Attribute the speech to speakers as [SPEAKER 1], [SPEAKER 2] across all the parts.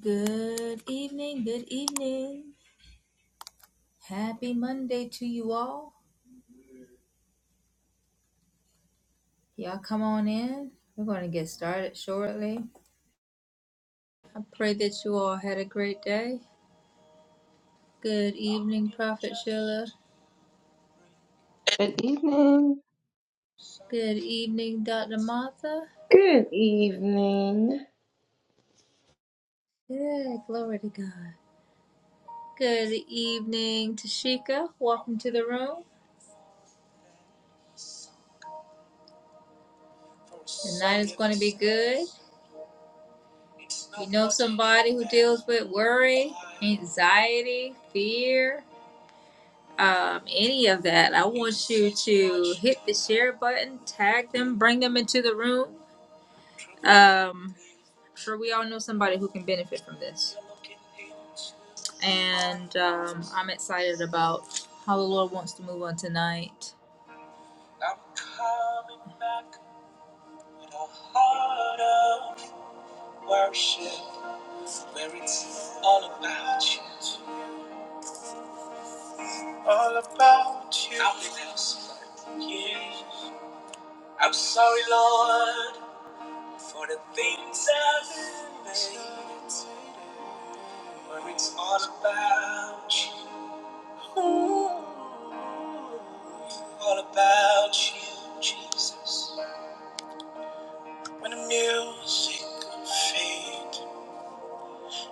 [SPEAKER 1] Good evening, good evening. Happy Monday to you all. Y'all come on in. We're going to get started shortly. I pray that you all had a great day. Good evening, Prophet Sheila.
[SPEAKER 2] Good evening.
[SPEAKER 1] Good evening, Dr. Martha.
[SPEAKER 3] Good evening.
[SPEAKER 1] Yeah, glory to God. Good evening, Tashika. Welcome to the room. Tonight is going to be good. You know somebody who deals with worry, anxiety, fear. um, any of that, I want you to hit the share button, tag them, bring them into the room. Um, I'm sure, we all know somebody who can benefit from this. And um, I'm excited about how the Lord wants to move on tonight. I'm coming back with a heart of worship where it's all about you. All about you. Nothing else. Yeah. I'm sorry, Lord. For the things I've made, where it's all about you, all about you, Jesus. When the music fades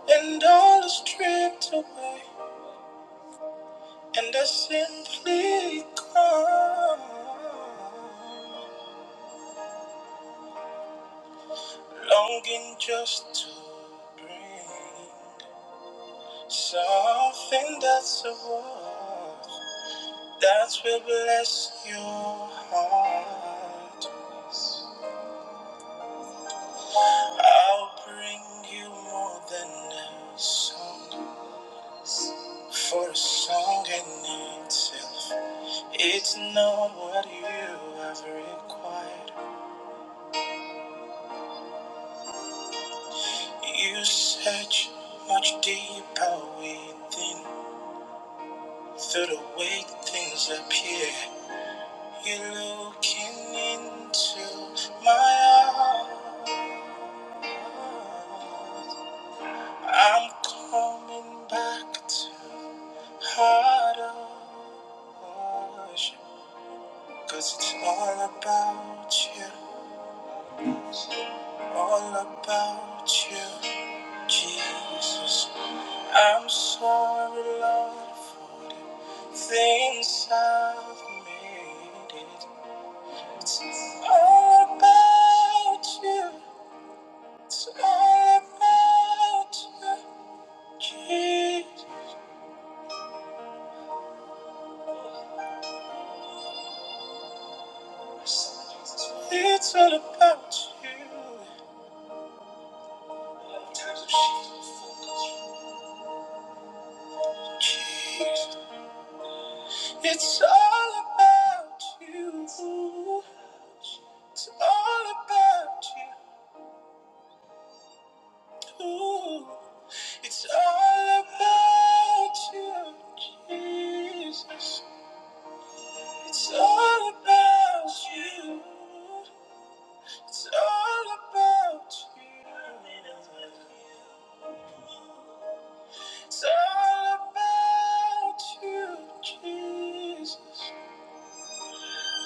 [SPEAKER 1] and all is stripped away, and I simply come, longing just to bring something that's a worth. That's will bless your heart. I'll bring you more than a song. For a song in itself, it's not what you have required. You search much deeper within. Through the way things appear, you're looking into my eyes. I'm coming back to the heart of worship. 'cause it's all about you, all about you, Jesus. I'm sorry, Lord, for the things I've made it. It's all about you, it's all about you, Jesus. It's all about you. It's all about you. It's all about you. It's all about you, Jesus. It's all about you. It's all about you. It's all about you, Jesus.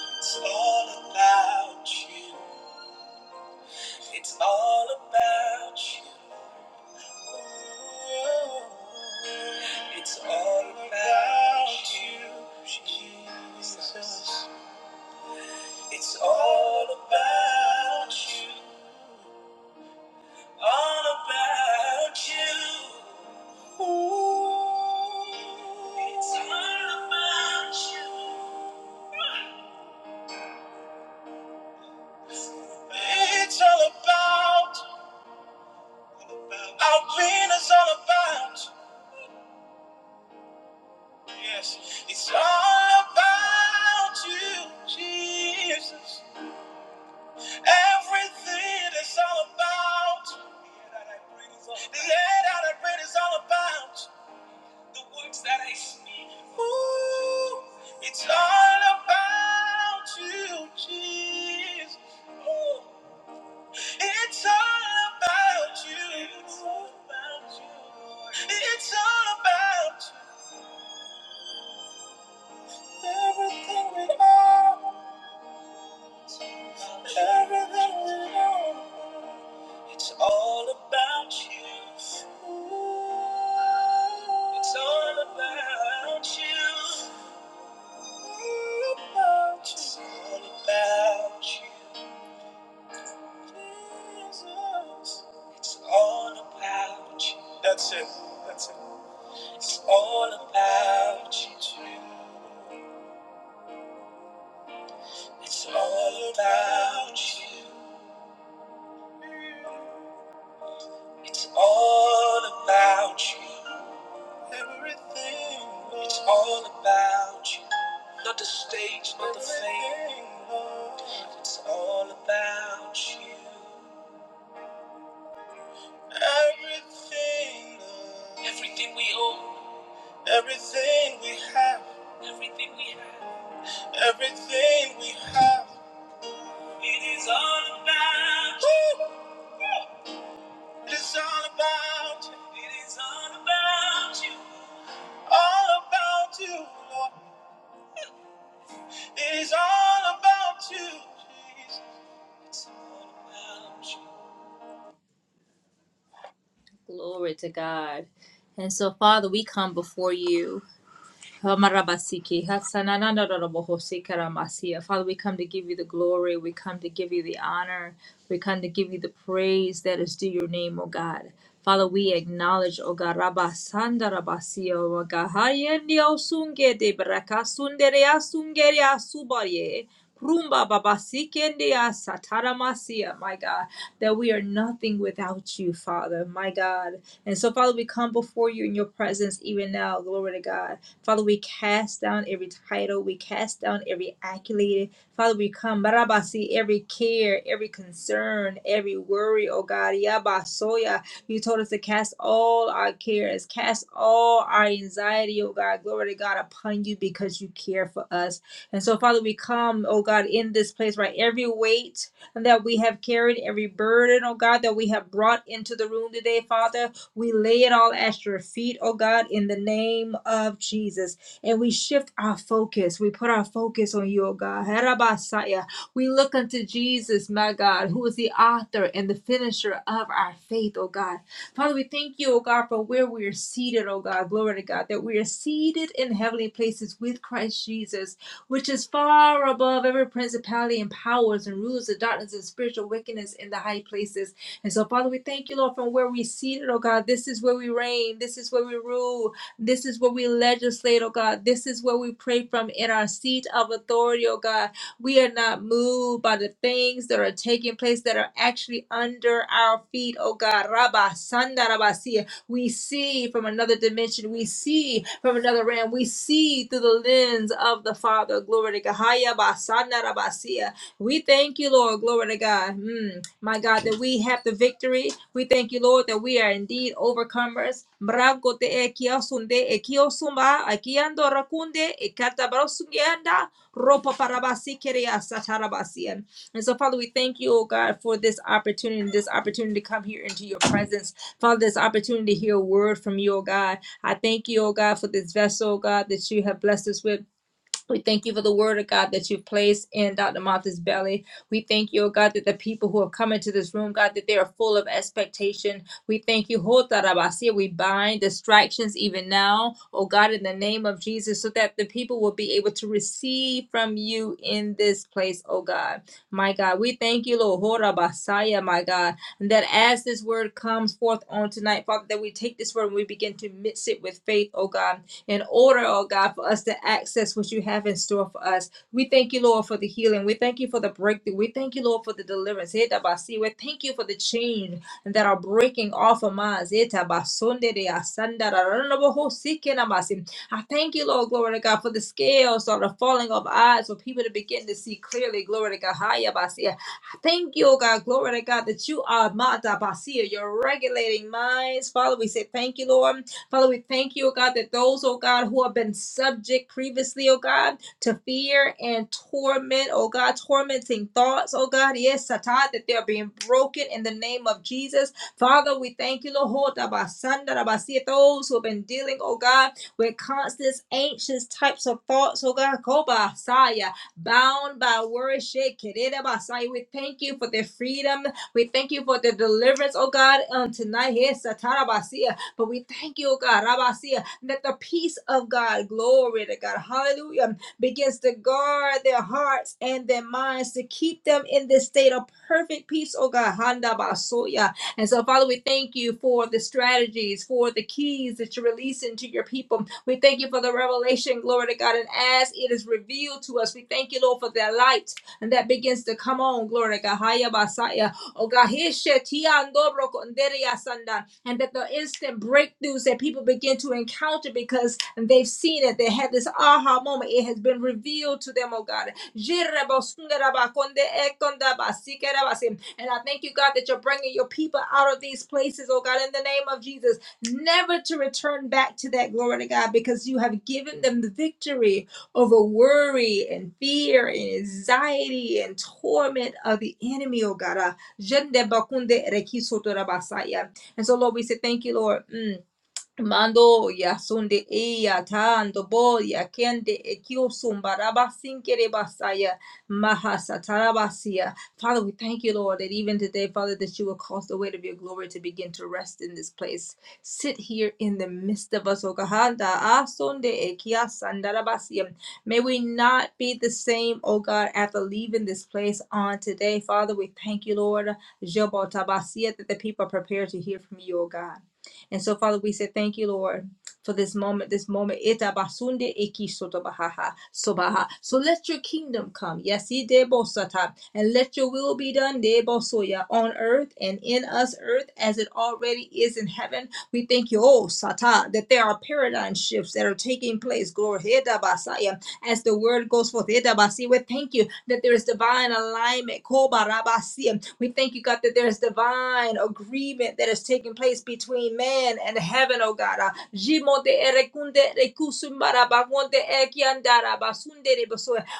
[SPEAKER 1] It's all about you. It's all about you. It's all about you, Jesus. It's all about you. all about you. Ooh, it's all about you. It's all about our win is all about. Yes, it's all about you, Jesus. Everything is all about. Let out a is all about. The words that I speak, ooh, it's all about you, Jesus. Ooh, it's all about you. It's all about you. It's all about you. Everything we are, everything we know, it's all about you. Ooh, it's all about you. It's all about you, That's it. That's it. It's all about you. too. It's all about you. It's all about you. Everything. It's all about you. Not the stage, not the fame. It's all about you. Everything, everything, everything we have, everything we have. It is all about you. It is all about you. It is all about you. All about you, Lord. It is all about you, Jesus. It's all about you. Glory to God. And so, Father, we come before you. Hamarabasiki, Hatsananadarabohosi karamasi. Father, we come to give you the glory. We come to give you the honor. We come to give you the praise that is due your name, O God. Father, we acknowledge, O God, Rabasandarabasi, O God, Hayendi Osunge de Brakasunderea Sungerea Subaye. Rumba babasikende sataramasia, my God, that we are nothing without you, Father, my God. And so, Father, we come before you in your presence even now. Glory to God. Father, we cast down every title, we cast down every accolade. Father, we come, Barabasi, every care, every concern, every worry, oh God, Yabasoya. You told us to cast all our cares, cast all our anxiety, oh God, glory to God, upon you because you care for us. And so, Father, we come, oh God, in this place, right? Every weight, that we have carried, every burden, oh God, that we have brought into the room today, Father. We lay it all at your feet, oh God, in the name of Jesus. And we shift our focus. We put our focus on you, oh God. Harabasaya. We look unto Jesus, my God, who is the author and the finisher of our faith, oh God. Father, we thank you, oh God, for where we are seated, oh God. Glory to God, that we are seated in heavenly places with Christ Jesus, which is far above every principality and powers and rules of darkness and spiritual wickedness in the high places. And so, Father, we thank you, Lord, from where we seated, oh God. This is where we reign. This is where we rule. This is where we legislate, oh God. This is where we pray from in our seat of authority, oh God. We are not moved by the things that are taking place that are actually under our feet, oh God. Rabba Sanda Rabasia. We see from another dimension. We see from another realm. We see through the lens of the Father. Glory to God. Haya Basanda Rabasia. We thank you, Lord. Glory to God. Hmm my God, that we have the victory. We thank you, Lord, that we are indeed overcomers. Mrango te e kia sunde, e kia sumba, e kia ando rakunde, e ropa parabasi kerea satarabasian. And so, Father, we thank you, oh God, for this opportunity, this opportunity to come here into your presence. Father, this opportunity to hear a word from you, oh God. I thank you, oh God, for this vessel, oh God, that you have blessed us with. We thank you for the word of God that you've placed in Dr. Martha's belly. We thank you, oh God, that the people who have come into this room, God, that they are full of expectation. We thank you, Ho Tarabasia. We bind distractions even now, oh God, in the name of Jesus, so that the people will be able to receive from you in this place, oh God. My God, we thank you, Lord Ho Rabasaya, my God, and that as this word comes forth on tonight, Father, that we take this word and we begin to mix it with faith, oh God in order, oh God, for us to access what you have in store for us. We thank you, Lord, for the healing. We thank you for the breakthrough. We thank you, Lord, for the deliverance. Etabasi. We thank you for the change that are breaking off of minds. Etabasonde de asanda da da boho sike namasi. I thank you, Lord, glory to God, for the scales that the falling of eyes for people to begin to see clearly. Glory to God. Haya basi. I Thank you, oh God, glory to God, that you are Mata Basia. You're regulating minds. Father, we say thank you, Lord. Father, we thank you, oh God, that those, oh God, who have been subject previously, oh God, to fear and torment, oh God, tormenting thoughts, oh God, yes, Satan, that they're being broken in the name of Jesus. Father, we thank you, Lord, Hota ba si- those who have been dealing, oh God, with constant anxious types of thoughts, oh God, Ko ba bound by worship, shake it, eh, we thank you for their freedom. We thank you for their deliverance, oh God, on tonight. Yes, Satan, but we thank you, oh God, Rabasia, that the peace of God, glory to God, hallelujah, begins to guard their hearts and their minds to keep them in this state of perfect peace, oh God, Handa Basoya. And so, Father, we thank you for the strategies, for the keys that you're releasing to your people. We thank you for the revelation, glory to God. And as it is revealed to us, we thank you, Lord, for that light and that begins to come on, glory to God. Haya Basaya. Oh God, Heshe Tiando Brokonderia Sandaya and that the instant breakthroughs that people begin to encounter because they've seen it, they had this aha moment, it has been revealed to them, oh God. And I thank you, God, that you're bringing your people out of these places, oh God, in the name of Jesus, never to return back to that glory to God because you have given them the victory over worry and fear and anxiety and torment of the enemy, oh God. Ah, Jende bakunde reki rabasaya. And so, Lord, we say thank you, Lord. Mm. Mando ya sunde eya tando boya kende ekio ekiosum barabasin kerebasaya mahasatarabasia. Father, we thank you, Lord, that even today, Father, that you will cause the weight of your glory to begin to rest in this place. Sit here in the midst of us, O God. Da asunde ekia sandarabasia. May we not be the same, O God, after leaving this place on today. Father, we thank you, Lord, Jobotabasia, that the people are prepared to hear from you, O God. And so, Father, we say thank you, Lord, for this moment, this moment. Ita basunde iki soto bahaha, sobaha. So let your kingdom come. Yes, ide bosata. And let your will be done, de bosoya, on earth and in us, earth as it already is in heaven. We thank you, oh, sata, that there are paradigm shifts that are taking place. Glory, as the word goes forth. Idabasi, We thank you that there is divine alignment. Kobarabasi. We thank you, God, that there is divine agreement that is taking place between man and heaven, oh God. Ah, Jimonde erekunde rekusumarabagonde ekiandarabasundere.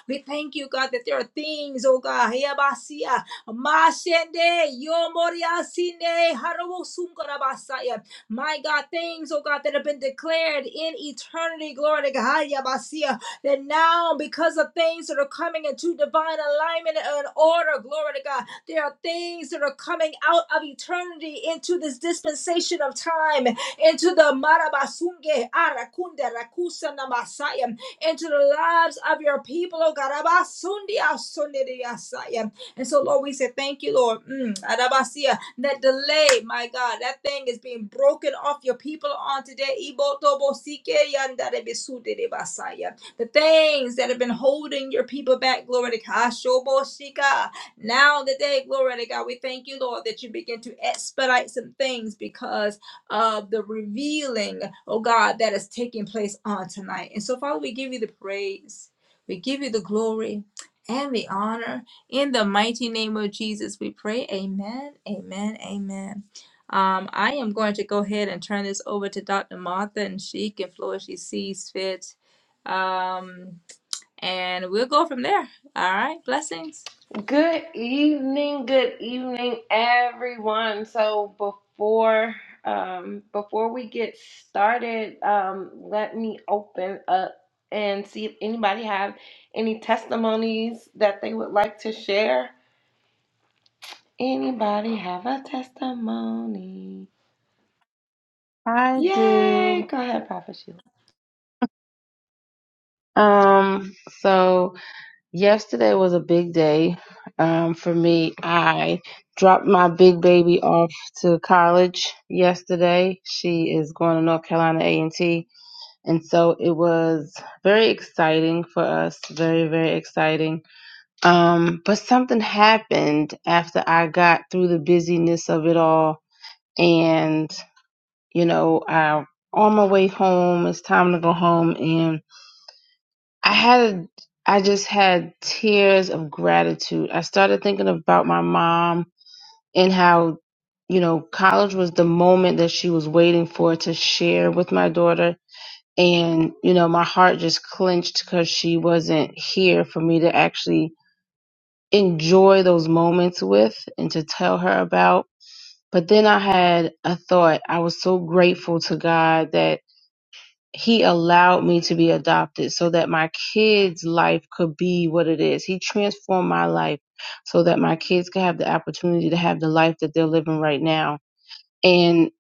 [SPEAKER 1] We thank you, God, that there are things, oh God. Hiabasi, ah, Mashende yomoriasine harawosungarabasaya. My God, things, oh God, that have been declared in eternity. Glory to God. Yabasia that now, because of things that are coming into divine alignment and order, glory to God, there are things that are coming out of eternity into this dispensation of time, into the Marabasunge, arakunda Rakusa, Namasaya, into the lives of your people, oh God. Abasundi, Asundi, Asaya. And so, Lord, we say thank you, Lord. Mm, Arabasia, that delay, my God, that thing is being broken off your people on today. Ibotobo, Sike, Yandare, Besude, Basaya the things that have been holding your people back, glory to God. Shoboshika. Now the day, glory to God, we thank you, Lord, that you begin to expedite some things because of the revealing, oh God, that is taking place on tonight. And so, Father, we give you the praise, we give you the glory and the honor. In the mighty name of Jesus, we pray. Amen, amen, amen. Um, I am going to go ahead and turn this over to Dr. Martha, and she can flow as she sees fit. Um, and we'll go from there. All right. Blessings.
[SPEAKER 3] Good evening. Good evening, everyone. So before um before we get started, um let me open up and see if anybody have any testimonies that they would like to share. Anybody have a testimony?
[SPEAKER 2] I
[SPEAKER 3] Yay!
[SPEAKER 2] do.
[SPEAKER 3] Go ahead, Prophet
[SPEAKER 2] Um, so yesterday was a big day um for me. I dropped my big baby off to college yesterday. She is going to North Carolina A&T, and T, and so it was very exciting for us, very very exciting. Um, but something happened after I got through the busyness of it all. and. you know, I on my way home, it's time to go home and I had I just had tears of gratitude. I started thinking about my mom and how, you know, college was the moment that she was waiting for to share with my daughter. And, you know, my heart just clenched because she wasn't here for me to actually enjoy those moments with and to tell her about. But then I had a thought. I was so grateful to God that he allowed me to be adopted so that my kids' life could be what it is. He transformed my life so that my kids could have the opportunity to have the life that they're living right now. And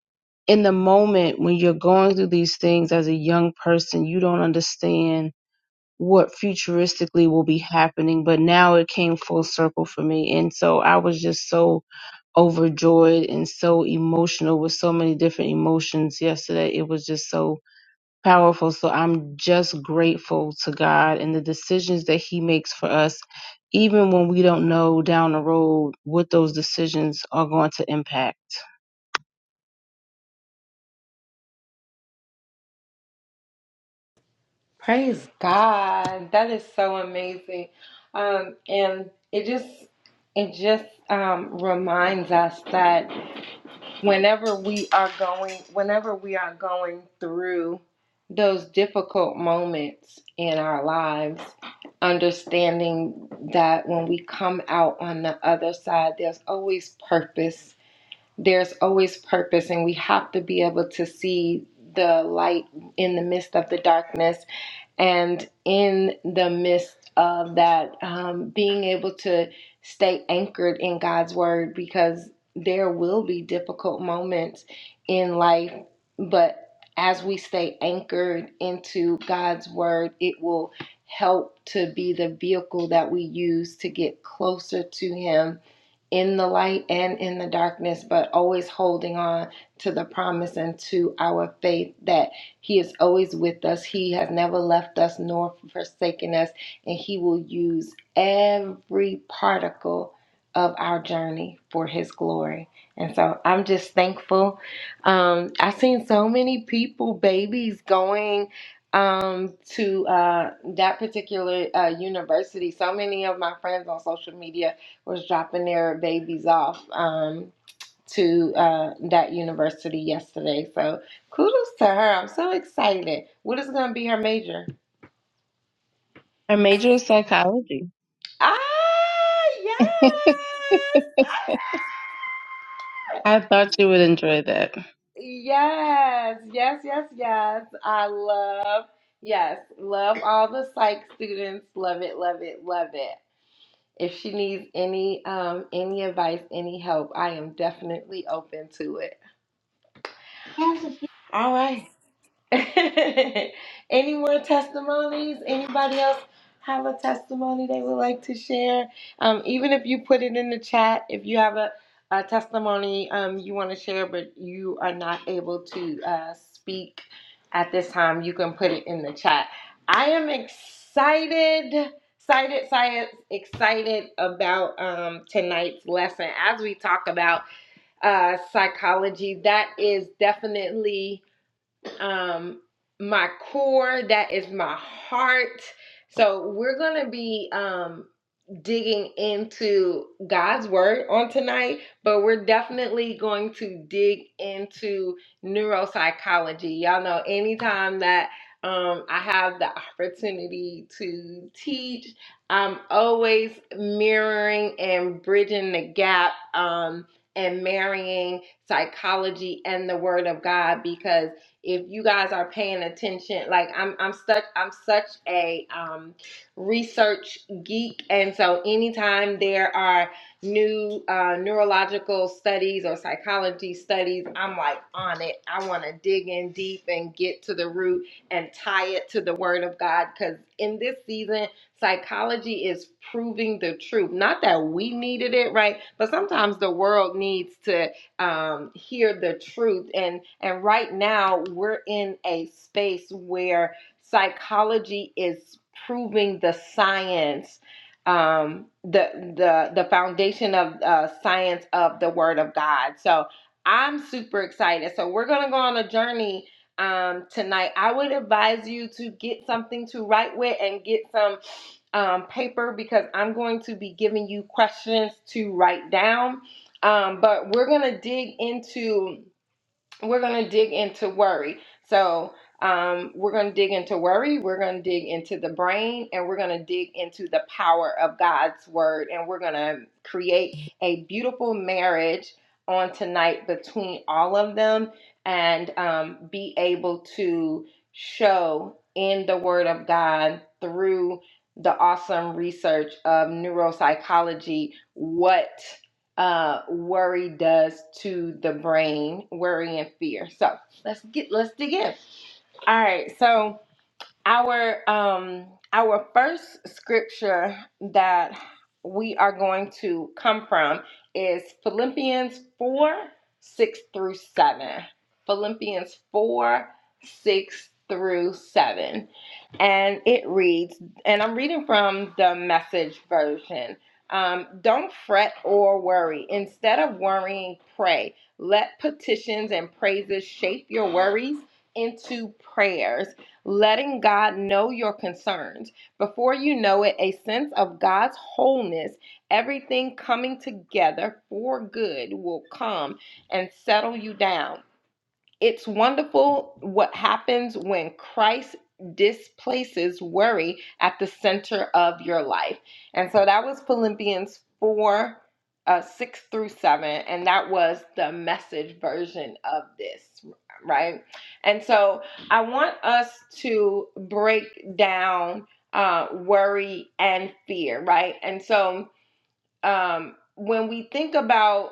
[SPEAKER 2] in the moment when you're going through these things as a young person, you don't understand what futuristically will be happening. But now it came full circle for me. And so I was just so overjoyed and so emotional with so many different emotions yesterday. It was just so powerful. So I'm just grateful to God and the decisions that He makes for us, even when we don't know down the road what those decisions are going to impact.
[SPEAKER 3] Praise God. That is so amazing. Um, and it just it just um, reminds us that whenever we are going whenever we are going through those difficult moments in our lives, understanding that when we come out on the other side, there's always purpose. There's always purpose, and we have to be able to see the light in the midst of the darkness and in the midst of that, um, being able to stay anchored in God's word because there will be difficult moments in life, but as we stay anchored into God's word, it will help to be the vehicle that we use to get closer to Him in the light and in the darkness, but always holding on to the promise and to our faith that he is always with us. He has never left us nor forsaken us, and He will use every particle of our journey for His glory. And so I'm just thankful. Um, I've seen so many people, babies, going um to uh that particular uh university so many of my friends on social media was dropping their babies off um to uh, that university yesterday. So kudos to her. I'm so excited. What is going to be her major?
[SPEAKER 2] I major in psychology.
[SPEAKER 3] Ah, yes. Ah,
[SPEAKER 2] I thought you would enjoy that.
[SPEAKER 3] Yes, yes, yes, yes. I love, yes, love all the psych students. Love it, love it, love it. If she needs any um any advice, any help, I am definitely open to it. All right. Any more testimonies? Anybody else have a testimony they would like to share? Um, even if you put it in the chat, if you have a, a testimony um, you want to share, but you are not able to uh, speak at this time, you can put it in the chat. I am excited, excited, excited, excited about um, tonight's lesson as we talk about uh, psychology. That is definitely um my core that is my heart so we're gonna be um digging into God's word on tonight, but we're definitely going to dig into neuropsychology. Y'all know anytime that um, I have the opportunity to teach, I'm always mirroring and bridging the gap um, and marrying psychology and the word of God because if you guys are paying attention, like I'm I'm such I'm such a um research geek, and so anytime there are new uh, neurological studies or psychology studies, I'm like on it. I want to dig in deep and get to the root and tie it to the Word of God because in this season, psychology is proving the truth. Not that we needed it, right? But sometimes the world needs to um, hear the truth, and and right now we're in a space where Psychology is proving the science, um, the the the foundation of uh, science of the Word of God. So I'm super excited. So we're gonna go on a journey um, tonight. I would advise you to get something to write with and get some um, paper because I'm going to be giving you questions to write down. Um, but we're gonna dig into we're going to dig into worry. So, um, we're going to dig into worry, we're going to dig into the brain, and we're going to dig into the power of God's word. And we're going to create a beautiful marriage on tonight between all of them and um, be able to show in the word of God through the awesome research of neuropsychology what uh, worry does to the brain, worry and fear. So let's get let's dig in. All right, so our um our first scripture that we are going to come from is Philippians 4, 6 through 7. Philippians 4, 6 through 7. And it reads, and I'm reading from the message version. Um, don't fret or worry. Instead of worrying, pray. Let petitions and praises shape your worries into prayers letting God know your concerns. Before you know it, a sense of God's wholeness, everything coming together for good, will come and settle you down. It's wonderful what happens when Christ displaces worry at the center of your life. And so that was Philippians 4 uh, 6 through 7. And that was the message version of this, right? And so I want us to break down uh, worry and fear, right? And so um, when we think about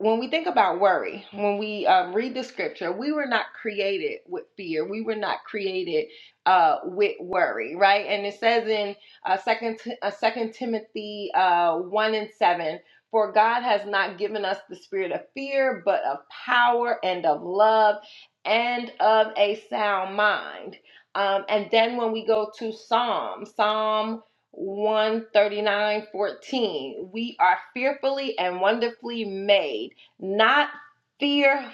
[SPEAKER 3] when we think about worry, when we um, read the scripture, we were not created with fear. We were not created uh, with worry, right? And it says in uh, second uh, Second Timothy uh, one and seven, for God has not given us the spirit of fear, but of power and of love and of a sound mind. Um, and then when we go to Psalm, Psalm 139:14. We are fearfully and wonderfully made, not fear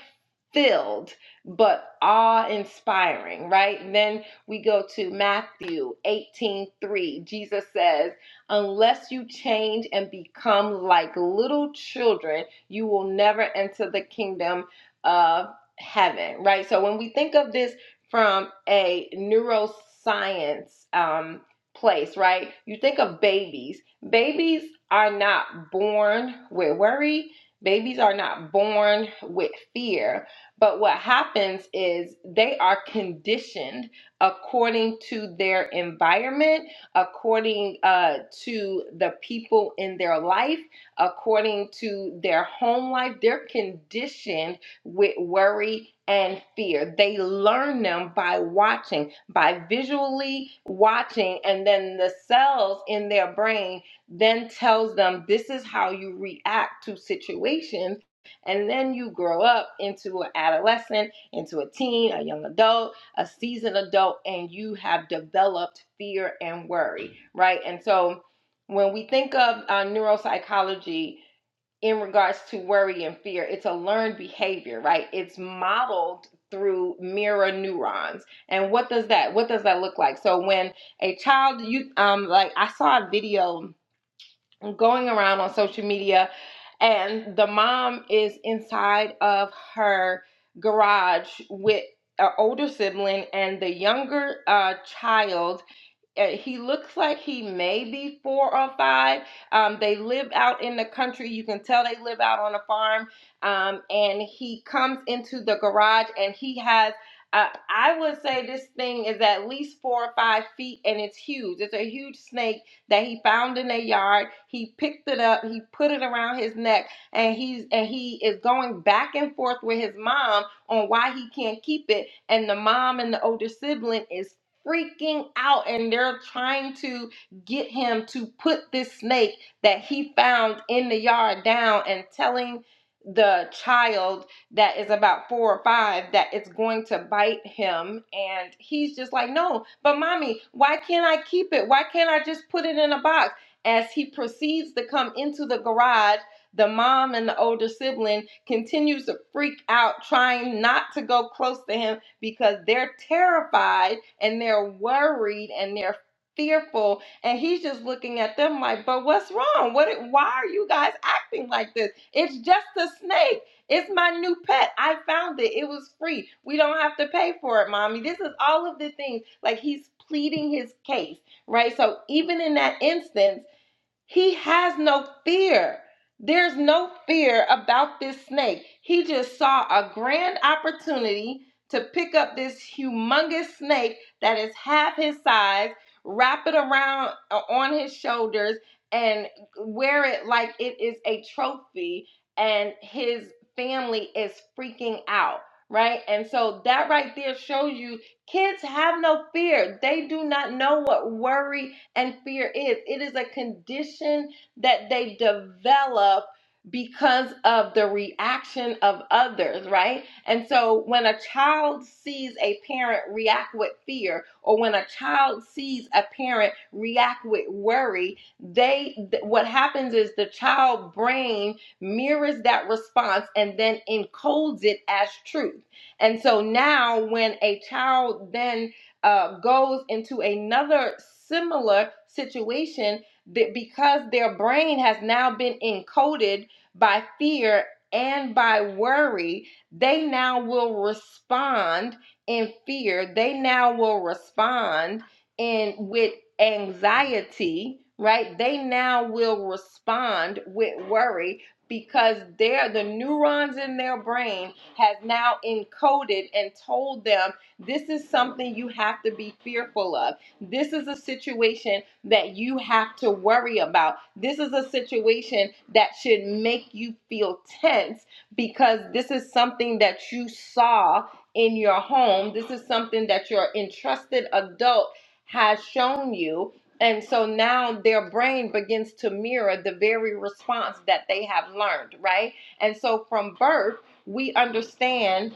[SPEAKER 3] filled but awe inspiring, right? And then we go to Matthew 18 3. Jesus says, Unless you change and become like little children, you will never enter the kingdom of heaven, right? So when we think of this from a neuroscience um, place, right, you think of babies. Babies are not born with worry, babies are not born with fear but what happens is they are conditioned according to their environment, according uh, to the people in their life, according to their home life. They're conditioned with worry and fear. They learn them by watching, by visually watching, and then the cells in their brain then tells them this is how you react to situations and then you grow up into an adolescent, into a teen, a young adult, a seasoned adult, and you have developed fear and worry, right? And so when we think of uh, neuropsychology in regards to worry and fear, it's a learned behavior, right? It's modeled through mirror neurons. And what does that what does that look like? So when a child you um like I saw a video going around on social media and the mom is inside of her garage with an older sibling and the younger uh, child uh, he looks like he may be four or five. Um, they live out in the country. You can tell they live out on a farm. Um, and he comes into the garage and he has, uh, I would say this thing is at least four or five feet and it's huge. It's a huge snake that he found in their yard. He picked it up, he put it around his neck, and he's and he is going back and forth with his mom on why he can't keep it. And the mom and the older sibling is freaking out and they're trying to get him to put this snake that he found in the yard down and telling the child that is about four or five that it's going to bite him and he's just like no but mommy why can't i keep it why can't i just put it in a box as he proceeds to come into the garage the mom and the older sibling continues to freak out trying not to go close to him because they're terrified and they're worried and they're fearful and he's just looking at them like but what's wrong what why are you guys acting like this it's just a snake it's my new pet i found it it was free we don't have to pay for it mommy this is all of the things like he's pleading his case right so even in that instance he has no fear. There's no fear about this snake. He just saw a grand opportunity to pick up this humongous snake that is half his size, wrap it around uh, on his shoulders, and wear it like it is a trophy. And his family is freaking out, right? And so that right there shows you kids have no fear. They do not know what worry and fear is. It is a condition that they develop because of the reaction of others, right? And so when a child sees a parent react with fear or when a child sees a parent react with worry, they th- what happens is the child brain mirrors that response and then encodes it as truth. And so now when a child then uh, goes into another similar situation that because their brain has now been encoded by fear and by worry, they now will respond in fear. They now will respond in with anxiety, right? They now will respond with worry because they're the neurons in their brain has now encoded and told them this is something you have to be fearful of. This is a situation that you have to worry about. This is a situation that should make you feel tense because this is something that you saw in your home. This is something that your entrusted adult has shown you. And so now their brain begins to mirror the very response that they have learned, right? And so from birth, we understand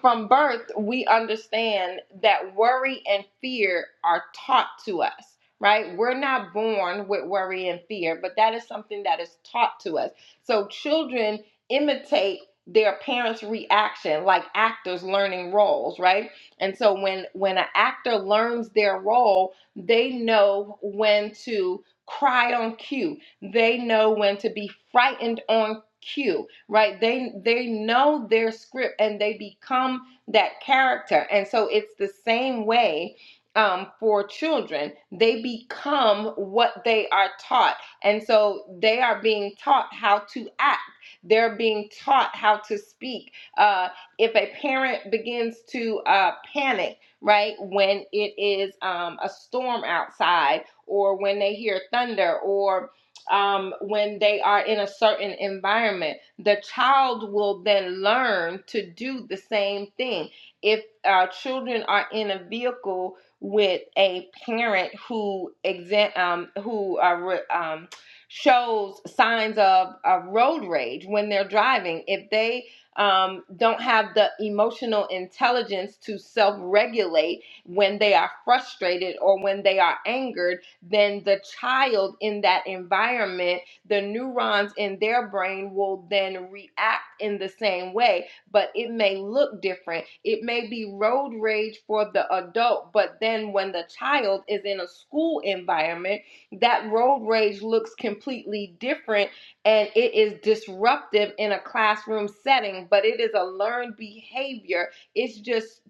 [SPEAKER 3] from birth, we understand that worry and fear are taught to us, right? We're not born with worry and fear, but that is something that is taught to us. So children imitate their parents' reaction like actors learning roles, right? And so when when an actor learns their role, they know when to cry on cue. They know when to be frightened on cue right they they know their script and they become that character and so it's the same way um, for children they become what they are taught and so they are being taught how to act they're being taught how to speak uh, if a parent begins to uh, panic right when it is um, a storm outside or when they hear thunder or um, when they are in a certain environment. The child will then learn to do the same thing. If uh, children are in a vehicle with a parent who exa- um, who uh, re- um, shows signs of, of road rage when they're driving, if they um, don't have the emotional intelligence to self regulate when they are frustrated or when they are angered then the child in that environment, the neurons in their brain will then react in the same way, but it may look different. It may be road rage for the adult, but then when the child is in a school environment, that road rage looks completely different and it is disruptive in a classroom setting, but it is a learned behavior. It's just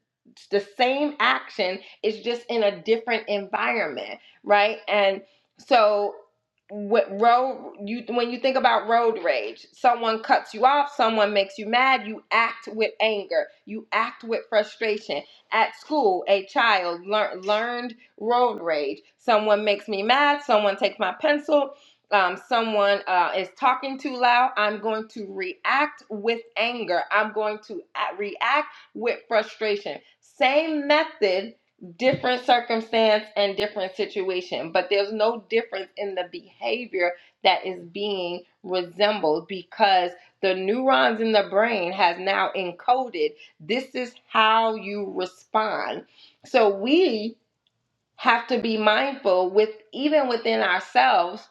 [SPEAKER 3] the same action, it's just in a different environment right? And so what road you when you think about road rage, someone cuts you off, someone makes you mad, you act with anger, you act with frustration. At school, a child learn, learned road rage. Someone makes me mad, someone takes my pencil, um, someone uh, is talking too loud. I'm going to react with anger. I'm going to a- react with frustration. Same method different circumstance and different situation, but there's no difference in the behavior that is being resembled because the neurons in the brain has now encoded this is how you respond. So we have to be mindful with even within ourselves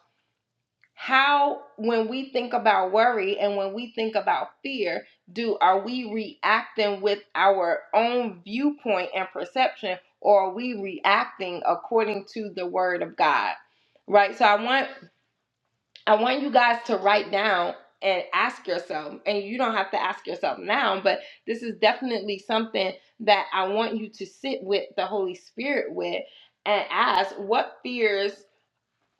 [SPEAKER 3] how when we think about worry and when we think about fear do are we reacting with our own viewpoint and perception or are we reacting according to the word of god right so i want i want you guys to write down and ask yourself and you don't have to ask yourself now but this is definitely something that i want you to sit with the holy spirit with and ask what fears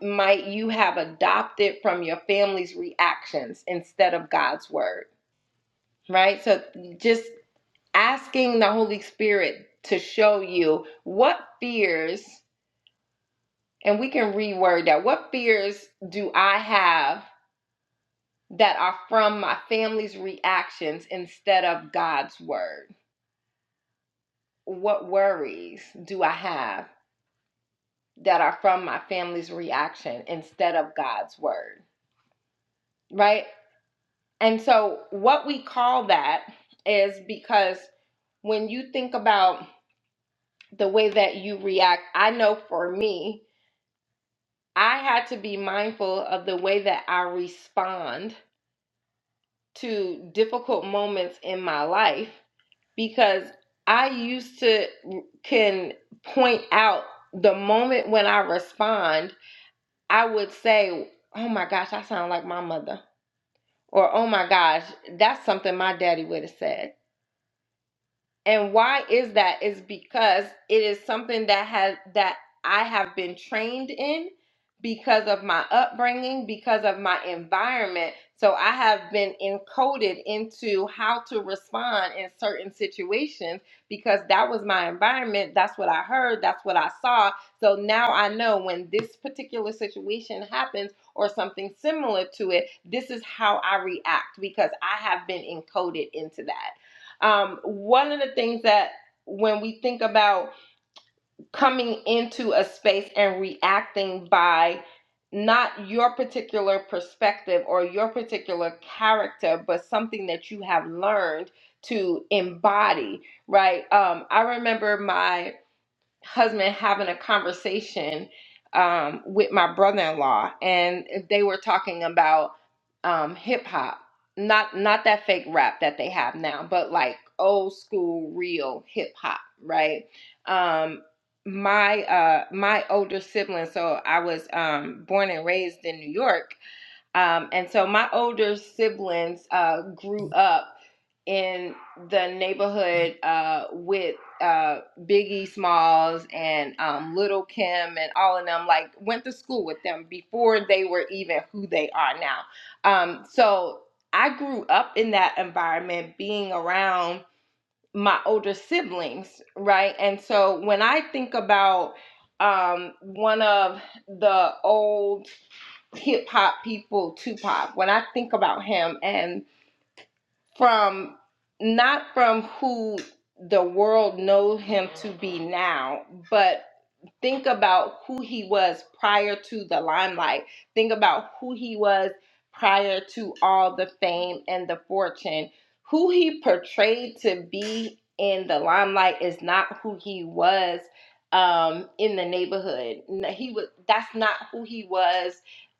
[SPEAKER 3] might you have adopted from your family's reactions instead of God's word, right? So just asking the Holy Spirit to show you what fears, and we can reword that, what fears do I have that are from my family's reactions instead of God's word? What worries do I have that are from my family's reaction instead of God's word? right? And so, what we call that is because when you think about the way that you react, I know for me, I had to be mindful of the way that I respond to difficult moments in my life because I used to can point out the moment when I respond, I would say, Oh my gosh, I sound like my mother. Or, oh my gosh, that's something my daddy would have said And why is that? Is because it is something that has that I have been trained in because of my upbringing, because of my environment. So I have been encoded into how to respond in certain situations because that was my environment. That's what I heard. That's what I saw. So now I know when this particular situation happens or something similar to it, this is how I react because I have been encoded into that. Um, one of the things that when we think about coming into a space and reacting by not your particular perspective or your particular character, but something that you have learned to embody, right? Um, I remember my husband having a conversation um, with my brother-in-law, and they were talking about um, hip hop, not not that fake rap that they have now, but like old school, real hip hop, right? Um, my uh my older sibling so i was um born and raised in new york um and so my older siblings uh grew up in the neighborhood uh, with uh, Biggie Smalls and um, Little Kim and all of them, like went to school with them before they were even who they are now. Um, so I grew up in that environment, being around my older siblings, right? And so when I think about um, one of the old hip hop people, Tupac, when I think about him and from not from who the world knows him to be now, but Think about who he was prior to the limelight. Think about who he was prior to all the fame and the fortune. Who he portrayed to be in the limelight is not who he was um, in the neighborhood. N- He was that's not who he was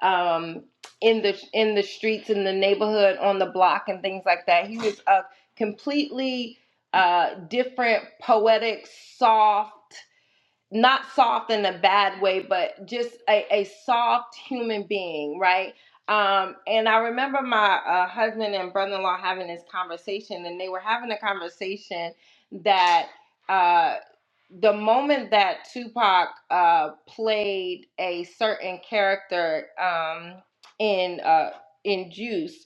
[SPEAKER 3] um, in the in the streets, in the neighborhood, on the block, and things like that. He was a completely uh, different, poetic, soft not soft in a bad way, but just a, a soft human being, right? Um, and I remember my uh, husband and brother in law having this conversation, and they were having a conversation that uh, the moment that Tupac uh, played a certain character um, in uh, in Juice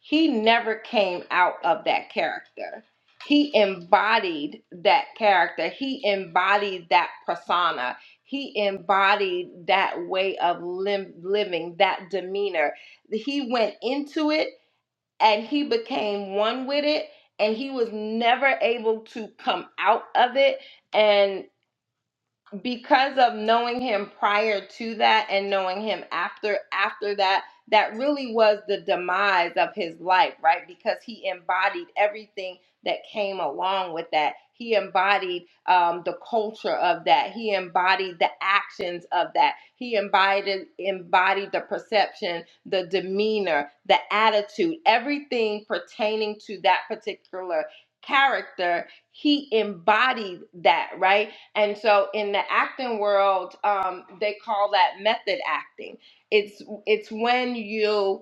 [SPEAKER 3] he never came out of that character. He embodied that character. He embodied that persona. He embodied that way of lim- living, that demeanor. He went into it and he became one with it and he was never able to come out of it And because of knowing him prior to that and knowing him after after that that really was the demise of his life right because he embodied everything that came along with that he embodied um, the culture of that he embodied the actions of that he embodied embodied the perception the demeanor the attitude everything pertaining to that particular character he embodied that right and so in the acting world, um, they call that method acting. It's it's when you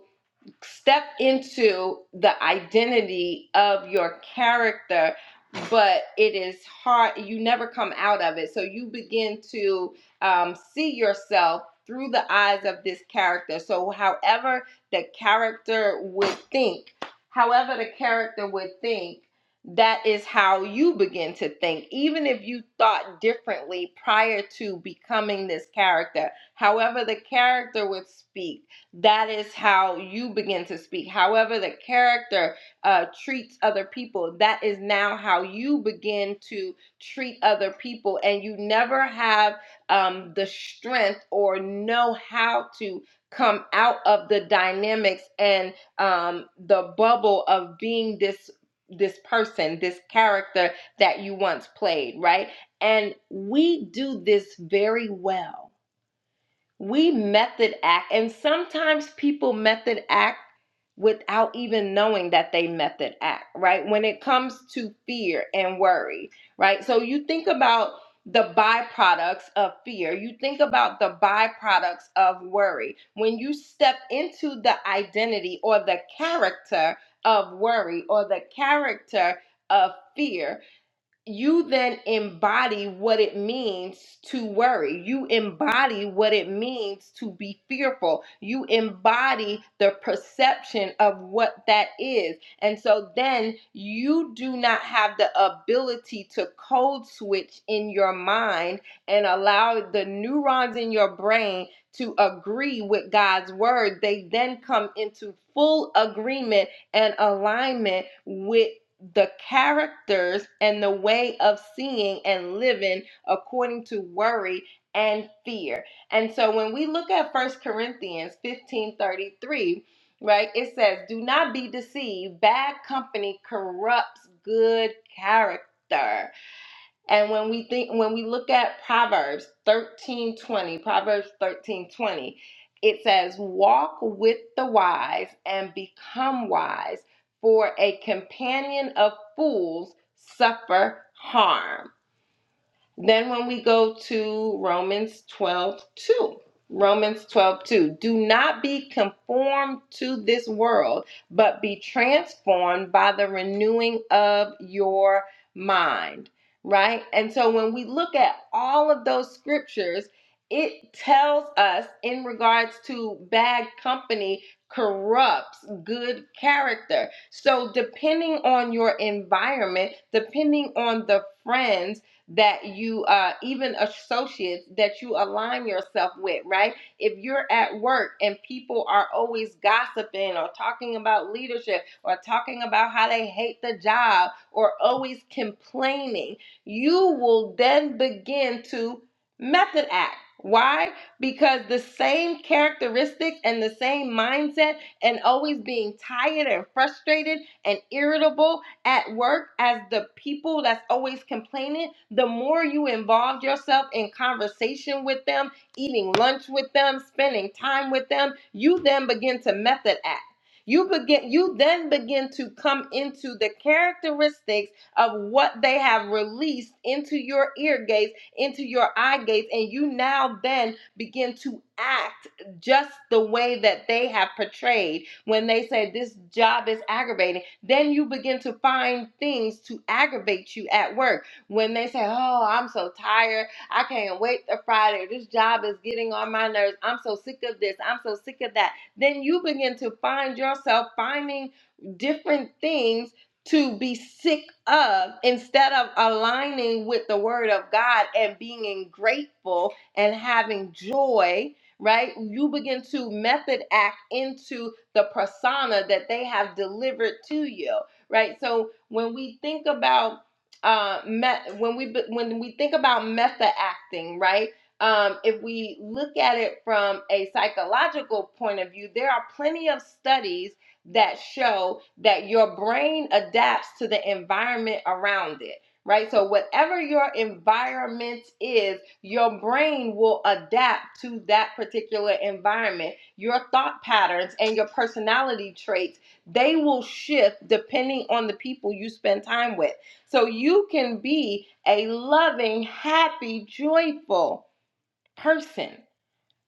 [SPEAKER 3] step into the identity of your character but it is hard you never come out of it so you begin to um, see yourself through the eyes of this character so however the character would think however the character would think that is how you begin to think even if you thought differently prior to becoming this character however the character would speak that is how you begin to speak. However, the character uh, treats other people, that is now how you begin to treat other people. And you never have um, the strength or know how to come out of the dynamics and um, the bubble of being this this person this character that you once played right and we do this very well we method act, and sometimes people method act without even knowing that they method act, right? When it comes to fear and worry, right? So you think about the byproducts of fear, you think about the byproducts of worry. When you step into the identity or the character of worry or the character of fear, you then embody what it means to worry. You embody what it means to be fearful. You embody the perception of what that is. And so then you do not have the ability to code switch in your mind and allow the neurons in your brain to agree with God's word. They then come into full agreement and alignment with the characters and the way of seeing and living according to worry and fear. And so when we look at First Corinthians 15:33, right? It says, "Do not be deceived, bad company corrupts good character." And when we think when we look at Proverbs 13:20, Proverbs 13:20, it says, "Walk with the wise and become wise, for a companion of fools suffer harm." Then when we go to Romans 12 2, Romans 12 2, do not be conformed to this world, but be transformed by the renewing of your mind, right? And so when we look at all of those scriptures, it tells us in regards to bad company corrupts good character. So, depending on your environment, depending on the friends, that you uh, even associates that you align yourself with right if you're at work and people are always gossiping or talking about leadership or talking about how they hate the job or always complaining you will then begin to method act why because the same characteristics and the same mindset and always being tired and frustrated and irritable at work as the people that's always complaining, the more you involve yourself in conversation with them, eating lunch with them, spending time with them, you then begin to method act. You begin you then begin to come into the characteristics of what they have released into your ear gates, into your eye gates, and you now then begin to act just the way that they have portrayed when they say this job is aggravating then you begin to find things to aggravate you at work. When they say, Oh, I'm so tired. I can't wait to Friday. This job is getting on my nerves. I'm so sick of this. I'm so sick of that. Then you begin to find yourself finding different things to be sick of instead of aligning with the word of God and being grateful and having joy right? You begin to method act into the persona that they have delivered to you, right? So when we think about uh, me- when we when we think about method acting, right? Um, if we look at it from a psychological point of view, there are plenty of studies that show that your brain adapts to the environment around it right? So, whatever your environment is, your brain will adapt to that particular environment. Your thought patterns and your personality traits, they will shift depending on the people you spend time with. So, you can be a loving, happy, joyful person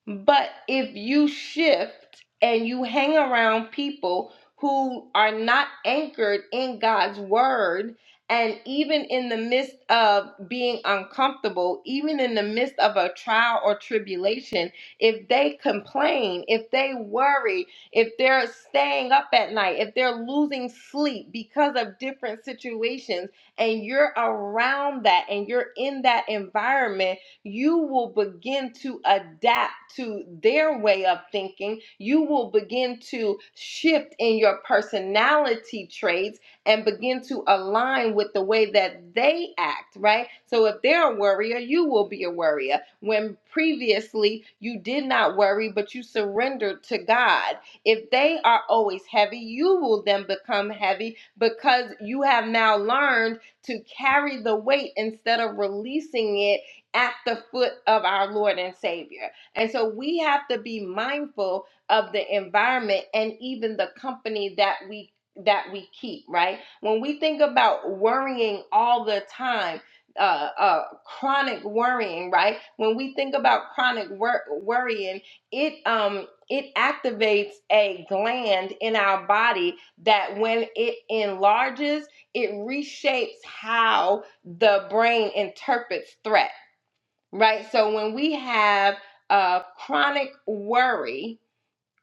[SPEAKER 3] but if you shift and you hang around people who are not anchored in God's word, and even in the midst of being uncomfortable, even in the midst of a trial or tribulation, if they complain, if they worry, if they're staying up at night, if they're losing sleep because of different situations, and you're around that and you're in that environment, you will begin to adapt to their way of thinking. You will begin to shift in your personality traits and begin to align with the way that they act, right? So if they're a worrier, you will be a worrier. When previously you did not worry, but you surrendered to God. If they are always heavy, you will then become heavy because you have now learned to carry the weight instead of releasing it at the foot of our Lord and Savior. And so we have to be mindful of the environment and even the company that we that we keep, right? When we think about worrying all the time, uh, uh, chronic worrying, right? When we think about chronic wor- worrying, it um it activates a gland in our body that when it enlarges, it reshapes how the brain interprets threat right? So when we have uh, chronic worry,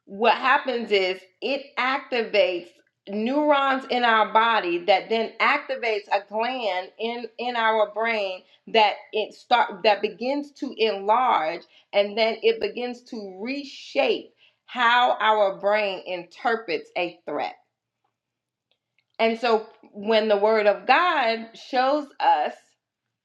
[SPEAKER 3] what happens is it activates neurons in our body that then activates a gland in in our brain that it start that begins to enlarge and then it begins to reshape how our brain interprets a threat. And so when the word of God shows us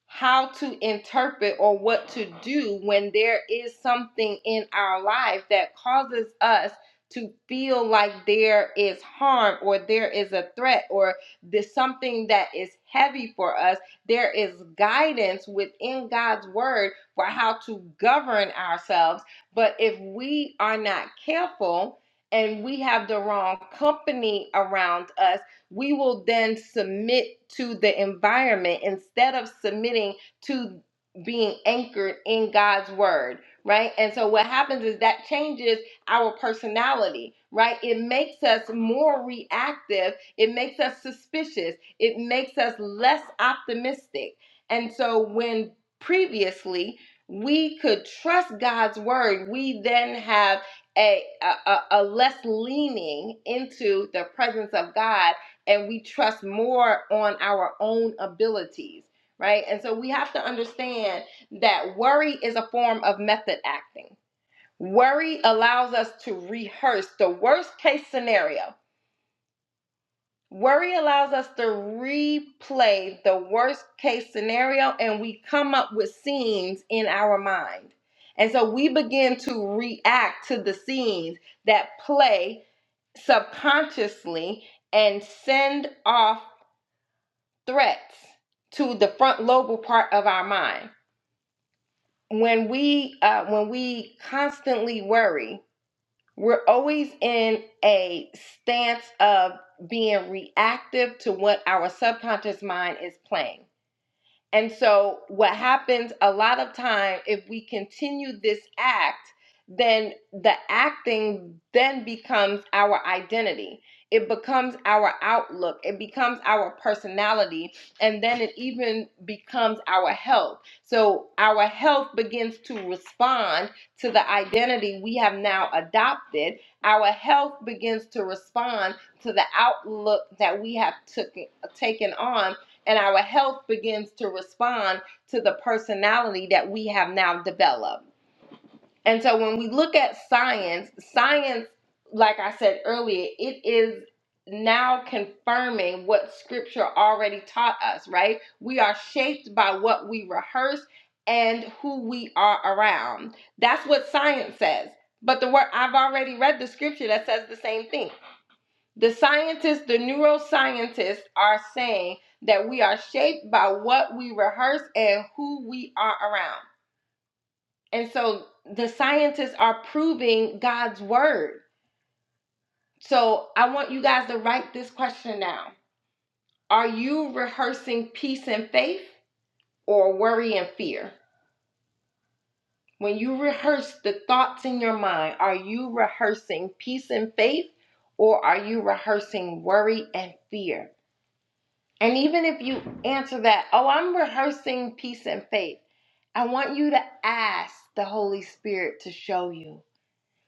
[SPEAKER 3] how to interpret or what to do when there is something in our life that causes us to feel like there is harm or there is a threat or there's something that is heavy for us. There is guidance within God's word for how to govern ourselves. But if we are not careful and we have the wrong company around us, we will then submit to the environment instead of submitting to being anchored in God's word, right? And so what happens is that changes our personality, right? It makes us more reactive, it makes us suspicious, it makes us less optimistic. And so when previously we could trust God's word, we then have a, a, a a less leaning into the presence of God and we trust more on our own abilities, right? And so we have to understand that worry is a form of method acting. Worry allows us to rehearse the worst case scenario. Worry allows us to replay the worst case scenario and we come up with scenes in our mind. And so we begin to react to the scenes that play subconsciously and send off threats to the front lobar part of our mind. When we uh, when we constantly worry, we're always in a stance of being reactive to what our subconscious mind is playing. And so, what happens a lot of time if we continue this act, then the acting then becomes our identity. It becomes our outlook. It becomes our personality. And then it even becomes our health. So, our health begins to respond to the identity we have now adopted. Our health begins to respond to the outlook that we have took, taken on and our health begins to respond to the personality that we have now developed. And so when we look at science, science, like I said earlier, it is now confirming what scripture already taught us, right? We are shaped by what we rehearse and who we are around. That's what science says. But the word I've already read the scripture that says the same thing. The scientists, the neuroscientists are saying that we are shaped by what we rehearse and who we are around. And so the scientists are proving God's word. So I want you guys to write this question down. Are you rehearsing peace and faith or worry and fear? When you rehearse the thoughts in your mind, are you rehearsing peace and faith or are you rehearsing worry and fear? And even if you answer that, oh, I'm rehearsing peace and faith, I want you to ask the Holy Spirit to show you.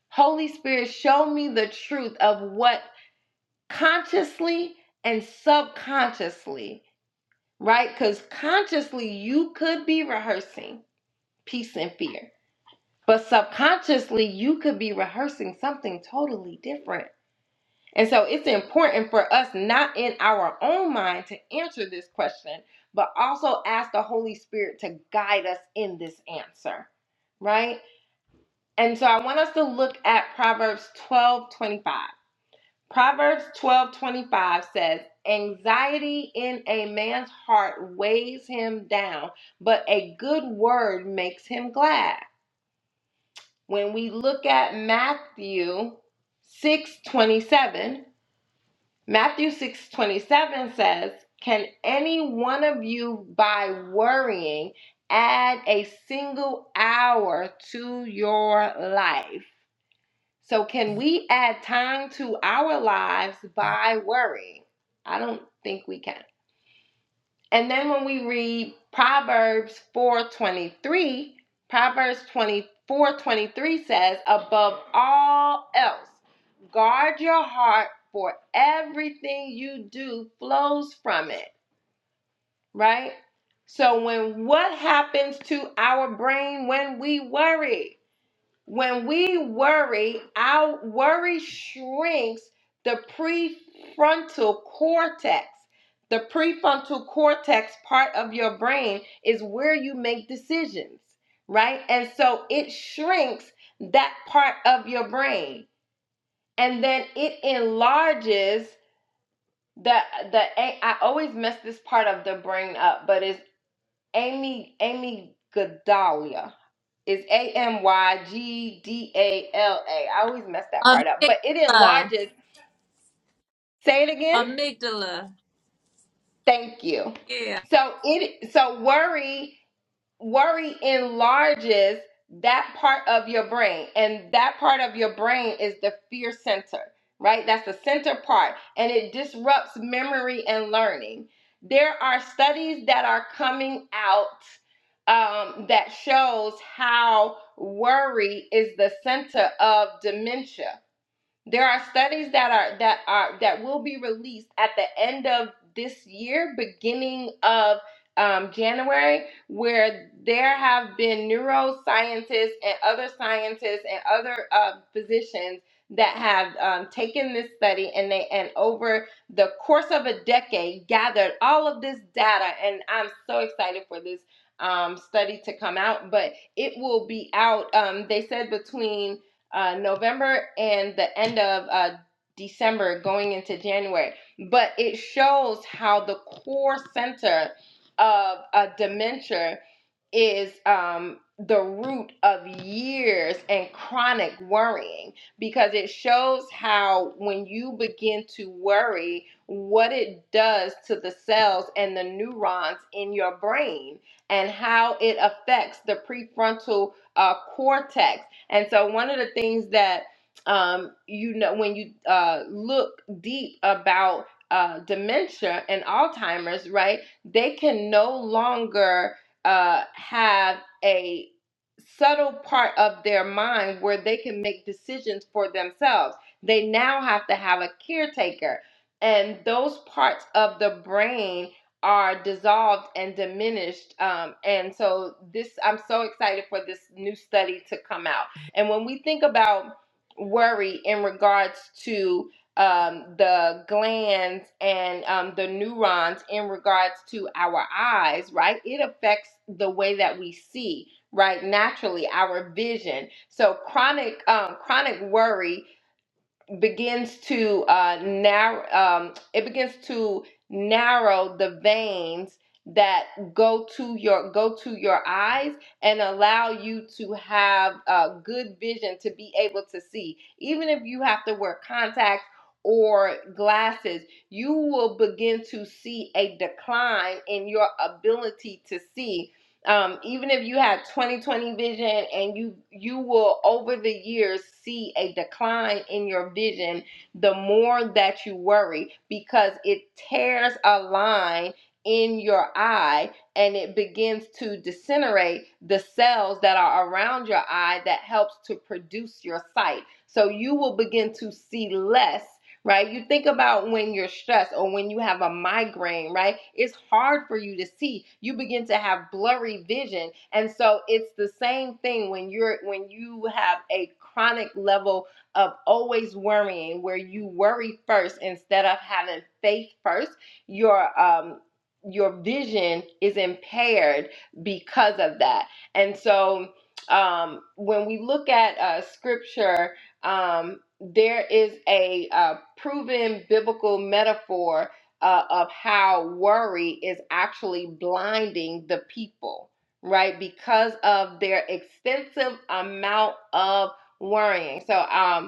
[SPEAKER 3] Holy Spirit, show me the truth of what consciously and subconsciously, right? Because consciously, you could be rehearsing peace and fear, but subconsciously, you could be rehearsing something totally different And so it's important for us, not in our own mind, to answer this question, but also ask the Holy Spirit to guide us in this answer, right? And so I want us to look at Proverbs twelve twenty five. Proverbs 12 25 says, Anxiety in a man's heart weighs him down, but a good word makes him glad. When we look at Matthew 6 27. Matthew 6 27 says, Can any one of you, by worrying, add a single hour to your life? So, can we add time to our lives by worrying? I don't think we can. And then when we read Proverbs 4:23, Proverbs 24:23 says, "Above all else, guard your heart, for everything you do flows from it." Right? So when what happens to our brain when we worry? When we worry, our worry shrinks the prefrontal cortex. The prefrontal cortex part of your brain is where you make decisions, right? And so it shrinks that part of your brain and then it enlarges the the a- I always mess this part of the brain up, but it's Amy Amy Godalia is A M Y G D A L A. I always mess that part up, but it
[SPEAKER 1] Amygdala.
[SPEAKER 3] enlarges. Say it again.
[SPEAKER 1] Amygdala.
[SPEAKER 3] Thank you.
[SPEAKER 1] Yeah.
[SPEAKER 3] So it so worry. worry enlarges that part of your brain and that part of your brain is the fear center right that's the center part and it disrupts memory and learning there are studies that are coming out um, that shows how worry is the center of dementia there are studies that are that are that will be released at the end of this year, beginning of um, January, where there have been neuroscientists and other scientists and other uh, physicians that have um, taken this study and they and over the course of a decade gathered all of this data. And I'm so excited for this um, study to come out, but it will be out. Um, they said between uh, November and the end of uh, December going into January. But it shows how the core center of uh, dementia is um, the root of years and chronic worrying because it shows how when you begin to worry, what it does to the cells and the neurons in your brain and how it affects the prefrontal uh, cortex and so one of the things that um, you know when you uh, look deep about uh, dementia and Alzheimer's, right? They can no longer uh, have a subtle part of their mind where they can make decisions for themselves. They now have to have a caretaker, and those parts of the brain are dissolved and diminished. Um, and so this, I'm so excited for this new study to come out and when we think about worry in regards to um, the glands and um, the neurons in regards to our eyes, right? It affects the way that we see, right? Naturally, our vision. So chronic um, chronic worry begins to uh, narrow. Um, it begins to narrow the veins that go to your go to your eyes and allow you to have uh, good vision to be able to see. Even if you have to wear contacts or glasses, you will begin to see a decline in your ability to see um, even if you have 20/20 vision and you you will over the years see a decline in your vision the more that you worry because it tears a line in your eye and it begins to disintegrate the cells that are around your eye that helps to produce your sight so you will begin to see less right? You think about when you're stressed or when you have a migraine, right? It's hard for you to see. You begin to have blurry vision. And so it's the same thing when you're when you have a chronic level of always worrying where you worry first instead of having faith first, your um your vision is impaired because of that. And so um when we look at uh scripture um, there is a uh, proven biblical metaphor uh, of how worry is actually blinding the people, right? Because of their extensive amount of worrying. So, um,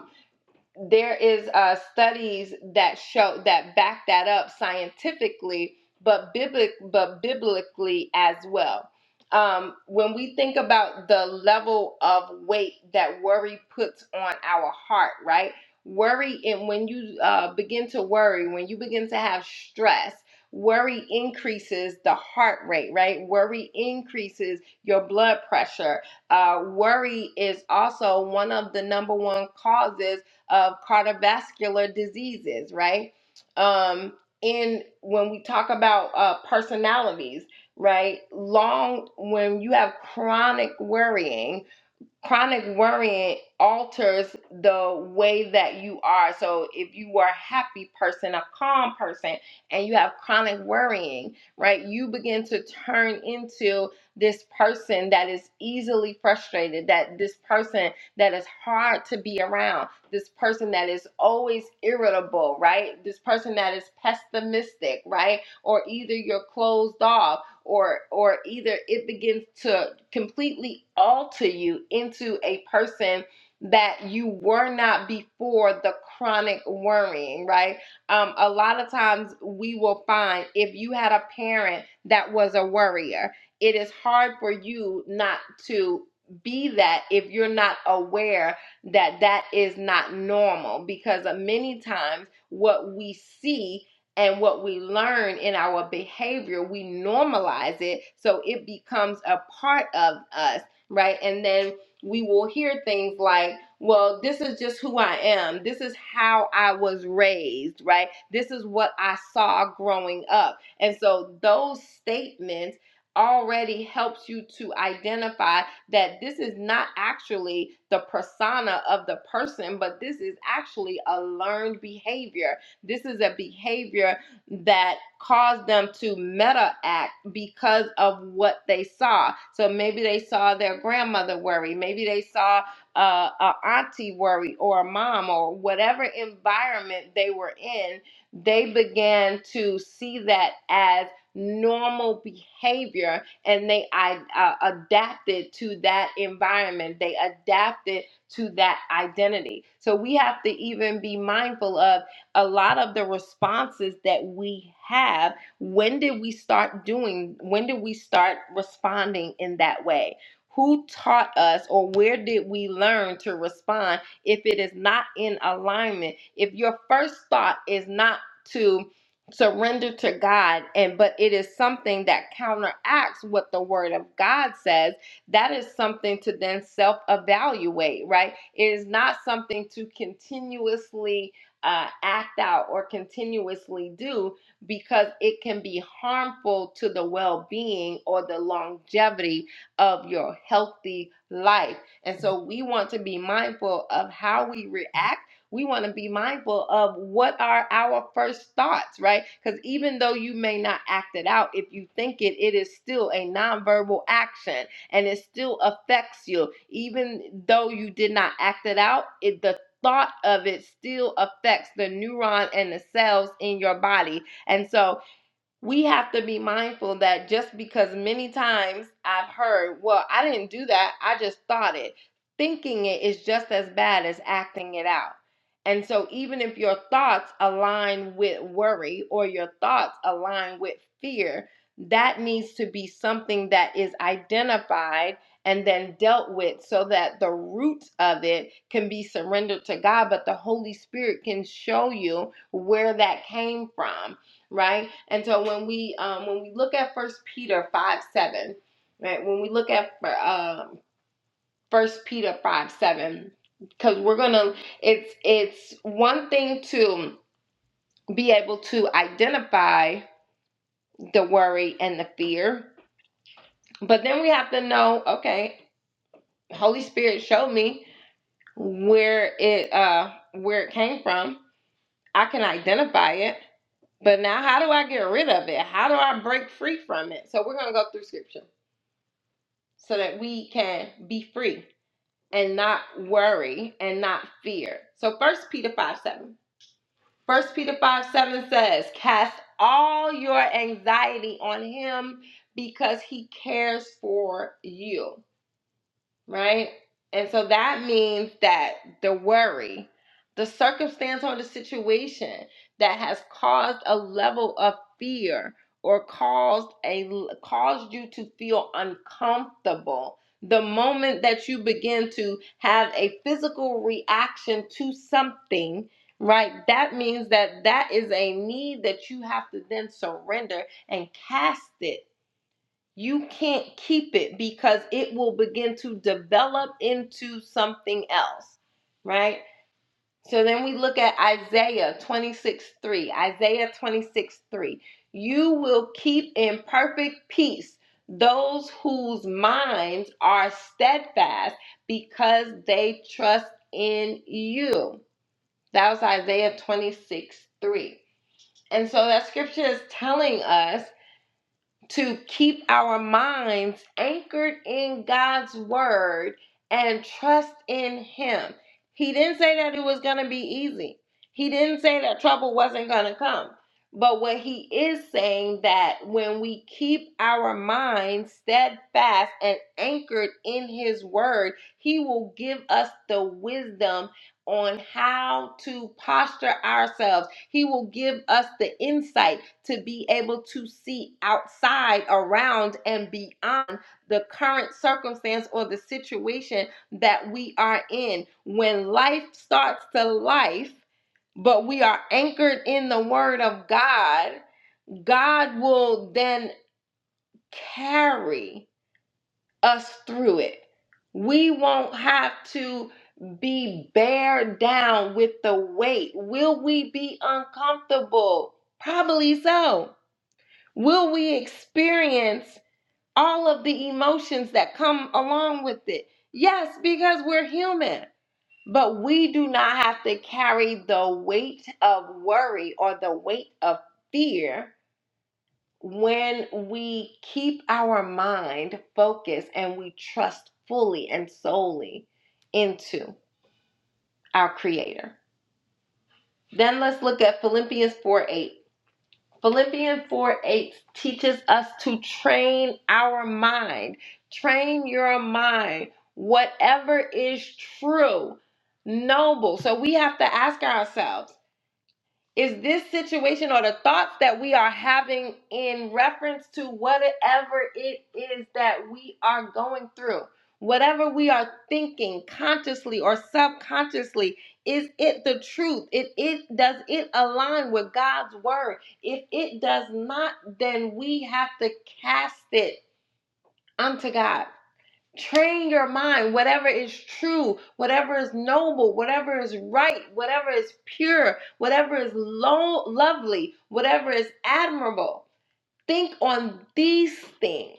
[SPEAKER 3] there is uh, studies that show that back that up scientifically, but biblic, but biblically as well. Um, when we think about the level of weight that worry puts on our heart, right? Worry, and when you uh, begin to worry, when you begin to have stress, worry increases the heart rate, right? Worry increases your blood pressure. Uh, worry is also one of the number one causes of cardiovascular diseases, right? Um, in when we talk about uh, personalities, right? Long when you have chronic worrying chronic worrying alters the way that you are so if you were a happy person a calm person and you have chronic worrying right you begin to turn into this person that is easily frustrated that this person that is hard to be around this person that is always irritable right this person that is pessimistic right or either you're closed off or or either it begins to completely alter you into a person that you were not before the chronic worrying right um, a lot of times we will find if you had a parent that was a worrier it is hard for you not to be that if you're not aware that that is not normal because uh, many times what we see and what we learn in our behavior, we normalize it so it becomes a part of us, right? And then we will hear things like, well, this is just who I am. This is how I was raised, right? This is what I saw growing up. And so those statements already helps you to identify that this is not actually the persona of the person but this is actually a learned behavior this is a behavior that caused them to meta act because of what they saw. So maybe they saw their grandmother worry, maybe they saw uh, a auntie worry or a mom or whatever environment they were in. They began to see that as normal behavior and they uh, adapted to that environment. They adapted to that identity. So we have to even be mindful of a lot of the responses that we have when did we start doing when did we start responding in that way who taught us or where did we learn to respond if it is not in alignment if your first thought is not to surrender to God and but it is something that counteracts what the word of God says that is something to then self evaluate right it is not something to continuously uh, act out or continuously do because it can be harmful to the well being or the longevity of your healthy life. And so we want to be mindful of how we react. We want to be mindful of what are our first thoughts, right? Because even though you may not act it out, if you think it, it is still a nonverbal action and it still affects you. Even though you did not act it out, it, the thought of it still affects the neuron and the cells in your body. And so we have to be mindful that just because many times I've heard, well, I didn't do that, I just thought it. Thinking it is just as bad as acting it out. And so, even if your thoughts align with worry or your thoughts align with fear, that needs to be something that is identified and then dealt with so that the root of it can be surrendered to God, but the Holy Spirit can show you where that came from right? And so when we um, when we look at First Peter five seven, right? When we look at um, First Peter five seven, because we're gonna it's it's one thing to be able to identify the worry and the fear, but then we have to know, okay, Holy Spirit showed me where it uh where it came from. I can identify it. But now, how do I get rid of it? How do I break free from it? So, we're going to go through scripture. so that we can be free and not worry and not fear. So first Peter 5 7. First Peter 5 7 says, Cast all your anxiety on him because he cares for you right? And so that means that the worry, the circumstance or the situation that has caused a level of fear or caused a caused you to feel uncomfortable. The moment that you begin to have a physical reaction to something, right? That means that that is a need that you have to then surrender and cast it you can't keep it because it will begin to develop into something else, right? So then we look at Isaiah 26 3. Isaiah 26 3. You will keep in perfect peace those whose minds are steadfast because they trust in you. That was Isaiah 26 3. And so that scripture is telling us to keep our minds anchored in God's word and trust in Him. He didn't say that it was going to be easy. He didn't say that trouble wasn't going to come. But what he is saying that when we keep our minds steadfast and anchored in his word, he will give us the wisdom on how to posture ourselves he will give us the insight to be able to see outside, around, and beyond the current circumstance or the situation that we are in. When life starts to life, but we are anchored in the word of God, God will then carry us through it. We won't have to be bear down with the weight. Will we be uncomfortable? Probably so. Will we experience all of the emotions that come along with it? Yes, because we're human. But we do not have to carry the weight of worry or the weight of fear when we keep our mind focused and we trust fully and solely into our creator then let's look at philippians 4 8 philippians 4 8 teaches us to train our mind train your mind whatever is true noble so we have to ask ourselves is this situation or the thoughts that we are having in reference to whatever it is that we are going through, whatever we are thinking consciously or subconsciously, is it the truth? It, it does it align with God's word? If it does not, then we have to cast it unto God. Train your mind, whatever is true, whatever is noble, whatever is right, whatever is pure, whatever is lo- lovely, whatever is admirable. Think on these things.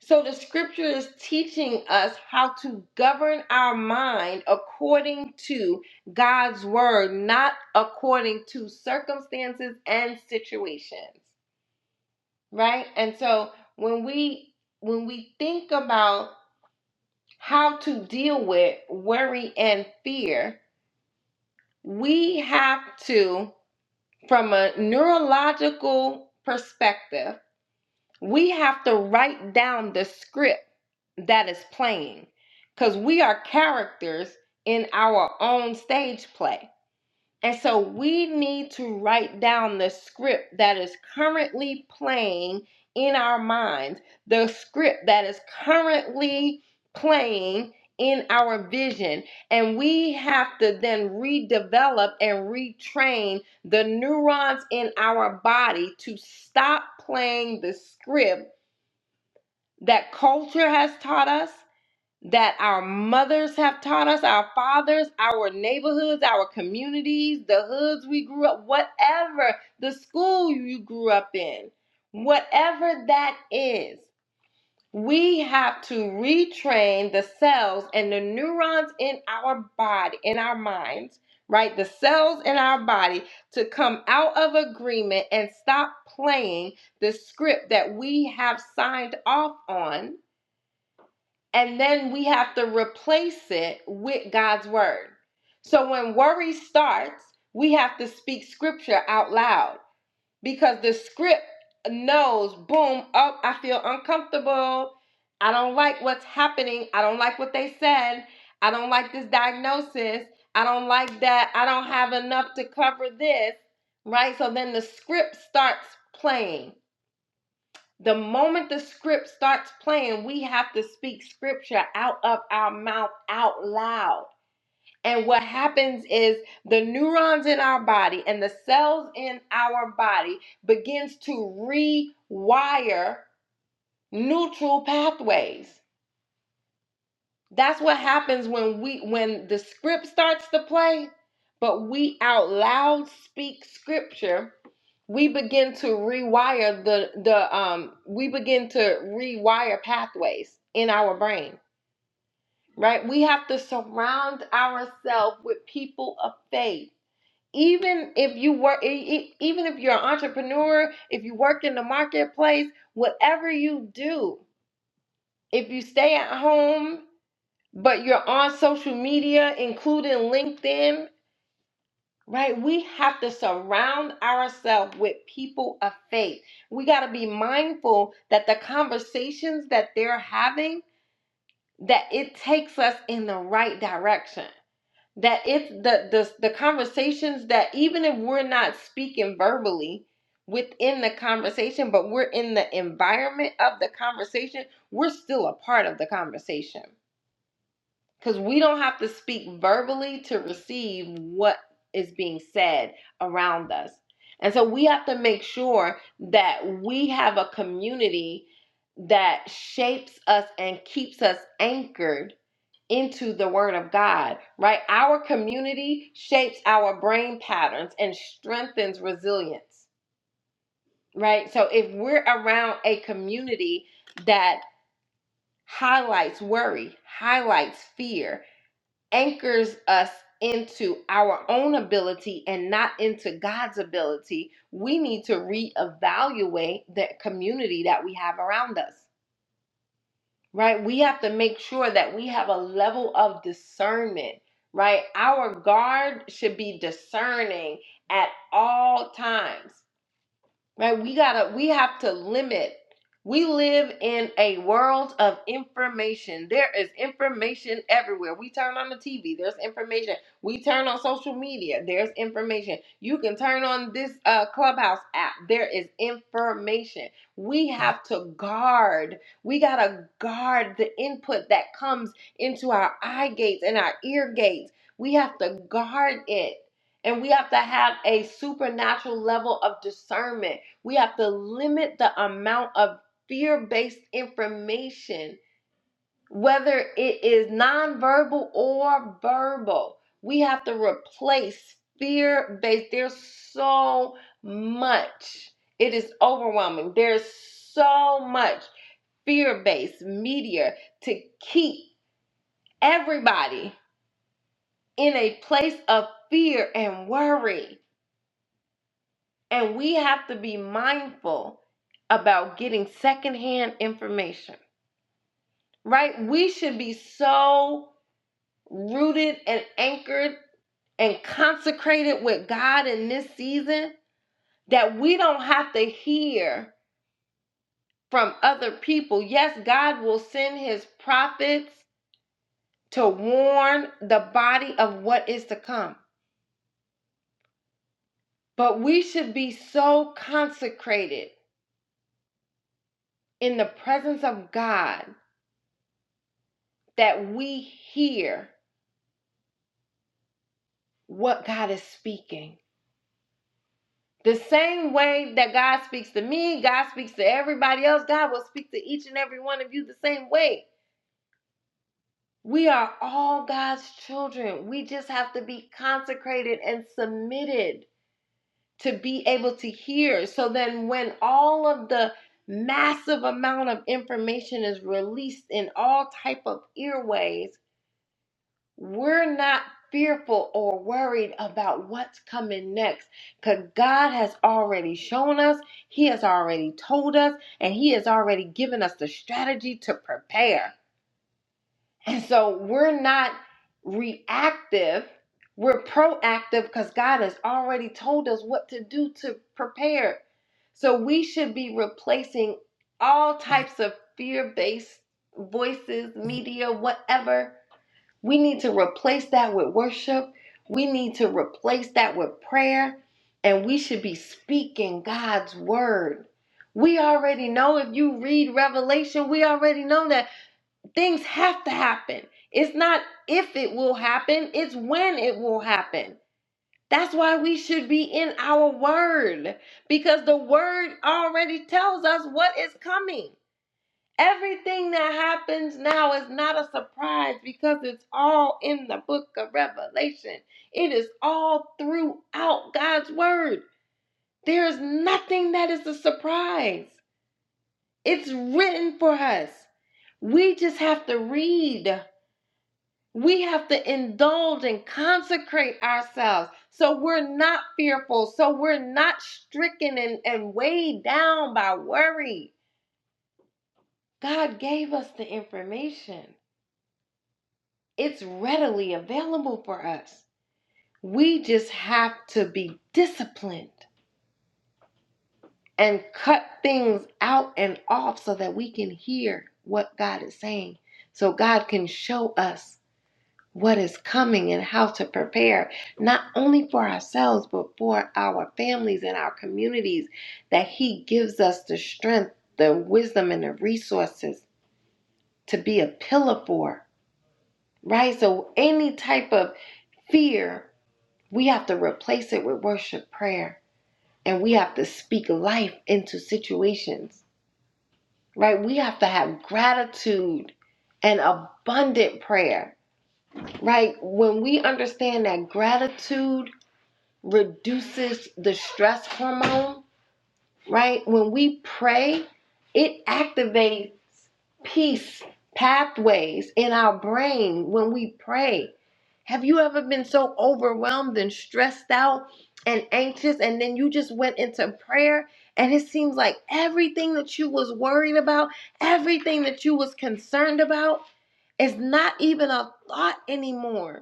[SPEAKER 3] So the scripture is teaching us how to govern our mind according to God's word, not according to circumstances and situations, right? And so when we when we think about how to deal with worry and fear, we have to, from a neurological perspective, we have to write down the script that is playing because we are characters in our own stage play and so we need to write down the script that is currently playing in our minds, the script that is currently playing in our vision. And we have to then redevelop and retrain the neurons in our body to stop playing the script that culture has taught us that our mothers have taught us, our fathers, our neighborhoods, our communities, the hoods we grew up, whatever, the school you grew up in, whatever that is, we have to retrain the cells and the neurons in our body, in our minds, right? The cells in our body to come out of agreement and stop playing the script that we have signed off on and then we have to replace it with God's word. So when worry starts, we have to speak scripture out loud because the script knows, boom, oh, I feel uncomfortable. I don't like what's happening. I don't like what they said. I don't like this diagnosis. I don't like that. I don't have enough to cover this, right? So then the script starts playing. The moment the script starts playing, we have to speak scripture out of our mouth out loud. And what happens is the neurons in our body and the cells in our body begins to rewire neutral pathways. That's what happens when we when the script starts to play, but we out loud speak scripture we begin to rewire the the um we begin to rewire pathways in our brain right we have to surround ourselves with people of faith even if you work e- e- even if you're an entrepreneur if you work in the marketplace whatever you do if you stay at home but you're on social media including linkedin right? We have to surround ourselves with people of faith. We got to be mindful that the conversations that they're having that it takes us in the right direction. That it's the the the conversations that even if we're not speaking verbally within the conversation, but we're in the environment of the conversation, we're still a part of the conversation because we don't have to speak verbally to receive what is being said around us. And so we have to make sure that we have a community that shapes us and keeps us anchored into the word of God, right? Our community shapes our brain patterns and strengthens resilience, right? So if we're around a community that highlights worry, highlights fear, anchors us into our own ability and not into God's ability, we need to reevaluate the community that we have around us, right? We have to make sure that we have a level of discernment, right? Our guard should be discerning at all times right we gotta we have to limit we live in a world of information there is information everywhere we turn on the tv there's information we turn on social media there's information you can turn on this uh, clubhouse app there is information we have to guard we gotta guard the input that comes into our eye gates and our ear gates we have to guard it and we have to have a supernatural level of discernment we have to limit the amount of fear based information, whether it is nonverbal or verbal. We have to replace fear based. There's so much, it is overwhelming. There's so much fear based media to keep everybody in a place of fear and worry. And we have to be mindful about getting secondhand information right? We should be so rooted and anchored and consecrated with God in this season that we don't have to hear from other people. Yes, God will send his prophets to warn the body of what is to come, but we should be so consecrated in the presence of God that we hear what God is speaking The same way that God speaks to me, God speaks to everybody else, God will speak to each and every one of you the same way. We are all God's children. We just have to be consecrated and submitted to be able to hear. So then, when all of the massive amount of information is released in all type of earways We're not fearful or worried about what's coming next because God has already shown us, He has already told us, and He has already given us the strategy to prepare. And so we're not reactive, we're proactive because God has already told us what to do to prepare. So we should be replacing all types of fear based voices, media, whatever we need to replace that with worship. We need to replace that with prayer. And we should be speaking God's word. We already know if you read Revelation, we already know that things have to happen. It's not if it will happen, it's when it will happen. That's why we should be in our word because the word already tells us what is coming. Everything that happens now is not a surprise because it's all in the book of Revelation. It is all throughout God's word. There is nothing that is a surprise. It's written for us. We just have to read. We have to indulge and consecrate ourselves so we're not fearful, so we're not stricken and, and weighed down by worry. God gave us the information. It's readily available for us. We just have to be disciplined and cut things out and off so that we can hear what God is saying, so God can show us what is coming and how to prepare, not only for ourselves, but for our families and our communities, that He gives us the strength, the wisdom, and the resources to be a pillar for, right? So, any type of fear We have to replace it with worship prayer and we have to speak life into situations, right? We have to have gratitude and abundant prayer, right? When we understand that gratitude reduces the stress hormone, right? When we pray, it activates peace pathways in our brain when we pray. Have you ever been so overwhelmed and stressed out and anxious and then you just went into prayer and it seems like everything that you was worried about, everything that you was concerned about is not even a thought anymore.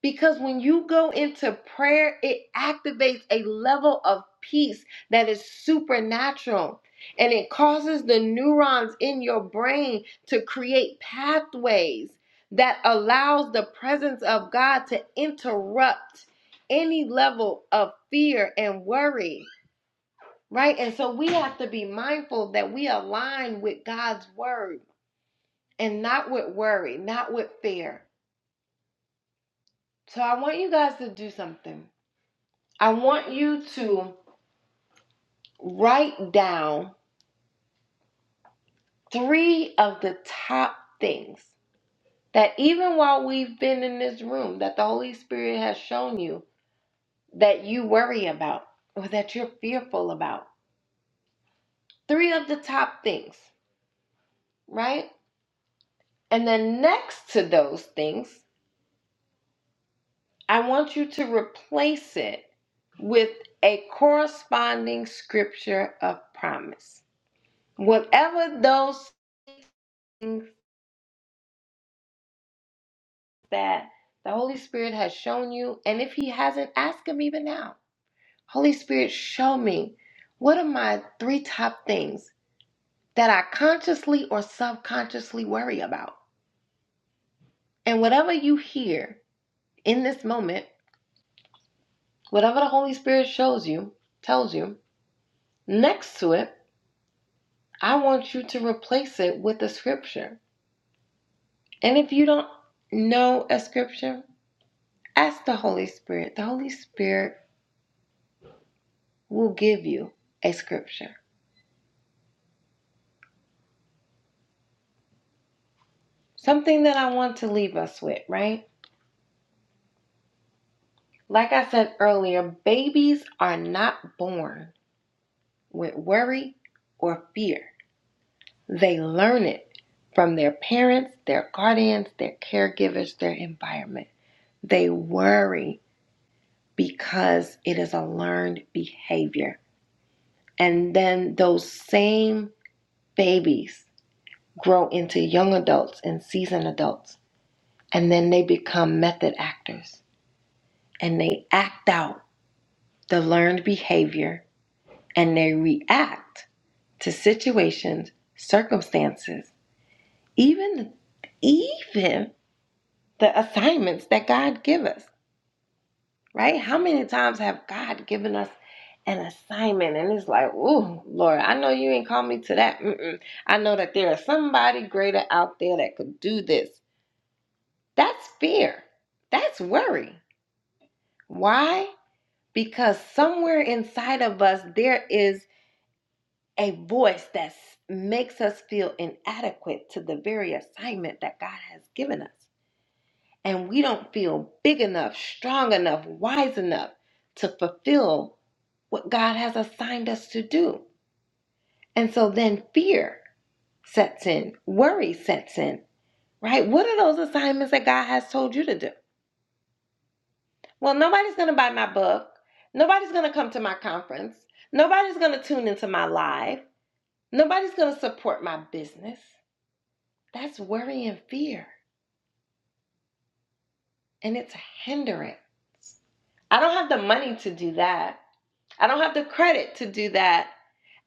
[SPEAKER 3] Because when you go into prayer, it activates a level of peace that is supernatural. And it causes the neurons in your brain to create pathways that allows the presence of God to interrupt any level of fear and worry, right? And so we have to be mindful that we align with God's word and not with worry, not with fear. So I want you guys to do something. I want you to write down three of the top things that even while we've been in this room that the Holy Spirit has shown you that you worry about or that you're fearful about. Three of the top things, right? And then next to those things, I want you to replace it with a corresponding scripture of promise. Whatever those things. that the Holy Spirit has shown you. And if He hasn't, ask Him even now. Holy Spirit, show me what are my three top things that I consciously or subconsciously worry about. And whatever you hear in this moment, whatever the Holy Spirit shows you, tells you, next to it, I want you to replace it with a scripture. And if you don't know a scripture, ask the Holy Spirit. The Holy Spirit will give you a scripture. Something that I want to leave us with, right? Like I said earlier, babies are not born with worry or fear. They learn it from their parents, their guardians, their caregivers, their environment. They worry because it is a learned behavior. And then those same babies grow into young adults and seasoned adults, and then they become method actors and they act out the learned behavior, and they react to situations, circumstances, even even the assignments that God give us, right? How many times have God given us an assignment and it's like, oh Lord, I know you ain't called me to that. Mm-mm. I know that there is somebody greater out there that could do this. That's fear. That's worry. Why? Because somewhere inside of us there is a voice that makes us feel inadequate to the very assignment that God has given us. And we don't feel big enough, strong enough, wise enough to fulfill what God has assigned us to do. And so then fear sets in, worry sets in, right? What are those assignments that God has told you to do? Well, nobody's going to buy my book. Nobody's going to come to my conference. Nobody's going to tune into my live. Nobody's going to support my business. That's worry and fear, and it's a hindrance. I don't have the money to do that. I don't have the credit to do that.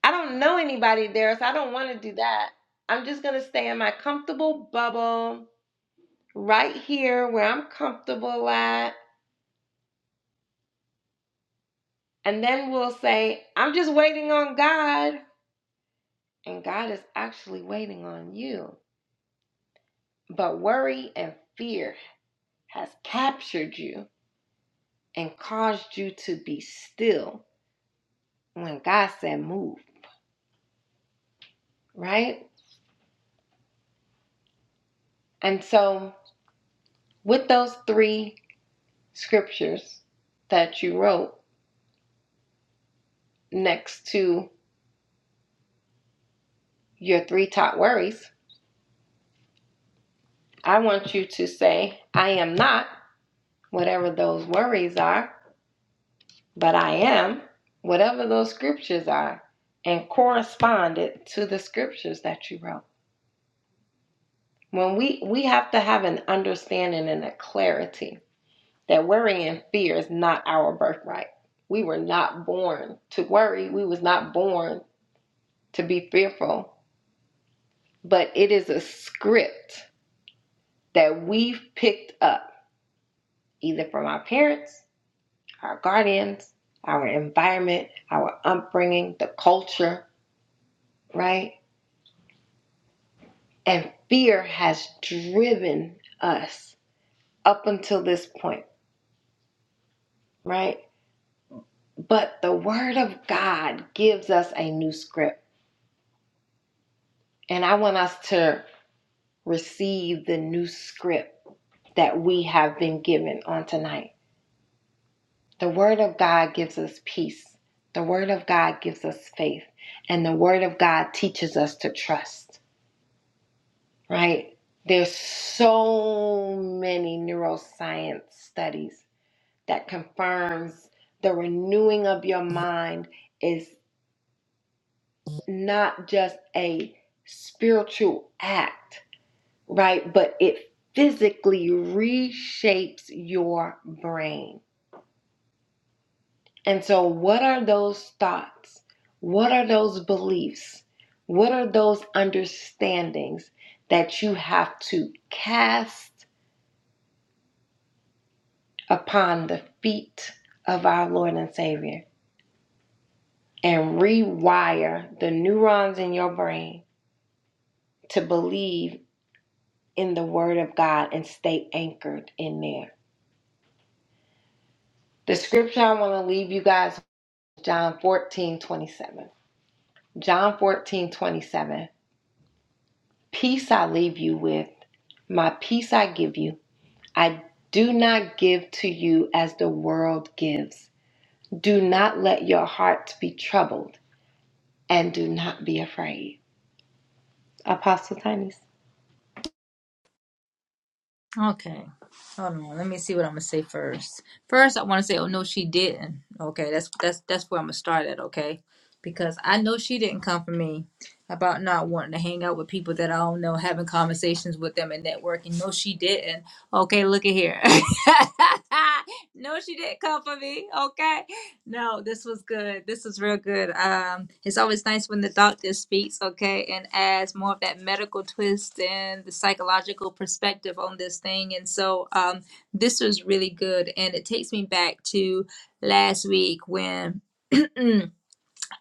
[SPEAKER 3] I don't know anybody there, so I don't want to do that. I'm just going to stay in my comfortable bubble right here where I'm comfortable at. And then we'll say, I'm just waiting on God. And God is actually waiting on you. But worry and fear has captured you and caused you to be still when God said move. right? And so, with those three scriptures that you wrote next to your three top worries, I want you to say, I am not, whatever those worries are, but I am, whatever those scriptures are, and correspond it to the scriptures that you wrote. When we, we have to have an understanding and a clarity that worry and fear is not our birthright. We were not born to worry. We was not born to be fearful, but it is a script that we've picked up either from our parents, our guardians, our environment, our upbringing, the culture, right? And fear has driven us up until this point, right? But the Word of God gives us a new script. And I want us to receive the new script that we have been given on tonight The Word of God gives us peace. The Word of God gives us faith. And the Word of God teaches us to trust, right? There's so many neuroscience studies that confirms the renewing of your mind is not just a spiritual act, right? But it physically reshapes your brain And so, what are those thoughts? What are those beliefs? What are those understandings that you have to cast upon the feet of our Lord and Savior and rewire the neurons in your brain to believe in the Word of God and stay anchored in there? The scripture I want to leave you guys John 14 27. John 14 27. Peace I leave you with, my peace I give you. I do not give to you as the world gives. Do not let your hearts be troubled and do not be afraid. Apostle Tiny's.
[SPEAKER 1] Okay. Hold on. Let me see what I'm gonna say first. First, I want to say, oh no, she didn't. Okay, that's that's that's where I'm gonna start at. Okay, because I know she didn't come for me about not wanting to hang out with people that I don't know, having conversations with them and networking. No, she didn't. Okay, look at here. no, she didn't come for me. Okay, No, this was good. This was real good. Um, it's always nice when the doctor speaks, okay, and adds more of that medical twist and the psychological perspective on this thing. And so, um, this was really good, and it takes me back to last week when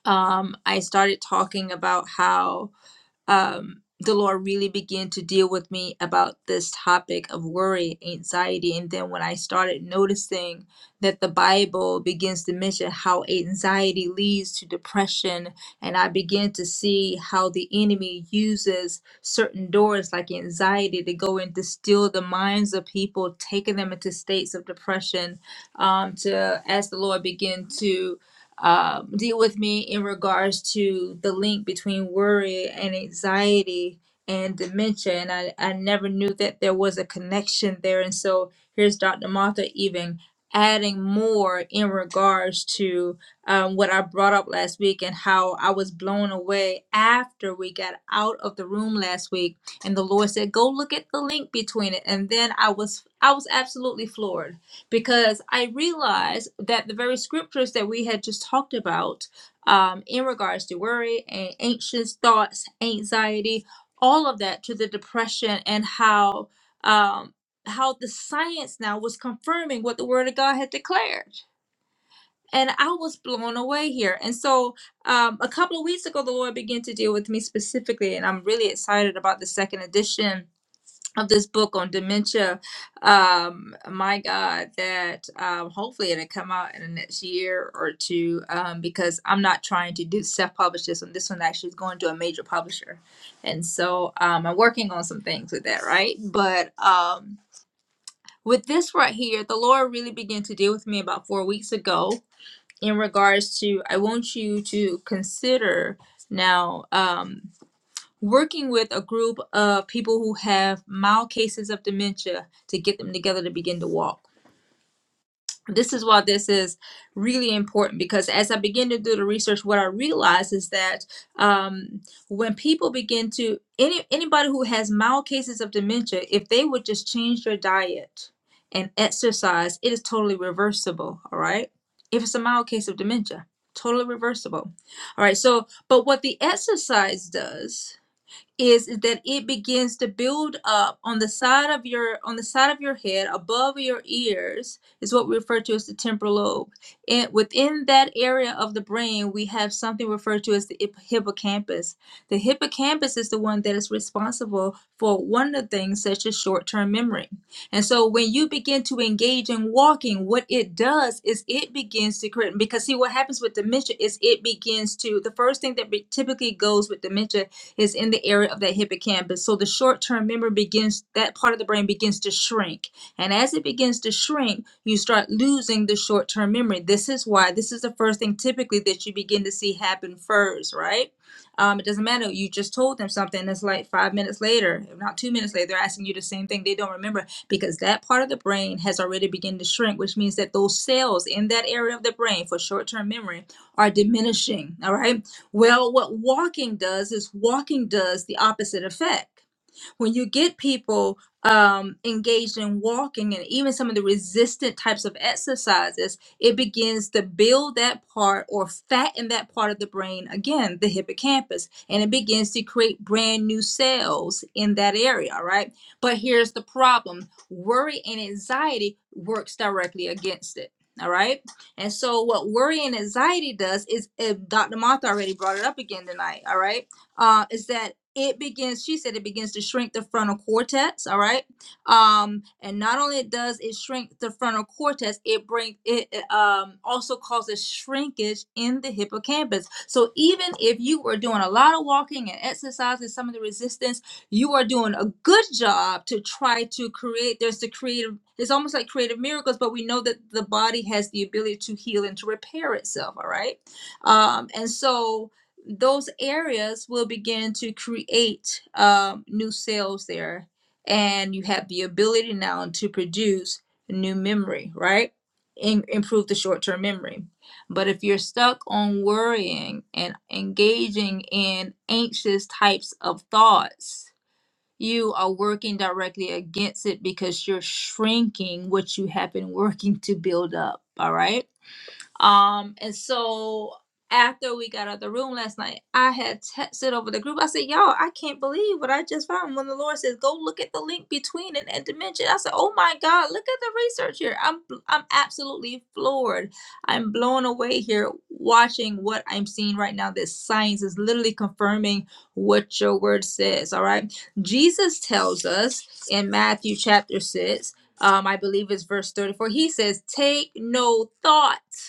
[SPEAKER 1] um I started talking about how um, the Lord really began to deal with me about this topic of worry, anxiety. And then when I started noticing that the Bible begins to mention how anxiety leads to depression, and I began to see how the enemy uses certain doors like anxiety to go and distill the minds of people, taking them into states of depression, um, to as the Lord began to um, deal with me in regards to the link between worry and anxiety and dementia. And I, I never knew that there was a connection there. And so here's Dr. Martha even adding more in regards to um, what I brought up last week and how I was blown away after we got out of the room last week. And the Lord said, go look at the link between it. And then I was, I was absolutely floored because I realized that the very scriptures that we had just talked about um, in regards to worry and anxious thoughts, anxiety, all of that to the depression and how um, how the science now was confirming what the Word of God had declared. And I was blown away here. And so um, a couple of weeks ago, the Lord began to deal with me specifically, and I'm really excited about the second edition of this book on dementia. Um, my God, that um, hopefully it'll come out in the next year or two um, because I'm not trying to do self-publish this one. This one actually is going to a major publisher, and so um, I'm working on some things with that, right? But um, with this right here, the Lord really began to deal with me about four weeks ago in regards to I want you to consider now. Um, working with a group of people who have mild cases of dementia to get them together to begin to walk. This is why this is really important because as I begin to do the research, what I realize is that um, when people begin to any anybody who has mild cases of dementia, if they would just change their diet and exercise, it is totally reversible. All right, if it's a mild case of dementia, totally reversible. All right, so but what the exercise does is that it begins to build up on the side of your on the side of your head above your ears is what we refer to as the temporal lobe and within that area of the brain we have something referred to as the hippocampus the hippocampus is the one that is responsible for one of the things such as short-term memory and so when you begin to engage in walking what it does is it begins to create because see what happens with dementia is it begins to the first thing that be, typically goes with dementia is in the area of that hippocampus. So the short term memory begins, that part of the brain begins to shrink. And as it begins to shrink, you start losing the short term memory. This is why this is the first thing typically that you begin to see happen first, right? Um, it doesn't matter. You just told them something. It's like five minutes later, if not two minutes later, they're asking you the same thing. They don't remember because that part of the brain has already begun to shrink, which means that those cells in that area of the brain for short term memory are diminishing. All right well, what walking does is walking does the opposite effect when you get people um, engaged in walking and even some of the resistant types of exercises, it begins to build that part or fatten that part of the brain, again, the hippocampus, and it begins to create brand new cells in that area, right? But here's the problem worry and anxiety works directly against it. All right. And so what worry and anxiety does is if Dr. Martha already brought it up again tonight, all right? Uh, is that it begins she said it begins to shrink the frontal cortex all right um and not only does it shrink the frontal cortex it bring it um also causes shrinkage in the hippocampus so even if you were doing a lot of walking and exercising, some of the resistance you are doing a good job to try to create there's the creative it's almost like creative miracles but we know that the body has the ability to heal and to repair itself all right um and so those areas will begin to create um, new cells there and you have the ability now to produce new memory right In, improve the short-term memory but if you're stuck on worrying and engaging in anxious types of thoughts you are working directly against it because you're shrinking what you have been working to build up all right um, and so after we got out of the room last night, I had texted over the group. I said, Y'all, I can't believe what I just found. When the Lord says, Go look at the link between it and dimension. I said, Oh my God, look at the research here. I'm I'm absolutely floored. I'm blown away here watching what I'm seeing right now. This science is literally confirming what your word says. All right. Jesus tells us in Matthew chapter six, um, I believe it's verse 34, he says, Take no thought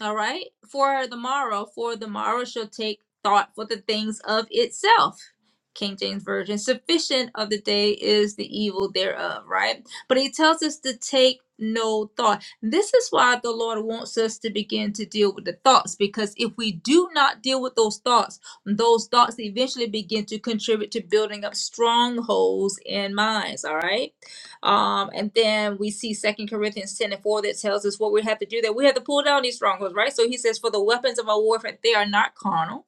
[SPEAKER 1] all right. For the morrow, for the morrow shall take thought for the things of itself. King James Version. Sufficient of the day is the evil thereof, right? But he tells us to take no thought. This is why the Lord wants us to begin to deal with the thoughts, because if we do not deal with those thoughts, those thoughts eventually begin to contribute to building up strongholds in minds, all right? Um, and then we see Second Corinthians 10 and 4 that tells us what we have to do, that we have to pull down these strongholds, right? So he says, For the weapons of our warfare, they are not carnal,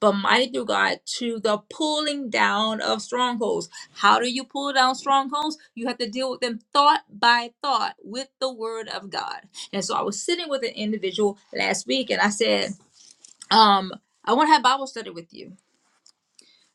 [SPEAKER 1] but mighty through God to the pulling down of strongholds. How do you pull down strongholds? You have to deal with them thought by thought with the word of God. And so I was sitting with an individual last week and I said, um, I want to have Bible study with you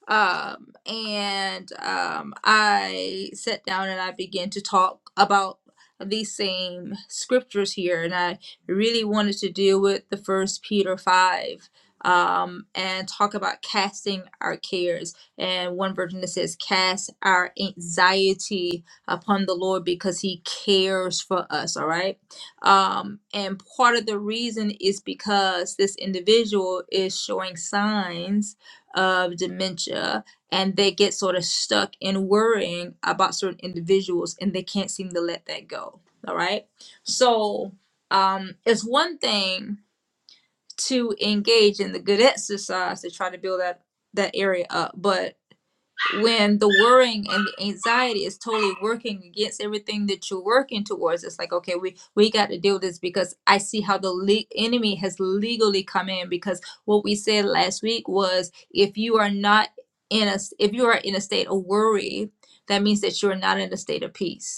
[SPEAKER 1] um and um i sat down and i began to talk about these same scriptures here and i really wanted to deal with the first peter 5 um and talk about casting our cares and one version that says cast our anxiety upon the lord because he cares for us all right um and part of the reason is because this individual is showing signs of dementia and they get sort of stuck in worrying about certain individuals and they can't seem to let that go. All right. So um, it's one thing to engage in the good exercise to try to build that that area up, but when the worrying and the anxiety is totally working against everything that you're working towards it's like okay we we got to deal with this because i see how the le- enemy has legally come in because what we said last week was if you are not in a if you are in a state of worry that means that you're not in a state of peace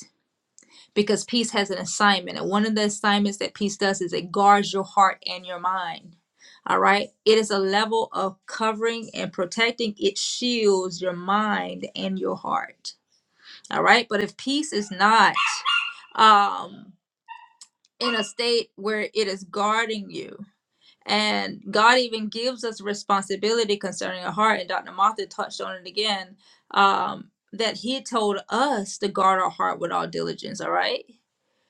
[SPEAKER 1] because peace has an assignment. And one of the assignments that peace does is it guards your heart and your mind. All right. It is a level of covering and protecting, it shields your mind and your heart. All right. But if peace is not um, in a state where it is guarding you, and God even gives us responsibility concerning our heart, and Dr. Martha touched on it again um, that He told us to guard our heart with all diligence. All right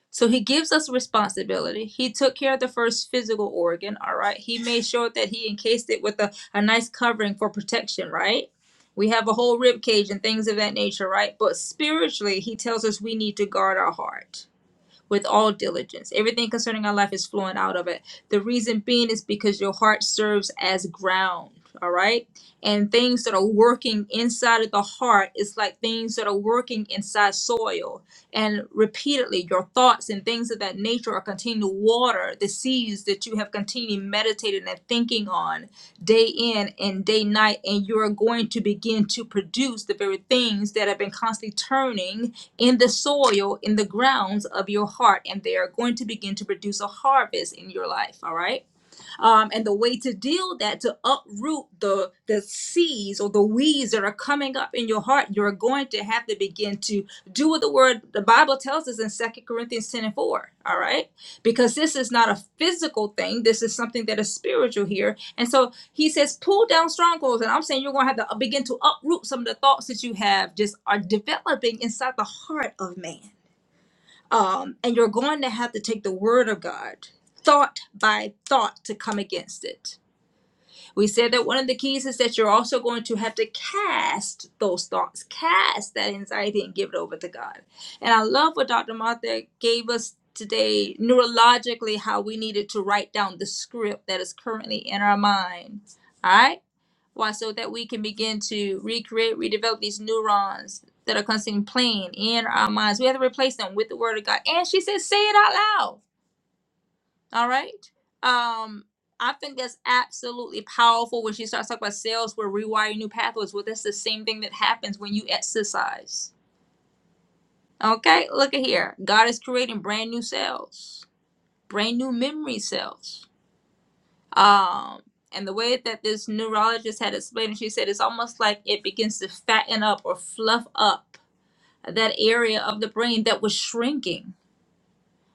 [SPEAKER 1] so he gives us responsibility. He took care of the first physical organ, all right? He made sure that he encased it with a, a nice covering for protection, right? We have a whole rib cage and things of that nature, right? But spiritually, he tells us we need to guard our heart with all diligence. Everything concerning our life is flowing out of it. The reason being is because your heart serves as ground, all right? And things that are working inside of the heart is like things that are working inside soil. And repeatedly, your thoughts and things of that nature are continuing to water the seeds that you have continually meditating and thinking on day in and day night. And you're going to begin to produce the very things that have been constantly turning in the soil, in the grounds of your heart, and they are going to begin to produce a harvest in your life. All right. Um, and the way to deal that, to uproot the the seeds or the weeds that are coming up in your heart, you're going to have to begin to do what the word the Bible tells us in Second Corinthians 10 and 4. All right. Because this is not a physical thing. This is something that is spiritual here. And so he says, pull down strongholds. And I'm saying you're gonna have to uh, begin to uproot some of the thoughts that you have just are developing inside the heart of man um, and you're going to have to take the word of God thought by thought to come against it. We said that one of the keys is that you're also going to have to cast those thoughts, cast that anxiety and give it over to God. And I love what Dr. Martha gave us today neurologically how we needed to write down the script that is currently in our mind. All right? Why? So that we can begin to recreate, redevelop these neurons that are constantly playing in our minds. We have to replace them with the word of God. And she said, say it out loud. All right. Um, I think that's absolutely powerful when she starts talking about cells where rewiring new pathways. Well, that's the same thing that happens when you exercise. Okay, look at here. God is creating brand new cells, brand new memory cells Um, and the way that this neurologist had explained it, she said it's almost like it begins to fatten up or fluff up that area of the brain that was shrinking.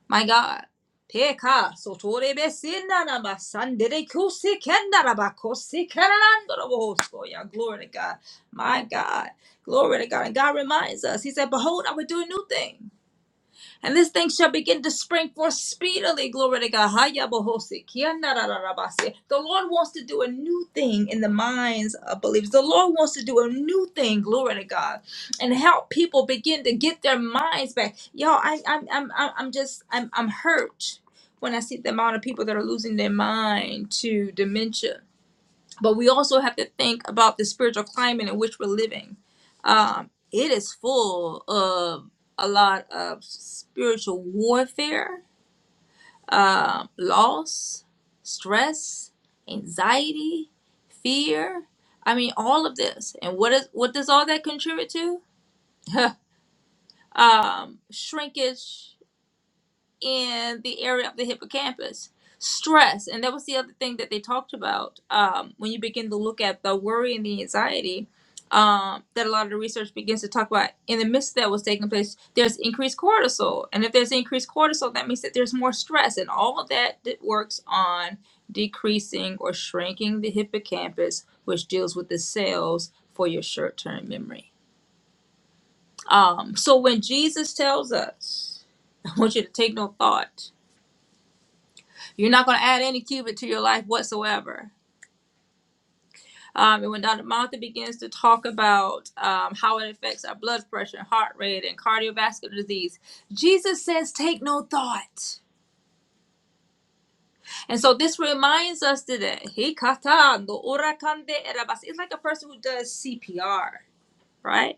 [SPEAKER 1] My God. Teka, sotore besina na masandere kusi kenda na bakosi kananando na bohosko. Yeah, Glory to God. My God. Glory to God. And God reminds us. He said, Behold, I will do a new thing. And this thing shall begin to spring forth speedily. Glory to God. Haya bohosi, The Lord wants to do a new thing in the minds of believers. The Lord wants to do a new thing. Glory to God. And help people begin to get their minds back. Y'all, I, I'm, I'm, I'm I'm just, I'm, I'm hurt when I see the amount of people that are losing their mind to dementia but we also have to think about the spiritual climate in which we're living. Um, it is full of a lot of spiritual warfare, um, loss, stress, anxiety, fear. I mean, all of this. And what is what does all that contribute to? um, shrinkage, in the area of the hippocampus. Stress, and that was the other thing that they talked about um, when you begin to look at the worry and the anxiety um, that a lot of the research begins to talk about. In the midst of that was taking place, there's increased cortisol, and if there's increased cortisol, that means that there's more stress, and all of that that works on decreasing or shrinking the hippocampus, which deals with the cells for your short-term memory. Um, so when Jesus tells us, I want you to take no thought You're not going to add any cubit to your life whatsoever. Um, and when Dr. Martha begins to talk about um, how it affects our blood pressure, heart rate, and cardiovascular disease, Jesus says, take no thought. And so this reminds us today, "Hikatando orakande erabas." it's like a person who does CPR, right?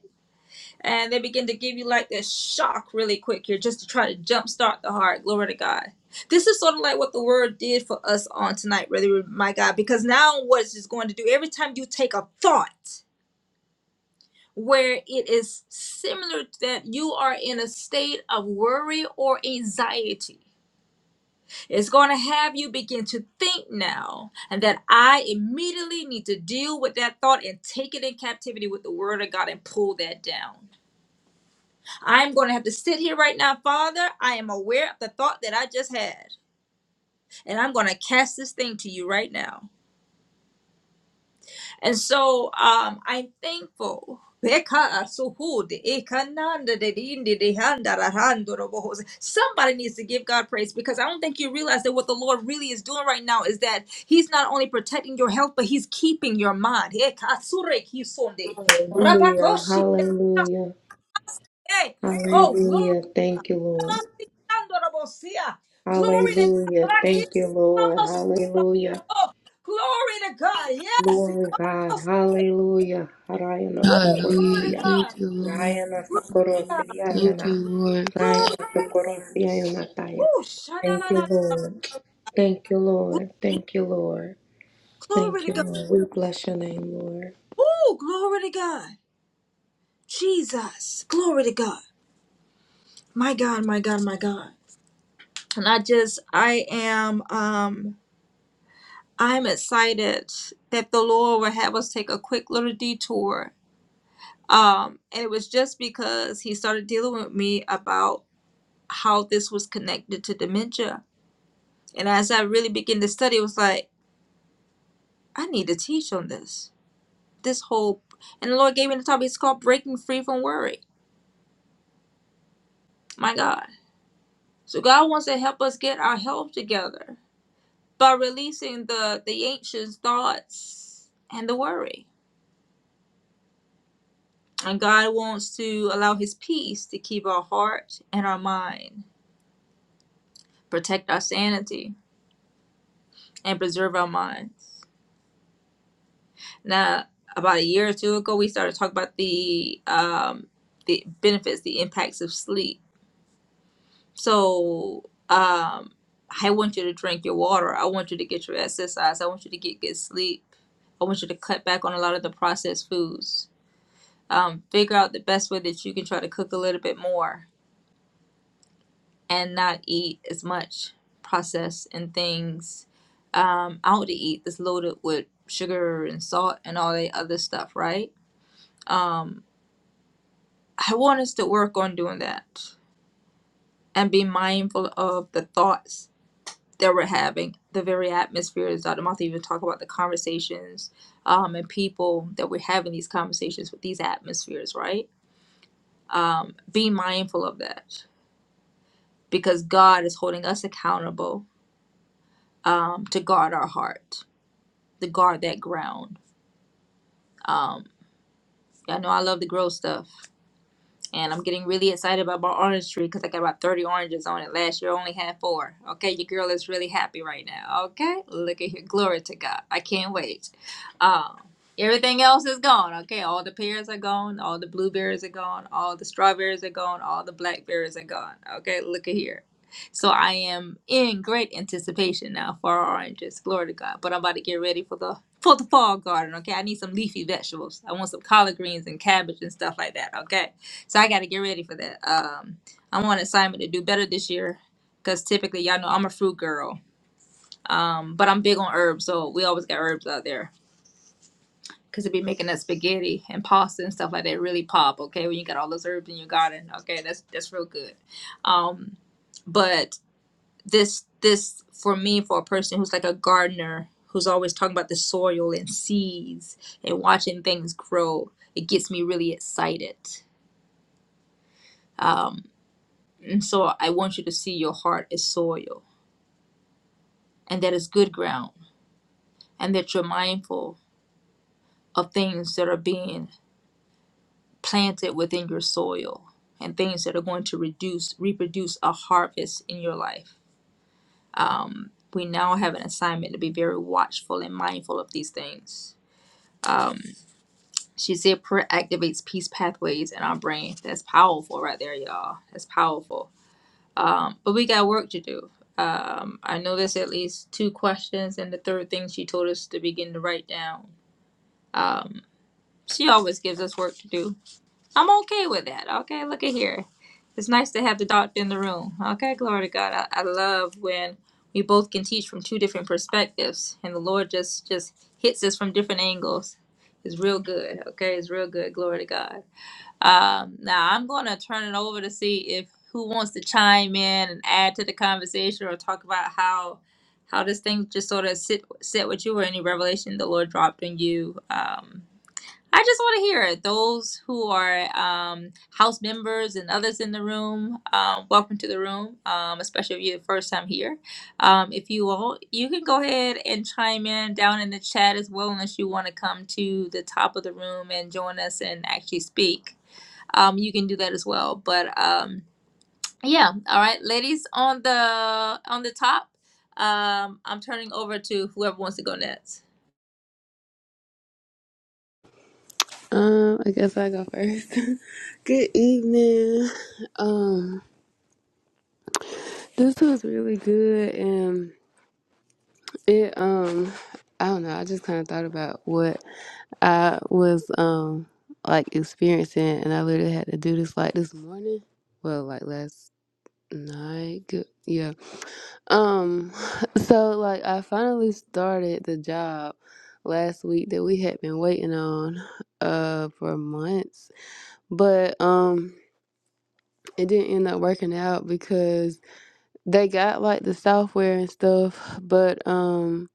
[SPEAKER 1] and they begin to give you like this shock really quick here just to try to jumpstart the heart. Glory to God. This is sort of like what the word did for us on tonight, really, my God, because now what it's going to do every time you take a thought where it is similar to that you are in a state of worry or anxiety. It's going to have you begin to think now, and that I immediately need to deal with that thought and take it in captivity with the word of God and pull that down. I'm going to have to sit here right now, Father. I am aware of the thought that I just had, and I'm going to cast this thing to you right now. And so um, I'm thankful. Somebody needs to give God praise because I don't think you realize that what the Lord really is doing right now is that He's not only protecting your health, but He's keeping your mind.
[SPEAKER 3] Hallelujah. Hallelujah.
[SPEAKER 1] Oh, glory
[SPEAKER 3] Hallelujah. Thank you, Lord.
[SPEAKER 1] Glory to
[SPEAKER 3] Hallelujah. Thank you, Lord. Hallelujah.
[SPEAKER 1] God. Glory to God. Yes, he
[SPEAKER 3] Glory.
[SPEAKER 1] comes.
[SPEAKER 3] Hallelujah. Rayana
[SPEAKER 1] Ooh, Glory to
[SPEAKER 4] Hallelujah.
[SPEAKER 3] Sokorosia.
[SPEAKER 4] Thank
[SPEAKER 1] God.
[SPEAKER 4] you, Lord.
[SPEAKER 3] Rayana
[SPEAKER 1] Glory to God.
[SPEAKER 3] Sokorosia
[SPEAKER 4] Thank you,
[SPEAKER 3] Nana.
[SPEAKER 4] Lord.
[SPEAKER 1] Glory.
[SPEAKER 3] Rayana Sokorosia
[SPEAKER 1] Ooh,
[SPEAKER 3] Thank you,
[SPEAKER 1] shananana.
[SPEAKER 3] Lord. Thank you, Lord. Thank you, Lord.
[SPEAKER 1] Glory
[SPEAKER 3] Thank
[SPEAKER 1] to
[SPEAKER 3] you,
[SPEAKER 1] God.
[SPEAKER 3] Lord. We bless you, Lord.
[SPEAKER 1] Ooh, glory to God. Jesus. Glory to God. My God, my God, my God. And I just I am um I'm excited that the Lord will have us take a quick little detour. Um, and it was just because he started dealing with me about. how this was connected to dementia. And as I really began to study, it was like, I need to teach on this. This whole, and the Lord gave me the topic. It's called Breaking Free from Worry. My God. So God wants to help us get our health together by releasing the, the anxious thoughts and the worry. And God wants to allow His peace to keep our heart and our mind, protect our sanity, and preserve our minds. Now, about a year or two ago, we started talking about the um, the benefits, the impacts of sleep. So, um, I want you to drink your water. I want you to get your exercise. I want you to get good sleep. I want you to cut back on a lot of the processed foods. Um, figure out the best way that you can try to cook a little bit more and not eat as much processed and things um, out to eat that's loaded with sugar and salt and all that other stuff, right? Um, I want us to work on doing that and be mindful of the thoughts that we're having, the very atmosphere, as Dr. Martha even talked about, the conversations um, and people that we're having these conversations with these atmospheres, right? Um, be mindful of that because God is holding us accountable um, to guard our heart, to guard that ground. Um, I know I love the growth stuff, And I'm getting really excited about my orange tree because I got about 30 oranges on it. Last year I only had four. Okay, your girl is really happy right now. Okay, look at here. Glory to God. I can't wait. Um, everything else is gone. Okay, all the pears are gone. All the blueberries are gone. All the strawberries are gone. All the blackberries are gone. Okay, look at here. So I am in great anticipation now for our oranges. Glory to God. But I'm about to get ready for the for the fall garden. Okay, I need some leafy vegetables. I want some collard greens and cabbage and stuff like that. Okay. So I got to get ready for that. Um, I'm on assignment to do better this year because typically, y'all know I'm a fruit girl. Um, but I'm big on herbs, so we always got herbs out there because it be making that spaghetti and pasta and stuff like that really pop. Okay, when you got all those herbs in your garden, okay, that's that's real good. Um, but this this for me for a person who's like a gardener who's always talking about the soil and seeds and watching things grow, it gets me really excited Um, And so I want you to see your heart as soil and that is good ground and that you're mindful of things that are being planted within your soil and things that are going to reduce, reproduce a harvest in your life. Um, we now have an assignment to be very watchful and mindful of these things. Um, she said prayer activates peace pathways in our brain. That's powerful right there, y'all. That's powerful. Um, but we got work to do. Um, I know there's at least two questions, and the third thing she told us to begin to write down. Um, she always gives us work to do. I'm okay with that. Okay, look at here. It's nice to have the doctor in the room. Okay, glory to God. I, I love when we both can teach from two different perspectives, and the Lord just just hits us from different angles. It's real good. Okay, it's real good. Glory to God. Um, now I'm going to turn it over to see if who wants to chime in and add to the conversation or talk about how how this thing just sort of sit sit with you or any revelation the Lord dropped on you. Um, I just want to hear it. Those who are um, house members and others in the room, um, welcome to the room, um, especially if you're the first time here. Um, if you all, you can go ahead and chime in down in the chat as well, unless you want to come to the top of the room and join us and actually speak. Um, you can do that as well. But um, yeah, all right, ladies on the on the top. Um, I'm turning over to whoever wants to go next.
[SPEAKER 4] Um, I guess I go first. good evening. Um, this was really good and it um I don't know, I just kinda thought about what I was um like experiencing and I literally had to do this like this morning. Well, like last night. Good yeah. Um, so like I finally started the job last week that we had been waiting on uh for months. But um it didn't end up working out because they got like the software and stuff, but um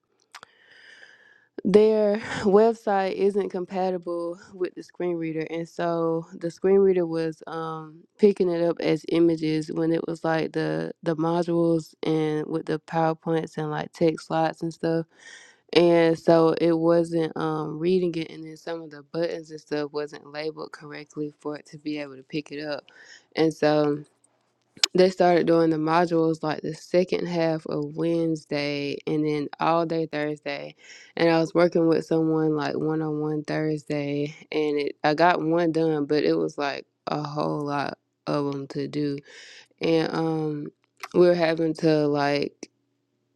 [SPEAKER 4] their website isn't compatible with the screen reader and so the screen reader was um picking it up as images when it was like the the modules and with the powerpoints and like text slots and stuff And so it wasn't um reading it and then some of the buttons and stuff wasn't labeled correctly for it to be able to pick it up. And so they started doing the modules like the second half of Wednesday and then all day Thursday. And I was working with someone like one on one Thursday and it I got one done, but it was like a whole lot of them to do. And um we were having to like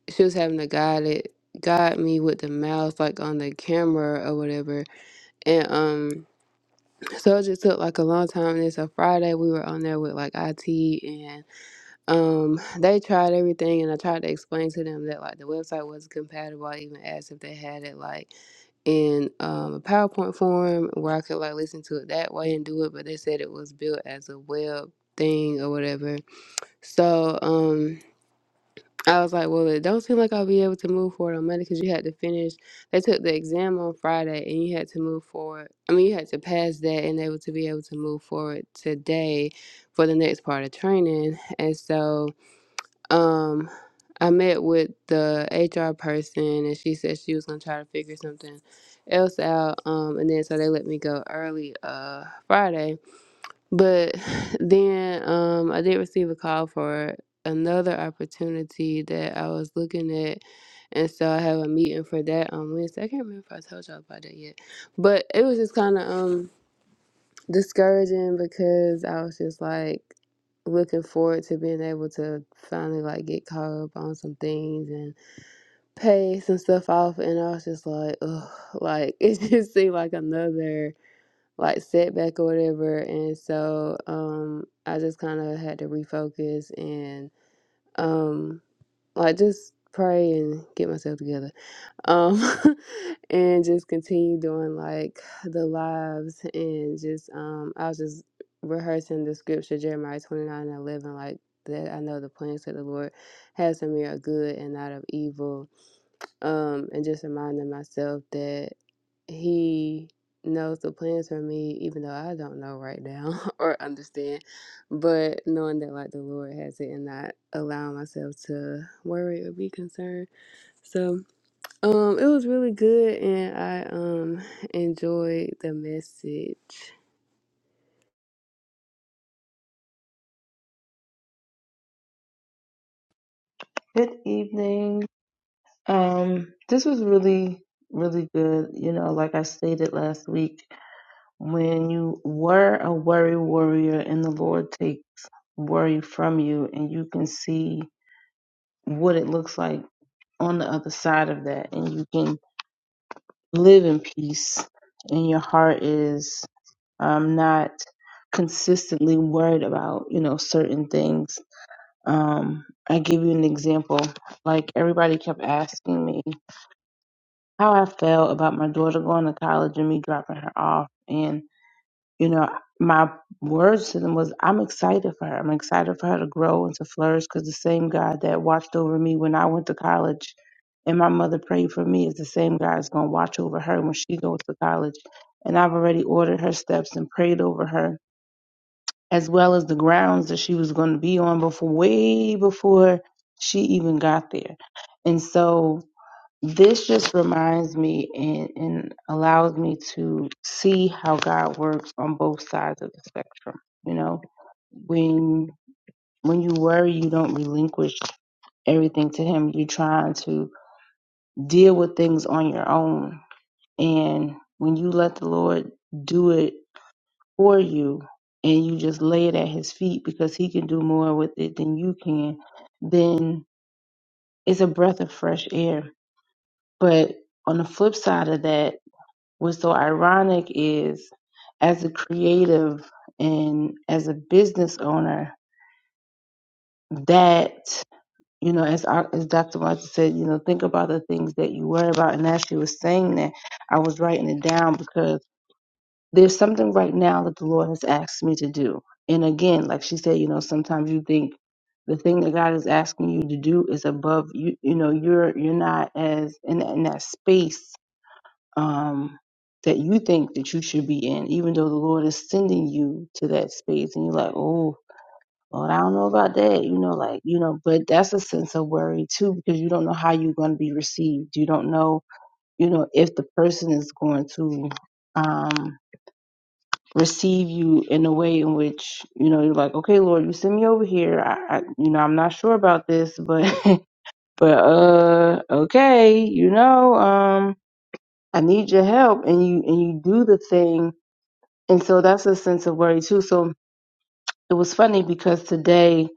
[SPEAKER 4] she was having to guide it guide me with the mouse like on the camera or whatever and um so it just took like a long time and it's a friday we were on there with like it and um they tried everything and i tried to explain to them that like the website wasn't compatible i even asked if they had it like in um, a powerpoint form where i could like listen to it that way and do it but they said it was built as a web thing or whatever so um I was like, well, it don't seem like I'll be able to move forward on Monday because you had to finish. They took the exam on Friday and you had to move forward. I mean, you had to pass that and able to be able to move forward today for the next part of training. And so, um, I met with the HR person and she said she was gonna try to figure something else out. Um, and then so they let me go early, uh, Friday. But then um, I did receive a call for another opportunity that I was looking at. And so I have a meeting for that on Wednesday. I can't remember if I told y'all about that yet. But it was just kind of um, discouraging because I was just like looking forward to being able to finally like get caught up on some things and pay some stuff off. And I was just like, ugh, like it just seemed like another like setback or whatever and so um i just kind of had to refocus and um like just pray and get myself together um and just continue doing like the lives and just um i was just rehearsing the scripture jeremiah 29 and 11 like that i know the plans that the lord has for me are good and not of evil um, and just reminding myself that He knows the plans for me, even though I don't know right now or understand. But knowing that, like, the Lord has it and not allowing myself to worry or be concerned. So, um, it was really good, and I um enjoyed the message.
[SPEAKER 2] Good evening. Um, this was really, really good. You know, like I stated last week, when you were a worry warrior and the Lord takes worry from you and you can see what it looks like on the other side of that and you can live in peace and your heart is um, not consistently worried about you know certain things um, i give you an example like everybody kept asking me how i felt about my daughter going to college and me dropping her off and. you know, my words to them was, I'm excited for her. I'm excited for her to grow and to flourish because the same God that watched over me when I went to college and my mother prayed for me is the same God that's going to watch over her when she goes to college. And I've already ordered her steps and prayed over her as well as the grounds that she was going to be on before way before she even got there. And so this just reminds me and, and allows me to see how God works on both sides of the spectrum. You know, when when you worry, you don't relinquish everything to Him. You're trying to deal with things on your own, and when you let the Lord do it for you, and you just lay it at His feet because He can do more with it than you can, then it's a breath of fresh air. But on the flip side of that, what's so ironic is as a creative and as a business owner that you know as our, as dr Martin said you know think about the things that you worry about and as she was saying that i was writing it down because there's something right now that the lord has asked me to do and again like she said you know sometimes you think the thing that god is asking you to do is above you you know you're you're not as in, in that space um, that you think that you should be in, even though the Lord is sending you to that space, and you're like, oh, Lord, I don't know about that, you know, like, you know, but that's a sense of worry too, because you don't know how you're going to be received. You don't know, you know, if the person is going to um, receive you in a way in which, you know, you're like, okay, Lord, you send me over here. I, I you know, I'm not sure about this, but, but, uh, okay, you know, um, I need your help and you and you do the thing. And so that's a sense of worry too. So it was funny because today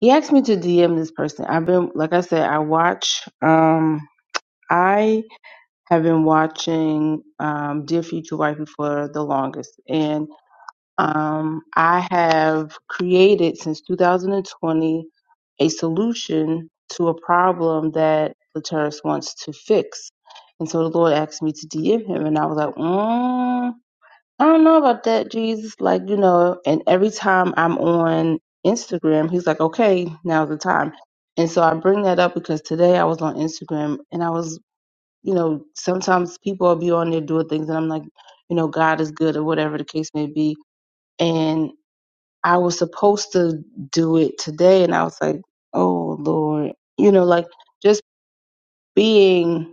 [SPEAKER 2] he asked me to DM this person. I've been like I said, I watch um I have been watching um Dear Future Wifey for the longest and um I have created since 2020 a solution to a problem that Lataris wants to fix. And so the Lord asked me to DM him and I was like, mm, I don't know about that, Jesus. Like, you know, and every time I'm on Instagram, he's like, okay, now's the time. And so I bring that up because today I was on Instagram and I was, you know, sometimes people will be on there doing things and I'm like, you know, God is good or whatever the case may be. And I was supposed to do it today and I was like, oh, Lord, you know, like just being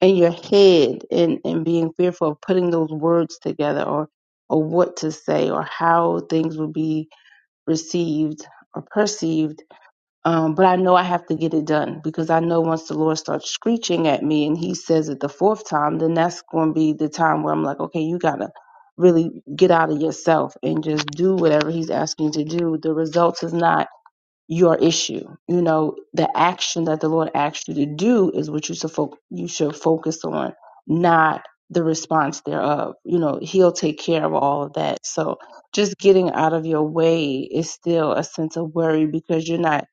[SPEAKER 2] in your head and, and being fearful of putting those words together or or what to say or how things will be received or perceived. Um, but I know I have to get it done because I know once the Lord starts screeching at me and he says it the fourth time, then that's going to be the time where I'm like, okay, you got to really get out of yourself and just do whatever he's asking you to do. The results is not your issue. You know, the action that the Lord asked you to do is what you should fo- you should focus on, not the response thereof. You know, He'll take care of all of that. So just getting out of your way is still a sense of worry because you're not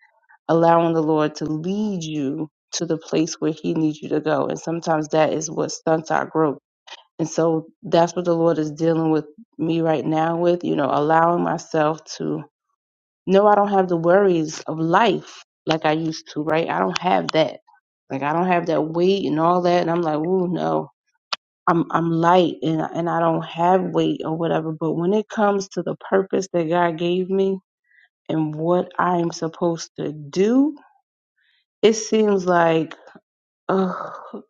[SPEAKER 2] allowing the Lord to lead you to the place where He needs you to go. And sometimes that is what stunts our growth. And so that's what the Lord is dealing with me right now with, you know, allowing myself to no, I don't have the worries of life like I used to, right? I don't have that. Like I don't have that weight and all that. And I'm like, ooh, no. I'm I'm light and and I don't have weight or whatever. But when it comes to the purpose that God gave me and what I'm supposed to do, it seems like oh,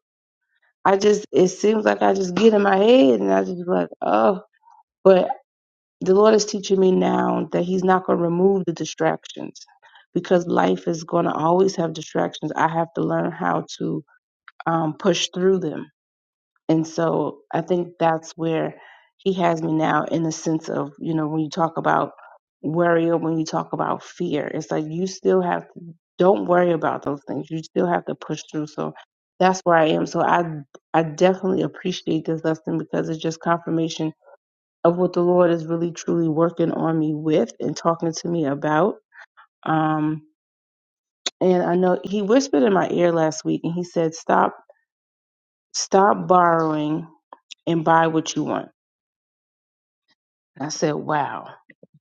[SPEAKER 2] I just it seems like I just get in my head and I just be like, oh. But the Lord is teaching me now that He's not going to remove the distractions because life is going to always have distractions. I have to learn how to um, push through them. And so I think that's where He has me now in the sense of, you know, when you talk about worry or when you talk about fear, it's like you still have to, don't worry about those things. You still have to push through. So that's where I am. So I, I definitely appreciate this lesson because it's just confirmation of what the Lord is really truly working on me with and talking to me about. Um, and I know he whispered in my ear last week and he said, Stop, stop borrowing and buy what you want. And I said, Wow,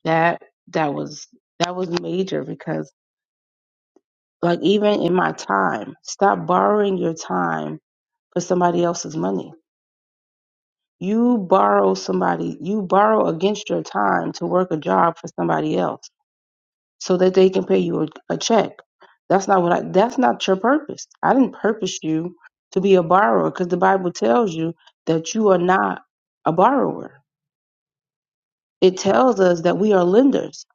[SPEAKER 2] that that was that was major because like even in my time, stop borrowing your time for somebody else's money. You borrow somebody, you borrow against your time to work a job for somebody else so that they can pay you a, a check. That's not what I, that's not your purpose. I didn't purpose you to be a borrower because the Bible tells you that you are not a borrower. It tells us that we are lenders,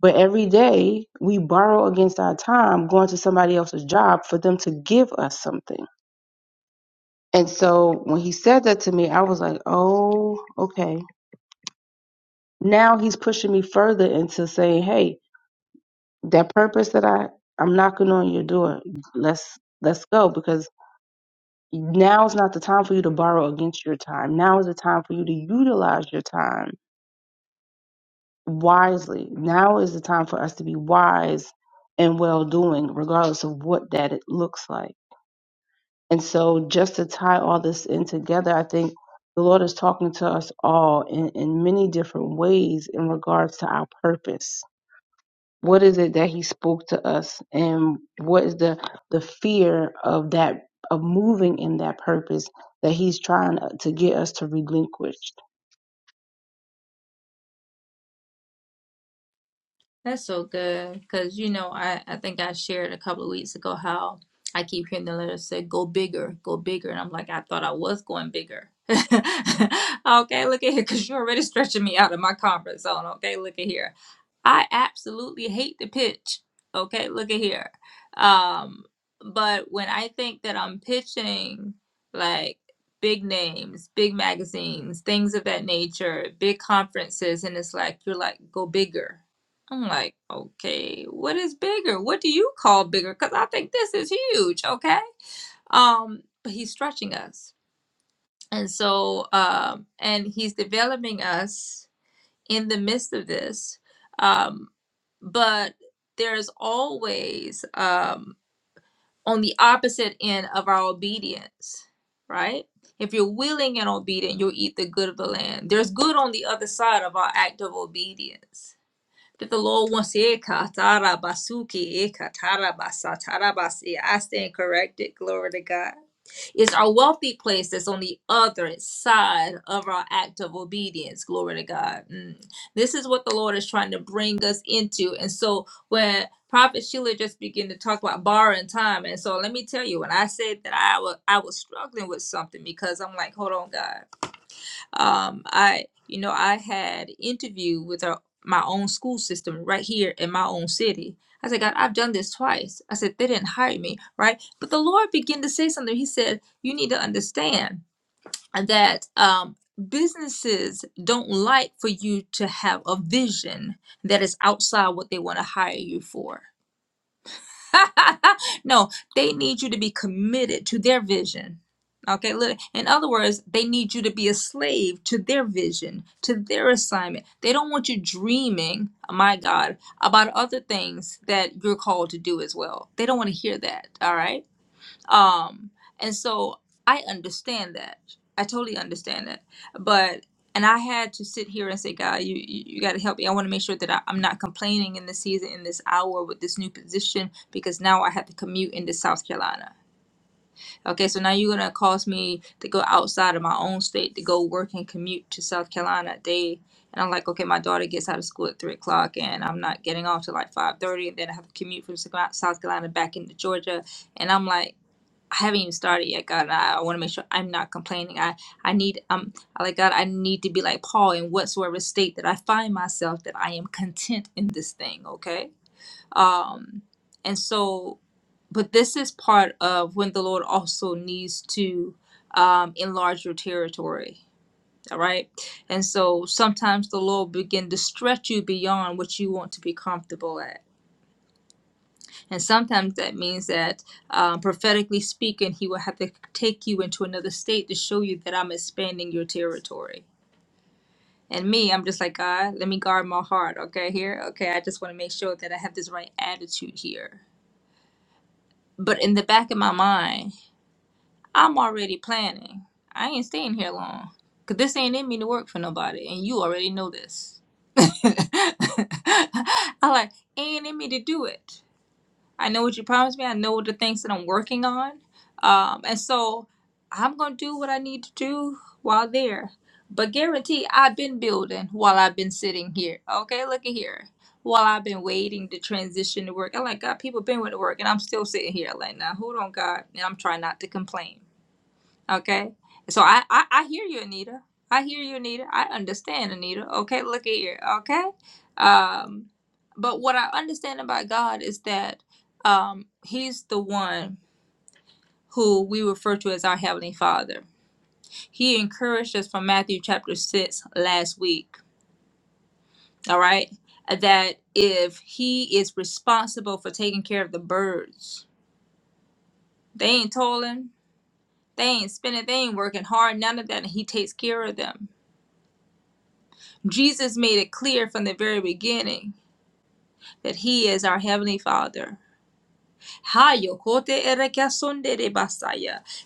[SPEAKER 2] but every day we borrow against our time going to somebody else's job for them to give us something. And so when he said that to me, I was like, oh, okay. Now he's pushing me further into saying, hey, that purpose that I I'm knocking on your door. Let's let's go because now is not the time for you to borrow against your time. Now is the time for you to utilize your time wisely. Now is the time for us to be wise and well doing, regardless of what that it looks like. And so, just to tie all this in together, I think the Lord is talking to us all in, in many different ways in regards to our purpose what is it that he spoke to us and what is the the fear of that of moving in that purpose that he's trying to get us to relinquish
[SPEAKER 1] That's so good. Because, you know, I, I think I shared a couple of weeks ago how I keep hearing the letter say, go bigger, go bigger. And I'm like, I thought I was going bigger. okay, look at here. Because you're already stretching me out of my comfort zone. Okay, look at here. I absolutely hate the pitch. Okay, look at here. Um, but when I think that I'm pitching like big names, big magazines, things of that nature, big conferences, and it's like, you're like, go bigger I'm like, okay, what is bigger? What do you call bigger? Because I think this is huge, okay? Um, but he's stretching us. And so, um, and he's developing us in the midst of this. Um, but there's always um, on the opposite end of our obedience, right? If you're willing and obedient, you'll eat the good of the land. There's good on the other side of our act of obedience that the Lord wants ekarabasuki ekatarabasa tarabasi, I stand corrected. Glory to God. It's our wealthy place that's on the other side of our act of obedience. Glory to God. Mm. This is what the Lord is trying to bring us into. And so when Prophet Sheila just began to talk about borrowing time, and so let me tell you, when I said that I was I was struggling with something because I'm like, hold on, God um i you know i had interview with our, my own school system right here in my own city i said god i've done this twice i said they didn't hire me right but the lord began to say something he said you need to understand that um businesses don't like for you to have a vision that is outside what they want to hire you for no, they need you to be committed to their vision. Okay, look, in other words, they need you to be a slave to their vision, to their assignment. They don't want you dreaming, oh my God, about other things that you're called to do as well. They don't want to hear that, all right? Um, and so I understand that. I totally understand that. But and I had to sit here and say, God, you you, you got to help me. I want to make sure that I, I'm not complaining in this season, in this hour, with this new position, because now I have to commute into South Carolina. Okay, so now you're gonna cause me to go outside of my own state to go work and commute to South Carolina a day. And I'm like, okay, my daughter gets out of school at three o'clock, and I'm not getting off till like five thirty, and then I have to commute from South Carolina back into Georgia. And I'm like. I haven't even started yet, God. and I, I want to make sure I'm not complaining. I, I need, um, like God, I need to be like Paul in whatsoever state that I find myself that I am content in this thing, okay? Um, and so, but this is part of when the Lord also needs to um, enlarge your territory, all right? And so sometimes the Lord begin to stretch you beyond what you want to be comfortable at and sometimes that means that, um, prophetically speaking, he will have to take you into another state to show you that I'm expanding your territory. And me, I'm just like, God, let me guard my heart, okay, here? Okay, I just want to make sure that I have this right attitude here. But in the back of my mind, I'm already planning. I ain't staying here long. Because this ain't in me to work for nobody. And you already know this. I like, ain't in me to do it. I know what you promised me. I know the things that I'm working on. Um, and so I'm going to do what I need to do while there. But guarantee I've been building while I've been sitting here. Okay, look at here. While I've been waiting to transition to work. I'm like, God, people been with the work and I'm still sitting here. Like, now, hold on, God. And I'm trying not to complain Okay. So I, I, I hear you, Anita. I hear you, Anita. I understand, Anita. Okay, look at here. Okay. Um, but what I understand about God is that um, He's the one who we refer to as our Heavenly Father. He encouraged us from Matthew chapter 6 last week. All right. That if He is responsible for taking care of the birds, they ain't toiling, they ain't spinning, they ain't working hard, none of that, and He takes care of them Jesus made it clear from the very beginning that he is our heavenly father.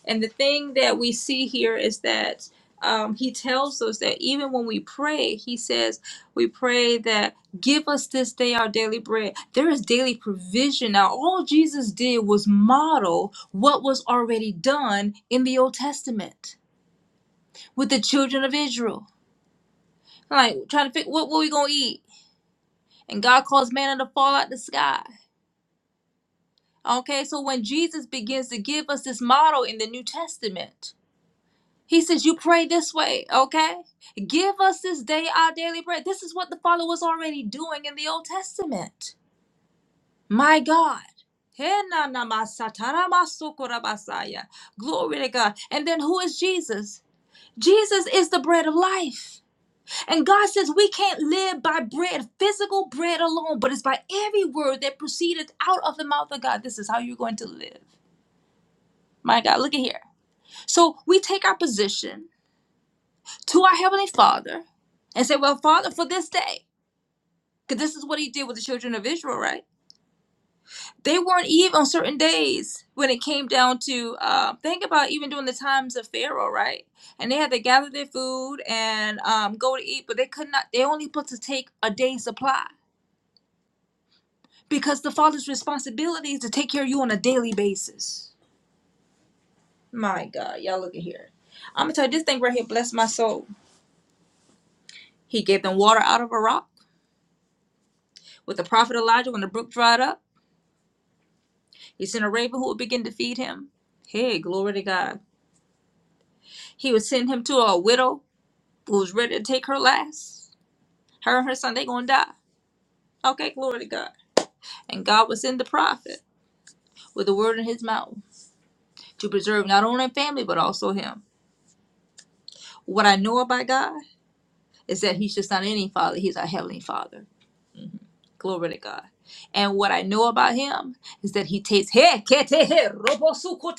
[SPEAKER 1] And the thing that we see here is that um, he tells us that even when we pray, he says, We pray that give us this day our daily bread. There is daily provision. Now, all Jesus did was model what was already done in the Old Testament with the children of Israel. Like, trying to figure what were we going to eat? and God caused manna to fall out the sky. Okay, so when Jesus begins to give us this model in the New Testament, he says, You pray this way, okay? Give us this day our daily bread. This is what the Father was already doing in the Old Testament. My God. He na na ma sa ta ra ma so ko ra ba sa ya. Glory to God. And then who is Jesus? Jesus is the bread of life. And God says we can't live by bread, physical bread alone, but it's by every word that proceedeth out of the mouth of God. This is how you're going to live. My God, look at here. So we take our position to our Heavenly Father and say, Well, Father, for this day, because this is what He did with the children of Israel, right? They weren't even on certain days when it came down to, uh, think about even during the times of Pharaoh, right? And they had to gather their food and um, go to eat, but they could not, they only put to take a day's supply because the father's responsibility is to take care of you on a daily basis. My God, y'all look at here. I'm gonna tell you this thing right here. Bless my soul. He gave them water out of a rock with the prophet Elijah when the brook dried up. He sent a raven who would begin to feed him. Hey, glory to God. He would send him to a widow who was ready to take her last. Her and her son, they gonna die. Okay, glory to God. And God would send the prophet with the word in his mouth to preserve not only family but also him. What I know about God. is that he's just not any father, he's our heavenly father. Glory to God. And what I know about him is that he takes hey, kete, hey, robo su kote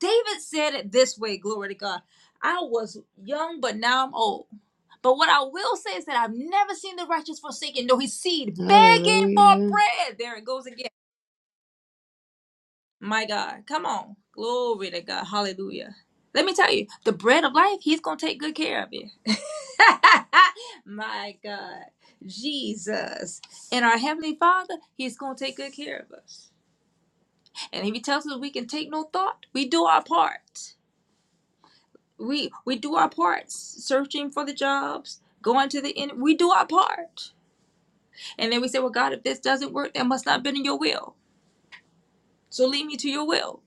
[SPEAKER 1] David said it this way, glory to God. I was young, but now I'm old. But what I will say is that I've never seen the righteous forsaken, nor his seed begging for
[SPEAKER 4] Hallelujah.
[SPEAKER 1] bread. There it goes again. My God, come on. Glory to God. Hallelujah. Let me tell you, the bread of life, he's going to take good care of you. My God, Jesus. And our Heavenly Father, He's going to take good care of us. And if He tells us we can take no thought, we do our part. We, we do our part, searching for the jobs, going to the end. We do our part. And then we say, Well, God, if this doesn't work, that must not have been in your will. So lead me to your will.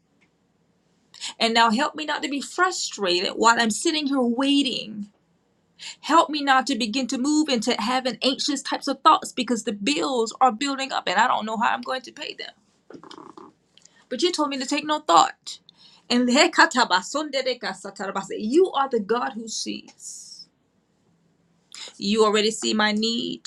[SPEAKER 1] And now help me not to be frustrated while I'm sitting here waiting Help me not to begin to move into having anxious types of thoughts because the bills are building up and I don't know how I'm going to pay them. But you told me to take no thought. And you are the God who sees. You already see my need.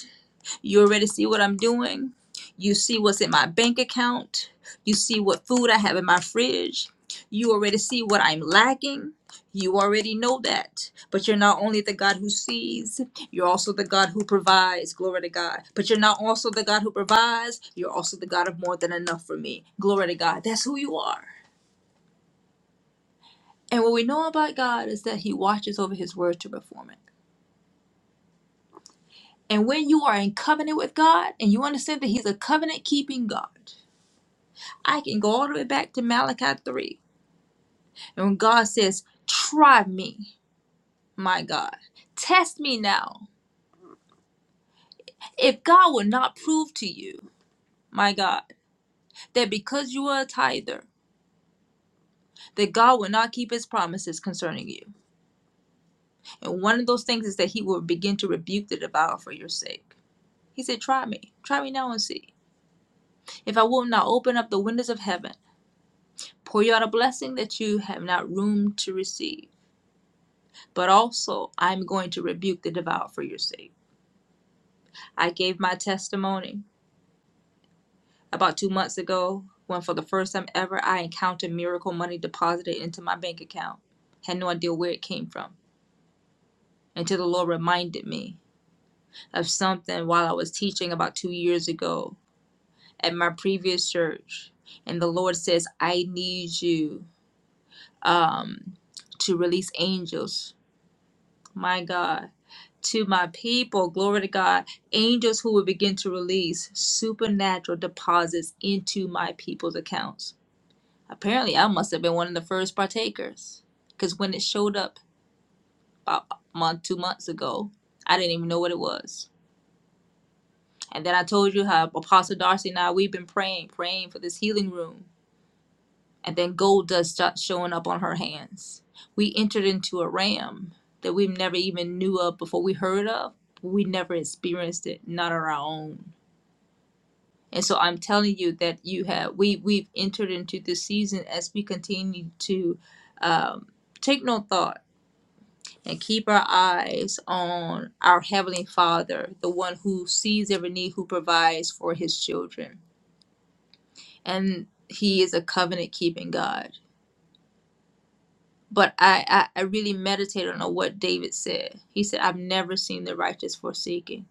[SPEAKER 1] You already see what I'm doing. You see what's in my bank account. You see what food I have in my fridge. You already see what I'm lacking. You already know that. But you're not only the God who sees, you're also the God who provides. Glory to God. But you're not also the God who provides, you're also the God of more than enough for me. Glory to God. That's who you are. And what we know about God is that He watches over His word to perform it. And when you are in covenant with God and you understand that He's a covenant keeping God, I can go all the way back to Malachi 3. And when God says, Try me, my God, test me now. If God will not prove to you, my God, that because you are a tither, that God will not keep his promises concerning you. And one of those things is that he will begin to rebuke the devourer for your sake. He said, Try me. Try me now and see. If I will not open up the windows of heaven, pour you out a blessing that you have not room to receive, but also I'm going to rebuke the devourer for your sake. I gave my testimony about two months ago when, for the first time ever, I encountered miracle money deposited into my bank account. Had no idea where it came from until the Lord reminded me of something while I was teaching about two years ago at my previous church. And the Lord says, I need you um, to release angels my God, to my people, glory to God, angels who will begin to release supernatural deposits into my people's accounts. Apparently, I must have been one of the first partakers because when it showed up about a month, two months ago, I didn't even know what it was. And then I told you how Apostle Darcy and I, we've been praying, praying for this healing room. and then gold dust starts showing up on her hands. We entered into a ram that we never even knew of before we heard of. but We never experienced it, not on our own. And so I'm telling you that you have we we've entered into this season as we continue to um, take no thought and keep our eyes on our heavenly Father, the one who sees every need, who provides for His children, and He is a covenant keeping God but I, I, I really meditated on what David said. He said, I've never seen the righteous forsaken,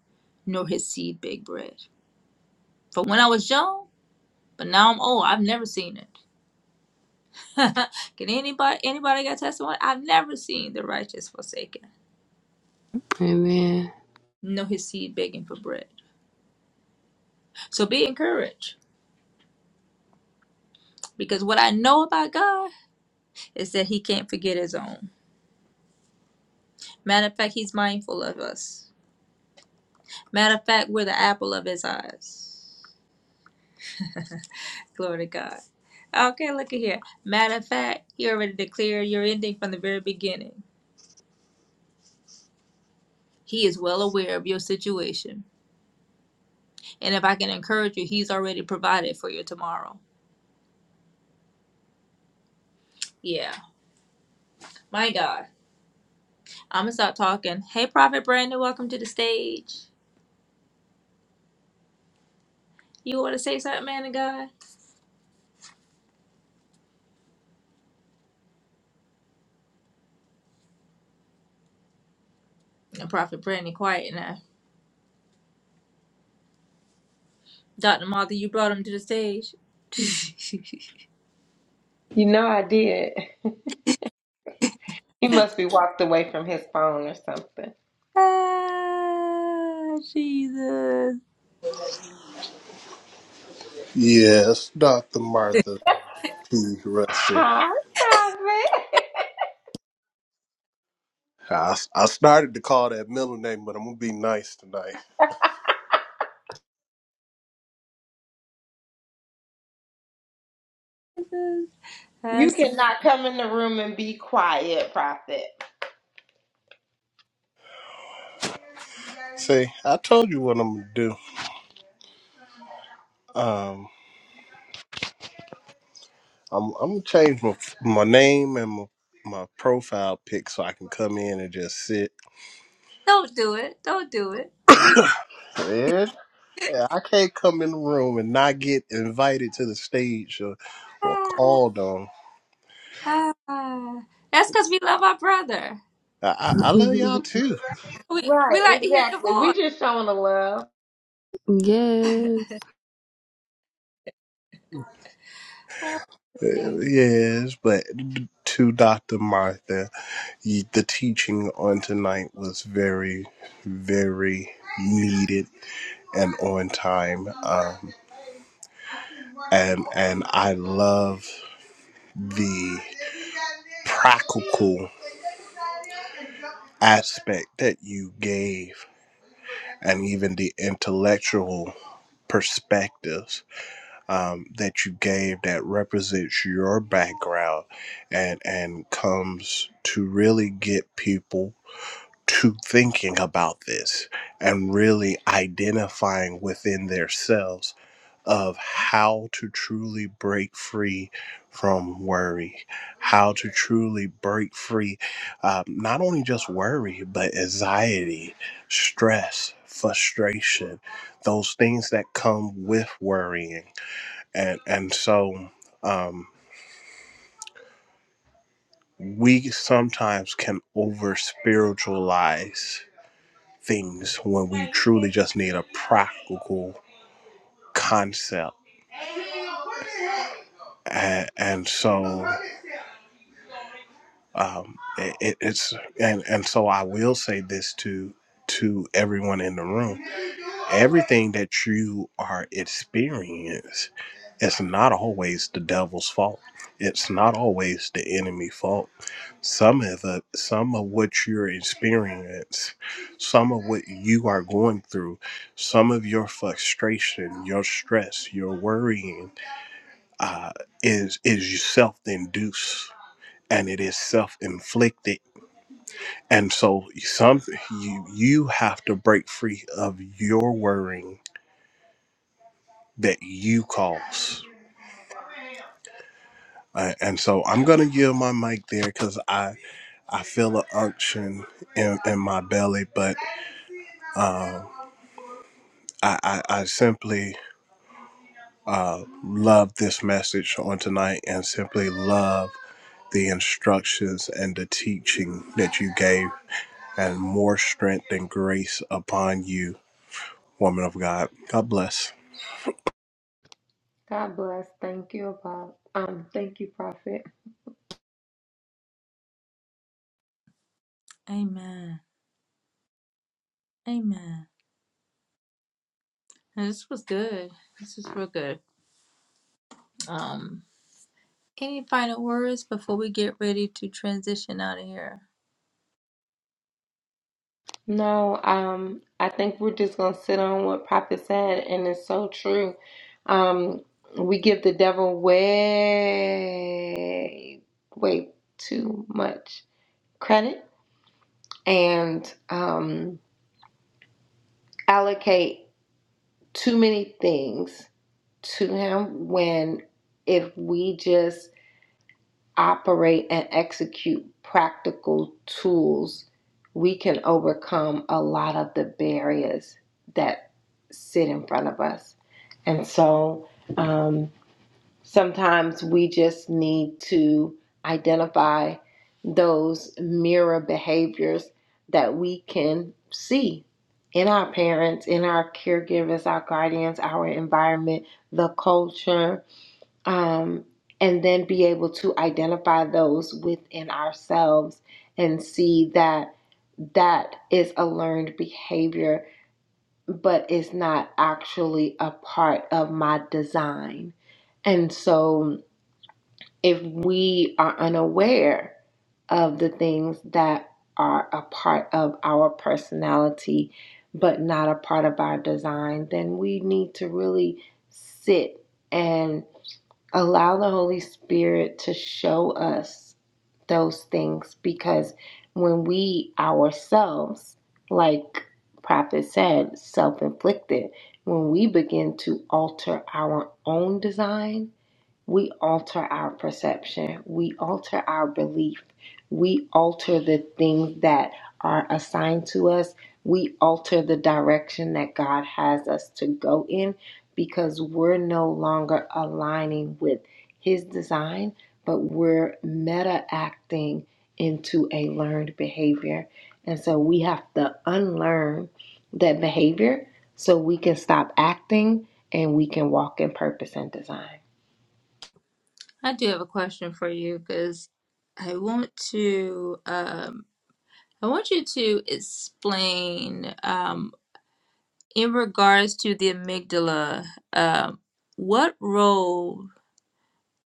[SPEAKER 1] nor his seed beg bread. From when I was young, but now I'm old, I've never seen it. Can anybody anybody got testimony? I've never seen the righteous forsaken,
[SPEAKER 4] Amen.
[SPEAKER 1] nor his seed begging for bread. So be encouraged. Because what I know about God is that he can't forget his own. Matter of fact, he's mindful of us. Matter of fact, we're the apple of his eyes. Glory to God. Okay, look at here. Matter of fact, he already declared your ending from the very beginning. He is well aware of your situation. And if I can encourage you, he's already provided for your tomorrow. Yeah. My God. I'm going to stop talking. Hey, Prophet Brandon, welcome to the stage. You want to say something, man of God? And Prophet Brandon, quiet now. Dr. Martha, you brought him to the stage.
[SPEAKER 3] You know I did. He must be walked away from his phone or something.
[SPEAKER 1] ah, Jesus.
[SPEAKER 5] Yes, Dr. Martha P. Rusher.
[SPEAKER 3] Hi, Prophet.
[SPEAKER 5] I, I started to call that middle name, but I'm gonna be nice tonight.
[SPEAKER 3] You
[SPEAKER 1] That's- so,
[SPEAKER 3] cannot come in the room and be quiet, Prophet.
[SPEAKER 5] See, I told you what I'm gonna do. Um, I'm, I'm gonna change my my name and my, my profile pic so I can come in and just sit.
[SPEAKER 1] Don't do it. Don't do it.
[SPEAKER 5] Man, I can't come in the room and not get invited to the stage or, or called on.
[SPEAKER 1] Ah, ah. That's because we love our brother.
[SPEAKER 5] I, I I love y'all too.
[SPEAKER 1] We we like to hear your voice.
[SPEAKER 4] yes.
[SPEAKER 1] Oh,
[SPEAKER 5] Uh,
[SPEAKER 1] Jesus.
[SPEAKER 5] Yes, but to Dr. Martha. the the teaching on tonight was very, very needed and on time. Um, and and I love the practical aspect that you gave, and even the intellectual perspectives um, that you gave that represents your background and and comes to really get people to thinking about this and really identifying within themselves of how to truly break free from worry, how to truly break free, um, not only just worry, but anxiety, stress, frustration, those things that come with worrying. And, and so, um, we sometimes can over spiritualize things when we truly just need a practical concept. And, and so um, it, it's and and so I will say this to to everyone in the room Everything that you are experiencing, it's not always the devil's fault. It's not always the enemy fault. Some of the, some of what you're experiencing, some of what you are going through, some of your frustration, your stress, your worrying, uh, is is self-induced and it is self-inflicted. And so, some you you have to break free of your worrying that you cause. Uh, and so I'm gonna give my mic there because I I feel an unction in, in my belly, but um, I, I I simply uh, love this message on tonight and simply love the instructions and the teaching that you gave, and more strength and grace upon you, woman of God. God bless.
[SPEAKER 3] Bless. Thank you, Bob. Um, thank you, Prophet.
[SPEAKER 1] Amen. Amen. Now, This was good. This was real good. Um, any final words before we get ready to transition out of here?
[SPEAKER 3] No, um, I think we're just gonna sit on what Prophet said, and it's so true. Um, we give the devil way, way too much credit and um, allocate too many things to him when if we just operate and execute practical tools, we can overcome a lot of the barriers that sit in front of us. And so um, sometimes we just need to identify those mirror behaviors that we can see in our parents, in our caregivers, our guardians, our environment, the culture um, and then be able to identify those within ourselves and see that that is a learned behavior, but is not actually a part of my design. And so, if we are unaware of the things that are a part of our personality, but not a part of our design, then we need to really sit and allow the Holy Spirit to show us those things because when we ourselves, like Prophet said, self inflicted, when we begin to alter our own design, we alter our perception, we alter our belief, we alter the things that are assigned to us, we alter the direction that God has us to go in because we're no longer aligning with His design, but we're meta acting into a learned behavior. And so we have to unlearn that behavior so we can stop acting and we can walk in purpose and design.
[SPEAKER 1] I do have a question for you because I want to um I want you to explain um in regards to the amygdala um what role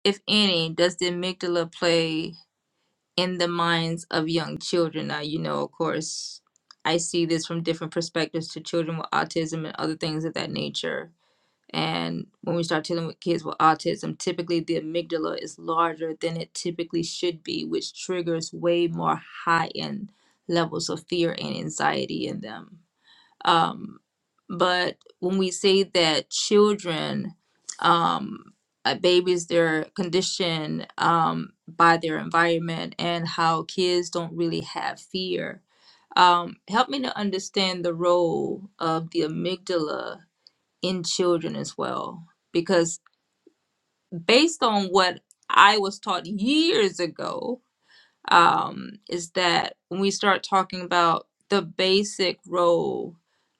[SPEAKER 1] if any, does the amygdala play in the minds of young children? Now, you know, of course, I see this from different perspectives to children with autism and other things of that nature. And when we start dealing with kids with autism, typically the amygdala is larger than it typically should be, which triggers way more high end levels of fear and anxiety in them. Um, but when we say that children, um, uh, babies, they're conditioned um, by their environment and how kids don't really have fear. Um, help me to understand the role of the amygdala in children as well, because based on what I was taught years ago, um, is that when we start talking about the basic role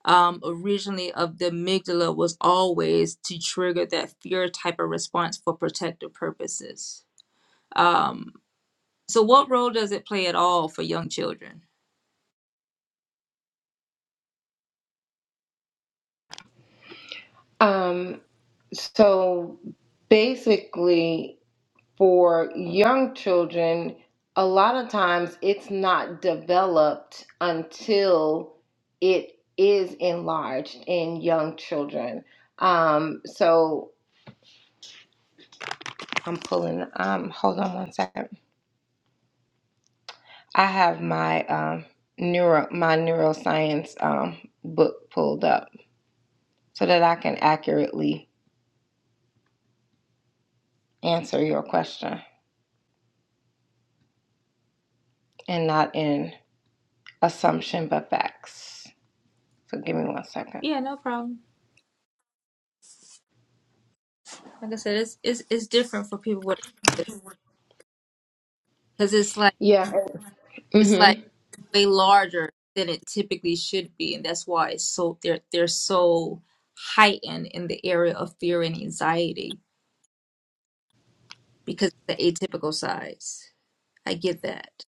[SPEAKER 1] um, originally of the amygdala was always to trigger that fear type of response for protective purposes. Um, so, what role does it play at all for young children?
[SPEAKER 3] Um, so basically, for young children, a lot of times it's not developed until it is enlarged in young children. Um, so I'm pulling. Um, hold on one second. I have my um, neuro my neuroscience um, book pulled up so that I can accurately answer your question and not in assumption but facts. So give me one second.
[SPEAKER 1] Yeah, no problem. Like I said, it's it's, it's different for people with because it's like
[SPEAKER 3] Yeah.
[SPEAKER 1] it's like
[SPEAKER 3] Mhm.
[SPEAKER 1] way larger than it typically should be, and that's why it's so they're they're so heightened in the area of fear and anxiety because of the atypical size. I get that.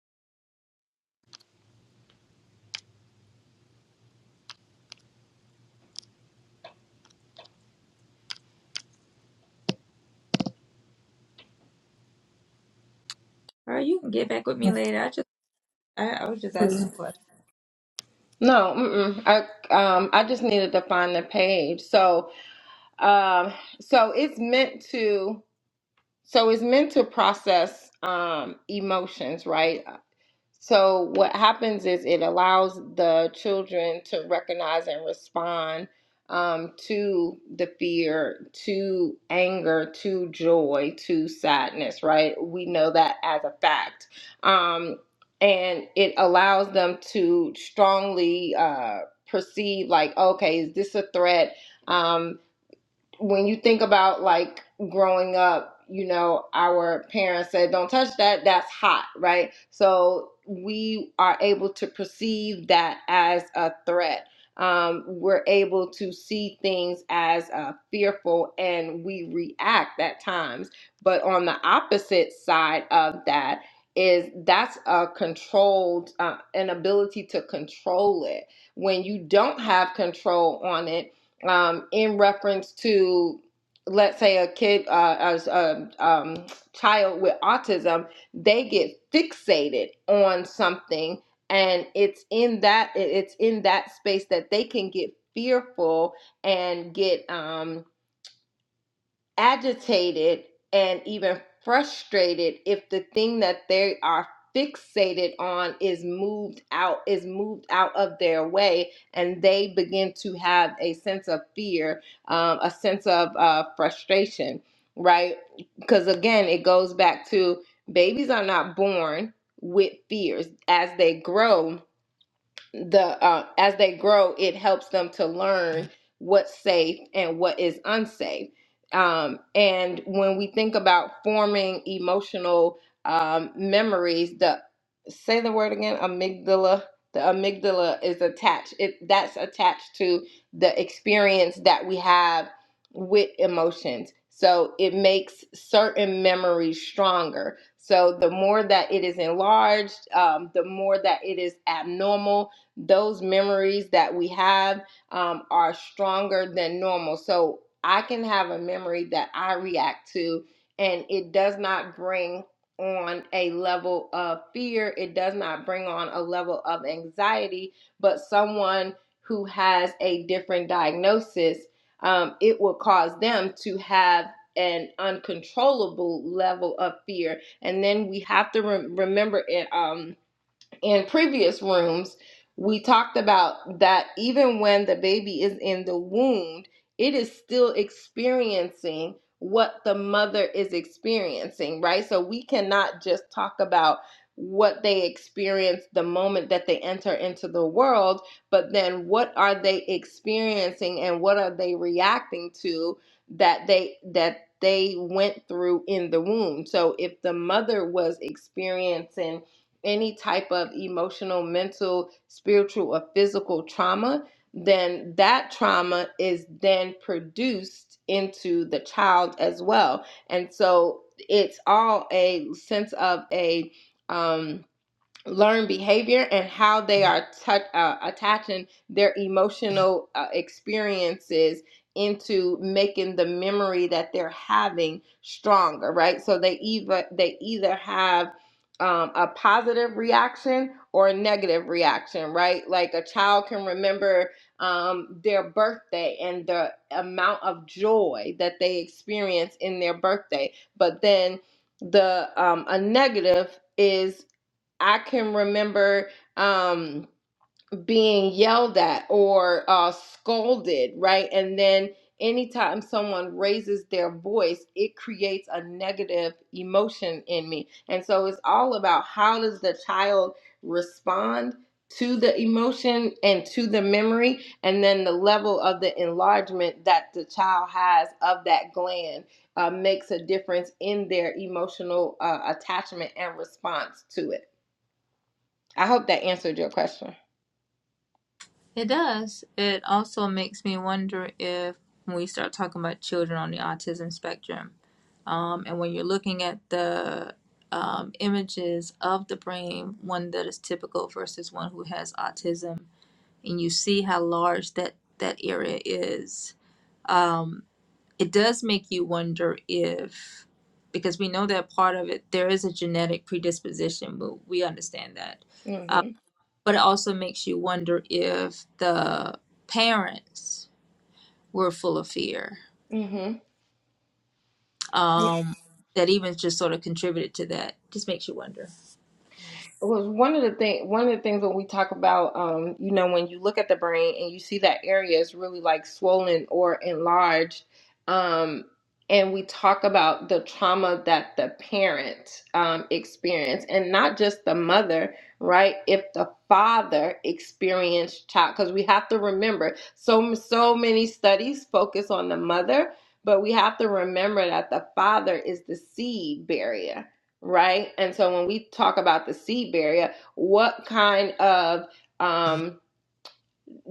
[SPEAKER 1] Or you can get back with me later. I just I, I was just asking a question.
[SPEAKER 3] No. Mm-mm. I um I just needed to find the page. So um so it's meant to so it's meant to process um emotions, right? So what happens is it allows the children to recognize and respond um, to the fear, to anger, to joy, to sadness, right? We know that as a fact. Um, and it allows them to strongly uh, perceive, like, okay, is this a threat? Um, when you think about like growing up, you know, our parents said, don't touch that, that's hot, right? So we are able to perceive that as a threat. Um, we're able to see things as uh, fearful and we react at times. But on the opposite side of that, is that's a controlled uh, an ability to control it when you don't have control on it um, in reference to let's say a kid uh, as a um, child with autism they get fixated on something and it's in that it's in that space that they can get fearful and get um, agitated and even frustrated if the thing that they are fixated on is moved out is moved out of their way and they begin to have a sense of fear um, a sense of uh, frustration right because again it goes back to babies are not born with fears as they grow the uh, as they grow, it helps them to learn what's safe and what is unsafe. Um, and when we think about forming emotional um, memories, the say the word again, amygdala. The amygdala is attached. It that's attached to the experience that we have with emotions. So it makes certain memories stronger. So the more that it is enlarged, um, the more that it is abnormal, those memories that we have um, are stronger than normal. So I can have a memory that I react to, and it does not bring on a level of fear, it does not bring on a level of anxiety, but someone who has a different diagnosis, um, it will cause them to have an uncontrollable level of fear. And then we have to re- remember it. Um, in previous rooms, we talked about that even when the baby is in the womb, it is still experiencing what the mother is experiencing, right? So we cannot just talk about what they experience the moment that they enter into the world, but then what are they experiencing and what are they reacting to that they that they went through in the womb. So if the mother was experiencing any type of emotional, mental, spiritual, or physical trauma, then that trauma is then produced into the child as well. And so it's all a sense of a um learn behavior and how they are tou uh, attaching their emotional uh, experiences into making the memory that they're having stronger right so they either they either have um, a positive reaction or a negative reaction right like a child can remember um, their birthday and the amount of joy that they experience in their birthday but then the um, a negative is I can remember um, being yelled at or uh, scolded, right? And then anytime someone raises their voice, it creates a negative emotion in me. And so it's all about how does the child respond to the emotion and to the memory, and then the level of the enlargement that the child has of that gland uh, makes a difference in their emotional uh, attachment and response to it. I hope that answered your question.
[SPEAKER 1] It does. It also makes me wonder if when we start talking about children on the autism spectrum, um, and when you're looking at the um, images of the brain, one that is typical versus one who has autism, and you see how large that that area is. um, it does make you wonder if because we know that part of it there is a genetic predisposition but we understand that
[SPEAKER 3] Mm
[SPEAKER 1] uh,
[SPEAKER 3] hmm
[SPEAKER 1] but it also makes you wonder if the parents were full of fear
[SPEAKER 3] Mm hmm
[SPEAKER 1] um, that even just sort of contributed to that just makes you wonder
[SPEAKER 3] was one of the thing one of the things when we talk about um you know when you look at the brain and you see that area is really like swollen or enlarged um and we talk about the trauma that the parent um, experienced and not just the mother right if the father experienced child because we have to remember so so many studies focus on the mother but we have to remember that the father is the seed barrier right? And so when we talk about the seed barrier, what kind of um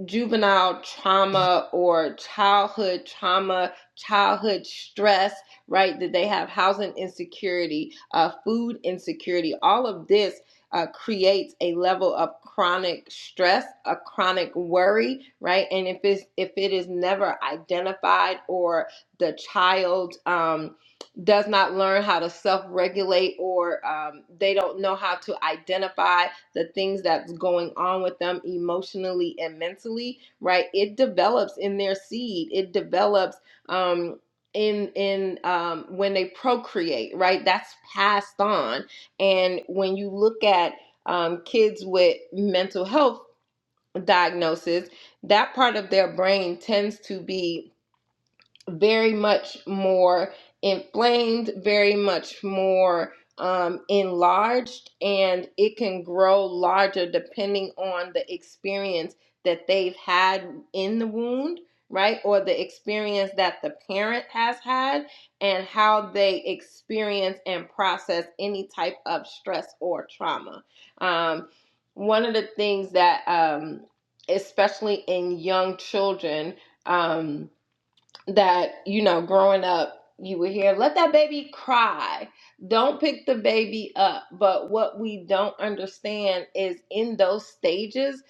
[SPEAKER 3] juvenile trauma or childhood trauma, childhood stress, right? That they have housing insecurity, uh, food insecurity. All of this uh, creates a level of chronic stress, a chronic worry, right? And if it's if it is never identified or the child um, does not learn how to self regulate or um, they don't know how to identify the things that's going on with them emotionally and mentally, right? It develops in their seed. It develops um, in in um, when they procreate, right? That's passed on. And when you look at um, kids with mental health diagnosis, that part of their brain tends to be very much more inflamed, very much more um, enlarged, and it can grow larger depending on the experience that they've had in the wound, right? Or the experience that the parent has had, and how they experience and process any type of stress or trauma. Um, one of the things that, um, especially in young children, um, that you know growing up you would hear let that baby cry don't pick the baby up but what we don't understand is in those stages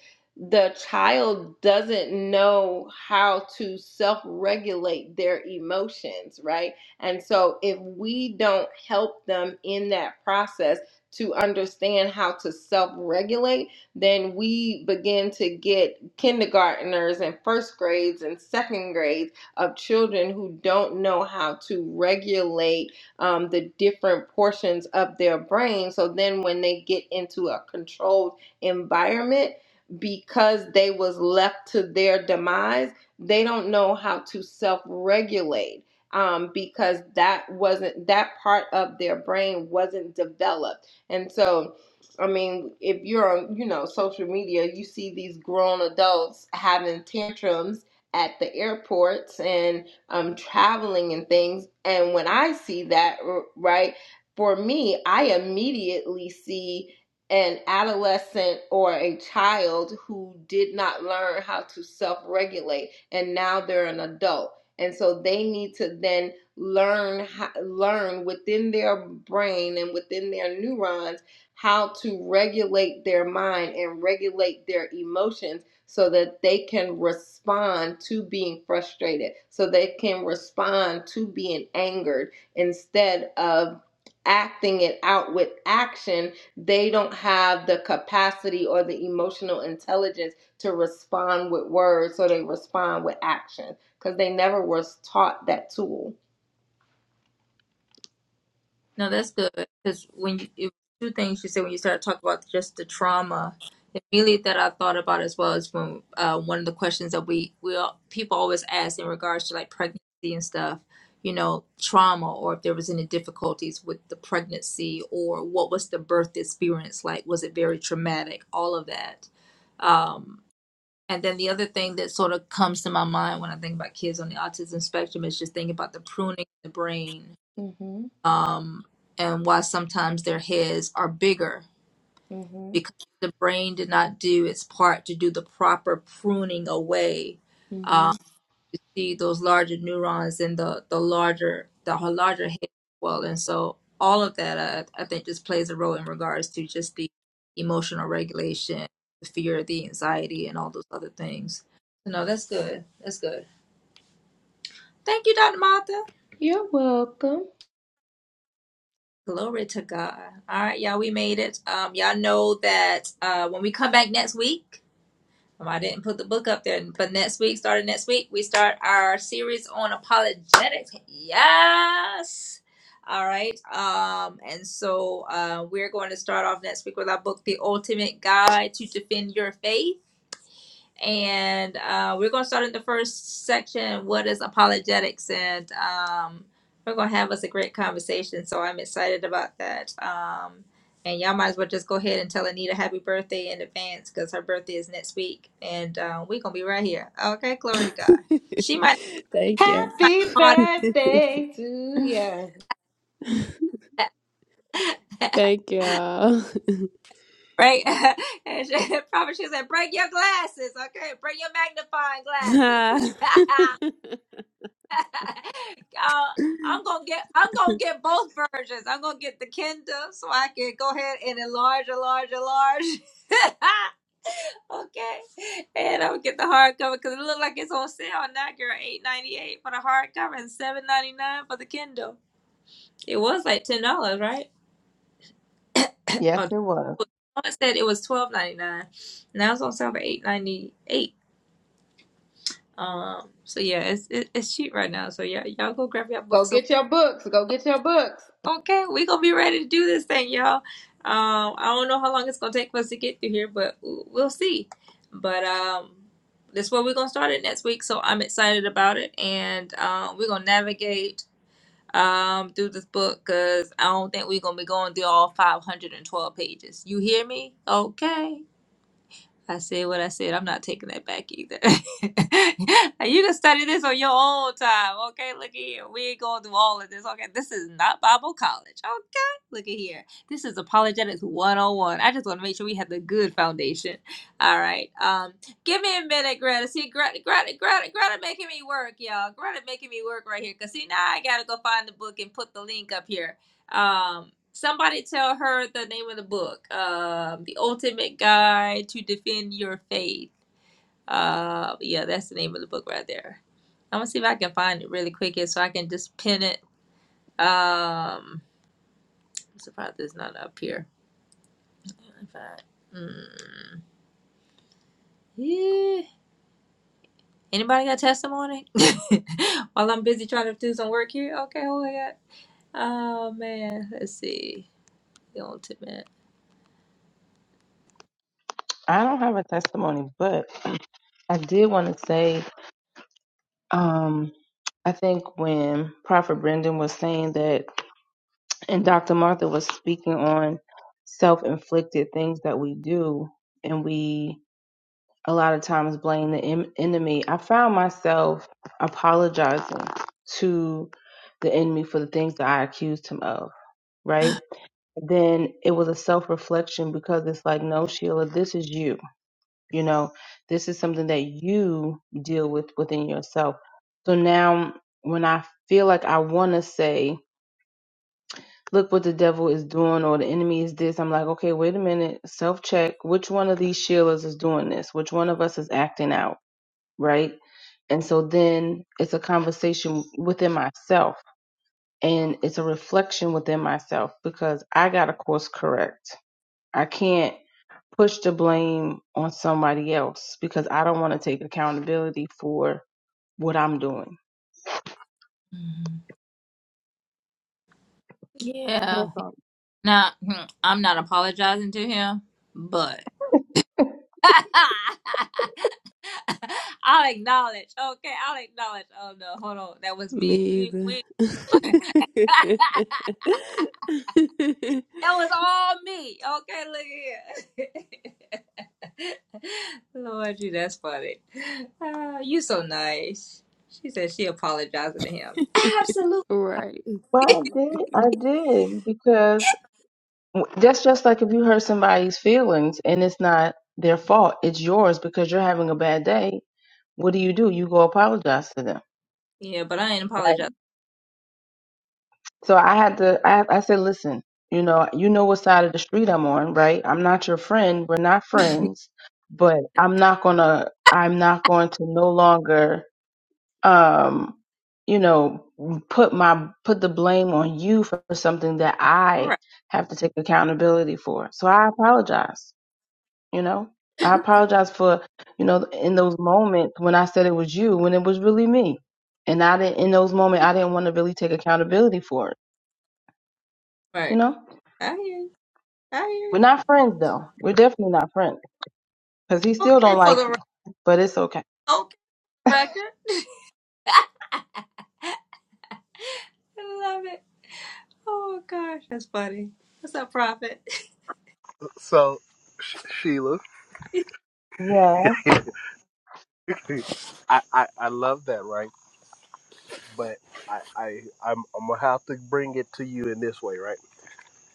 [SPEAKER 3] the child doesn't know how to self-regulate their emotions right and so if we don't help them in that process to understand how to self-regulate then we begin to get kindergartners and first grades and second grades of children who don't know how to regulate um, the different portions of their brain. So then when they get into a controlled environment, because they was left to their demise, they don't know how to self-regulate um, because that wasn't that part of their brain wasn't developed. And so, I mean, if you're on, you know, social media, you see these grown adults having tantrums at the airports and um, traveling and things. And when I see that, right, for me, I immediately see an adolescent or a child who did not learn how to self regulate and now they're an adult. And so they need to then learn learn within their brain and within their neurons how to regulate their mind and regulate their emotions so that they can respond to being frustrated, so they can respond to being angered instead of acting it out with action. They don't have the capacity or the emotional intelligence to respond with words, so they respond with action because they never was taught that tool.
[SPEAKER 1] No, that's good because when you it, two things you said when you started talking about just the trauma, immediately that I thought about as well is when uh, one of the questions that we we all, people always ask in regards to like pregnancy and stuff, you know, trauma or if there was any difficulties with the pregnancy or what was the birth experience like? Was it very traumatic? All of that. Um, and then the other thing that sort of comes to my mind when I think about kids on the autism spectrum is just thinking about the pruning of the brain
[SPEAKER 3] hmm
[SPEAKER 1] um, and why sometimes their heads are bigger
[SPEAKER 3] hmm
[SPEAKER 1] because the brain did not do its part to do the proper pruning away.
[SPEAKER 3] hmm
[SPEAKER 1] Um, see those larger neurons and the the larger the larger head as well, and so all of that I, I think just plays a role in regards to just the emotional regulation, the fear, the anxiety, and all those other things. So, no, that's good. That's good. Thank you, Dr. Martha.
[SPEAKER 3] You're welcome.
[SPEAKER 1] Glory to God. All right, y'all, we made it. Um, y'all know that uh, when we come back next week, um, I didn't put the book up there, but next week, starting next week, we start our series on apologetics. Yes. All right. Um, and so uh, we're going to start off next week with our book, The Ultimate Guide to Defend Your Faith and uh, we're going to start in the first section what is apologetics and um, we're going to have us a great conversation so i'm excited about that um, and y'all might as well just go ahead and tell anita happy birthday in advance because her birthday is next week and uh, we're going to be right here okay glory to god she might
[SPEAKER 4] Thank you.
[SPEAKER 3] Happy
[SPEAKER 1] not be
[SPEAKER 3] birthday to you.
[SPEAKER 4] Thank y'all.
[SPEAKER 1] right and she, probably she said break your glasses okay break your magnifying
[SPEAKER 4] Ah,
[SPEAKER 1] glasses uh, I'm gonna get I'm gonna get both versions. I'm gonna get the Kindle so I can go ahead and enlarge, enlarge, enlarge. okay, and I'm gonna get the hardcover because it looks like it's on sale now, girl. Eight ninety eight for the hardcover and seven ninety nine for the Kindle. It was like ten dollars, right?
[SPEAKER 2] yes
[SPEAKER 1] Oh,
[SPEAKER 2] it was
[SPEAKER 1] someone said it was twelve ninety nine. Now it's on sale for eight ninety eight. Um, so yeah, it's it, it's cheap right now. So yeah, y'all go grab your
[SPEAKER 3] Go
[SPEAKER 1] books
[SPEAKER 3] get your books. Go get your books.
[SPEAKER 1] Okay, we gonna be ready to do this thing, y'all. Um, I don't know how long it's gonna take for us to get through here, but w- we'll see. But um, that's where we're gonna start it next week. So I'm excited about it, and um, we're gonna navigate um through this book because I don't think we're gonna be going through all 512 pages. You hear me? Okay. I said what I said. I'm not taking that back either. you can study this on your own time. Okay, look at here. We ain't going through all of this. Okay, this is not Bible college. Okay, look at here. This is apologetics 101. I just want to make sure we have the good foundation. All right. Um, give me a minute, Greta. See, Greta, Greta, Greta, Greta making me work, y'all. Greta making me work right here. Cause see, now I gotta go find the book and put the link up here. Um, somebody tell her the name of the book, um, The Ultimate Guide to Defend Your Faith. Uh, yeah, that's the name of the book right there. I'm gonna see if I can find it really quick here so I can just pin it. Um, I'm surprised it's not up here. In fact, mm, yeah. Anybody got testimony? While I'm busy trying to do some work here. Okay, hold on. Oh man, let's see. The ultimate.
[SPEAKER 2] i don't have a testimony but i did want to say um i think when prophet brendan was saying that and dr martha was speaking on self-inflicted things that we do and we a lot of times blame the em- enemy. I found myself apologizing to the enemy for the things that I accused him of, right? Then it was a self reflection because it's like, no, Sheila, this is you. You know, this is something that you deal with within yourself. So now when I feel like I want to say, look what the devil is doing or the enemy is this, I'm like, okay, wait a minute, self check. Which one of these Sheilas is doing this? Which one of us is acting out? right? And so then it's a conversation within myself and it's a reflection within myself because I got to course correct. I can't push the blame on somebody else because I don't want to take accountability for what I'm doing.
[SPEAKER 1] Mhm. Yeah.
[SPEAKER 2] That's all.
[SPEAKER 1] Now, hmm, I'm not apologizing to him, but I'll acknowledge. Okay, I'll acknowledge. Oh no, hold on, that was
[SPEAKER 4] Me
[SPEAKER 1] me. We,
[SPEAKER 4] either.
[SPEAKER 1] we, that was all me. Okay, look here. Lord, you that's funny. Ah, you so nice. She said she apologizing to him. Absolutely.
[SPEAKER 4] right.
[SPEAKER 2] Well, I did. I did because that's just like if you hurt somebody's feelings and it's not their fault, it's yours because you're having a bad day. What do you do? You go apologize to them.
[SPEAKER 1] Yeah, but I ain't apologizing.
[SPEAKER 2] So I had to, I, I said, listen, you know, you know what side of the street I'm on, right? I'm not your friend. We're not friends, but I'm not gonna, I'm not going to no longer, um, you know, put my, put the blame on you for something that I
[SPEAKER 1] Right,
[SPEAKER 2] have to take accountability for. So I apologize, you know, I apologize for, you know, in those moments when I said it was you, when it was really me. And I didn't, in those moments, I didn't want to really take accountability for it, you
[SPEAKER 1] right.
[SPEAKER 2] know?
[SPEAKER 1] I hear you. I hear
[SPEAKER 2] We're
[SPEAKER 1] you.
[SPEAKER 2] not friends though. We're definitely not friends because he still
[SPEAKER 1] Okay,
[SPEAKER 2] don't
[SPEAKER 1] for
[SPEAKER 2] like
[SPEAKER 1] the
[SPEAKER 2] me. But it's okay.
[SPEAKER 1] right. record. I love it. Oh my gosh, that's funny. What's up, Prophet?
[SPEAKER 5] So, Sh- Sheila,
[SPEAKER 2] Yeah.
[SPEAKER 5] I, I I love that, right? but I, I I'm, I'm gonna have to bring it to you in this way, right?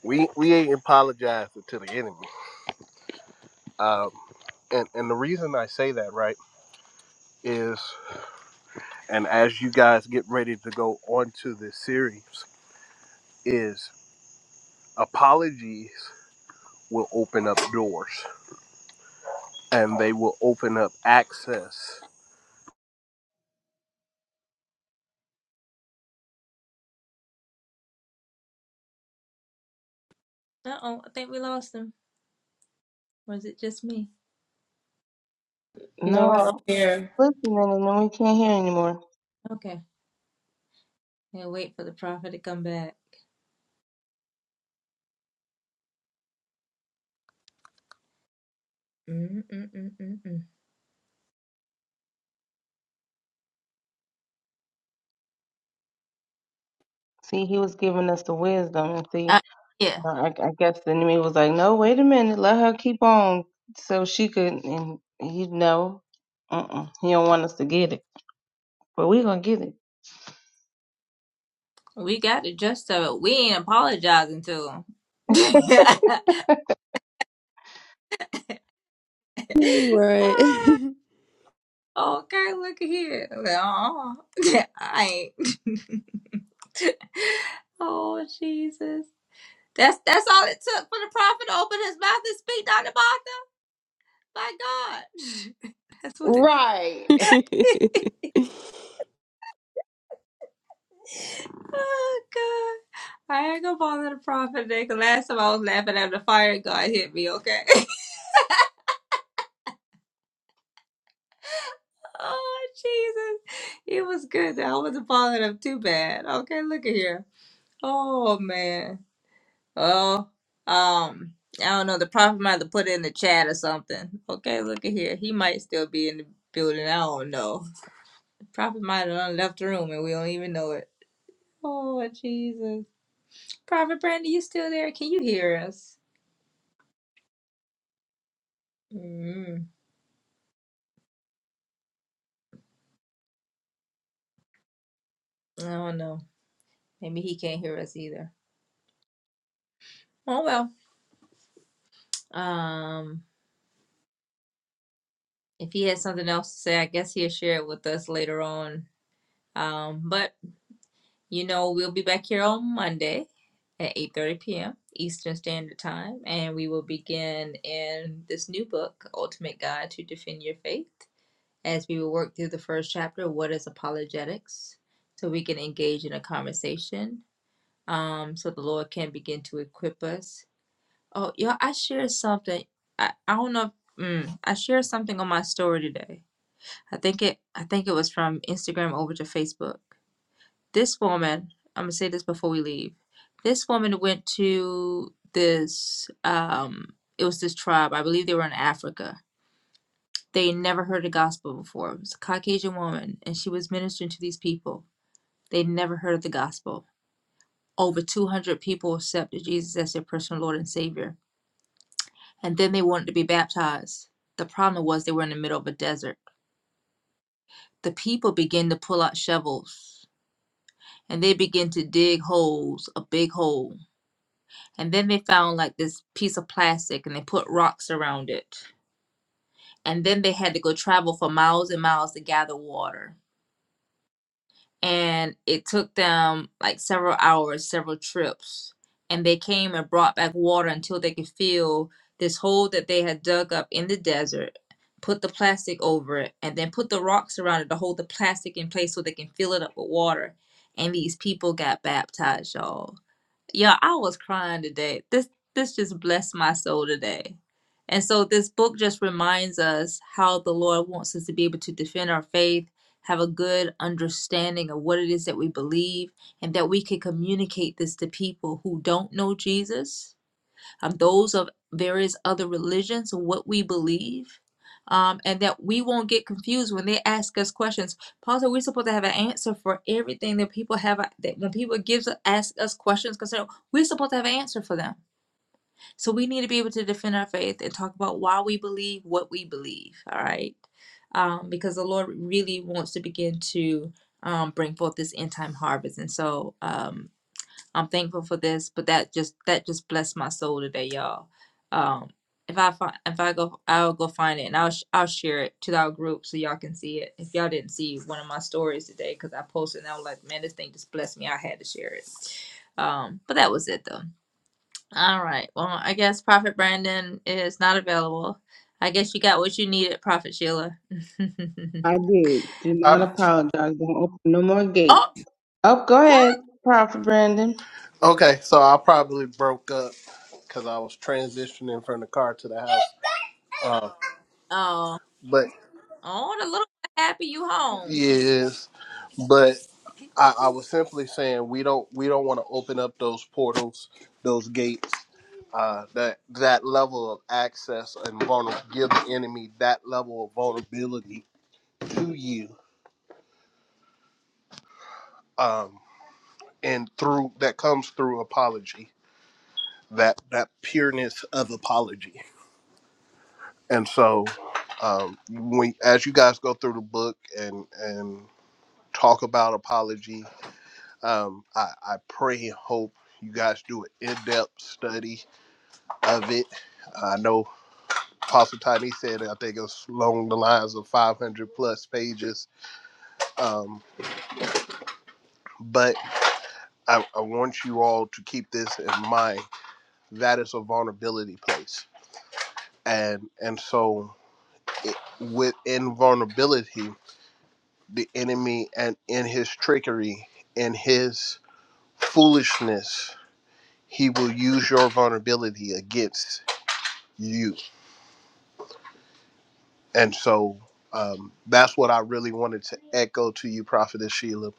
[SPEAKER 5] We we ain't apologizing to the enemy, um, and and the reason I say that, right, is and as you guys get ready to go on to this series, is apologies will open up doors and they will open up access.
[SPEAKER 1] Uh oh, I think we lost him. Was it just me?
[SPEAKER 3] No,
[SPEAKER 2] No,
[SPEAKER 3] I
[SPEAKER 2] I'm listening, and then we can't hear anymore.
[SPEAKER 1] Okay, yeah, wait for the Prophet to come back. Mm-mm-mm-mm-mm.
[SPEAKER 2] See, he was giving us the wisdom, and see,
[SPEAKER 1] Uh, yeah,
[SPEAKER 2] uh, I, I guess the enemy was like, "No, wait a minute, let her keep on, so she could." And he know. uh-uh. he don't want us to get it, but we gonna get it.
[SPEAKER 1] we got the gist of it. We ain't apologizing to him.
[SPEAKER 4] Right.
[SPEAKER 1] Ah, okay, look here. Aw, I ain't. oh, Jesus. That's that's all it took for the prophet to open his mouth and speak, Dr. Martha. My God. that's what it
[SPEAKER 3] right.
[SPEAKER 1] Oh God. I ain't gonna bother the prophet today 'cause last time I was laughing at the fire God hit me, okay? oh Jesus. It was good that I wasn't bothering him too bad. Okay, look at here. Oh man. Oh um I don't know, the prophet might have put it in the chat or something. Okay, look at here. He might still be in the building. I don't know. Prophet might have done left the room and we don't even know it. Oh, Jesus. Prophet Brandy, you still there? Can you hear us? Mm, I don't know. Maybe he can't hear us either. Oh, well. Um, if he has something else to say, I guess he'll share it with us later on. Um, but, you know, we'll be back here on Monday at 8.30 p.m. Eastern Standard Time, and we will begin in this new book, Ultimate Guide to Defend Your Faith. as we will work through the first chapter, What is Apologetics? So we can engage in a conversation um, so the Lord can begin to equip us. Oh, y'all, I shared something. I, I don't know. If, mm, I shared something on my story today. I think it. I think it was from Instagram over to Facebook. This woman. I'm gonna say this before we leave. This woman went to this. Um, it was this tribe. I believe they were in Africa they never heard the gospel before. It was a Caucasian woman, and she was ministering to these people. They'd never heard of the gospel. Over 200 people accepted Jesus as their personal Lord and Savior. And then they wanted to be baptized. The problem was they were in the middle of a desert. The people began to pull out shovels and they began to dig holes, a big hole. And then they found like this piece of plastic and they put rocks around it. And then they had to go travel for miles and miles to gather water and it took them like several hours, several trips, and they came and brought back water until they could fill this hole that they had dug up in the desert, put the plastic over it, and then put the rocks around it to hold the plastic in place so they can fill it up with water. And these people got baptized, y'all yeah, I was crying today. This this just blessed my soul today. And so this book just reminds us how the Lord wants us to be able to defend our faith, have a good understanding of what it is that we believe, and that we can communicate this to people who don't know Jesus um, those of various other religions, what we believe, um, and that we won't get confused when they ask us questions. Paul said we're supposed to have an answer for everything that people have. uh, That when people gives ask us questions, because we're supposed to have an answer for them. So we need to be able to defend our faith and talk about why we believe what we believe. All right, um, because the Lord really wants to begin to. Um, bring forth this end time harvest, and so um, I'm thankful for this, but that just that just blessed my soul today, y'all. Um, if I find if I go, I'll go find it and I'll sh- I'll share it to our group so y'all can see it. If y'all didn't see one of my stories today, because I posted and I was like, man, this thing just blessed me. I had to share it. Um, but that was it though. All right. Well, I guess Prophet Brandon is not available. I guess you got what you needed, Prophet Sheila.
[SPEAKER 2] I did. Do
[SPEAKER 5] I,
[SPEAKER 2] not apologize. Don't open no more gates.
[SPEAKER 1] oh,
[SPEAKER 2] Oh, go
[SPEAKER 1] what?
[SPEAKER 2] ahead, Prophet Brandon.
[SPEAKER 5] okay, so I probably broke up because I was transitioning from the car to the house, uh,
[SPEAKER 1] Oh,
[SPEAKER 5] but
[SPEAKER 1] oh, the little happy you home.
[SPEAKER 5] yes. But I, I was simply saying we don't we don't want to open up those portals, those gates, uh, that that level of access and vulner give the enemy that level of vulnerability to you, um, and through that comes through apology, that that pureness of apology, and so um, we as you guys go through the book and and talk about apology Um, I, I pray and hope you guys do an in-depth study of it. I know Apostle Tiny said I think it was along the lines of 500 plus pages. Um, but I, I want you all to keep this in mind. That is a vulnerability place, and and so it, within vulnerability, the enemy and in his trickery, in his foolishness, he will use your vulnerability against you And so um, that's what I really wanted to echo to you, Prophetess Sheila.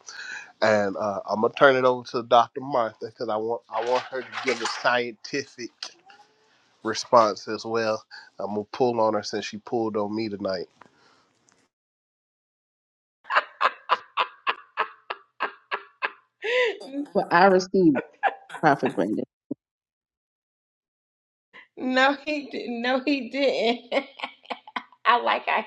[SPEAKER 5] And uh, I'm gonna turn it over to Dr. Martha because I want I want her to give a scientific response as well. I'm gonna pull on her since she pulled on me tonight.
[SPEAKER 2] But I received Prophet Brandon.
[SPEAKER 3] No, he di- no, he didn't. I like I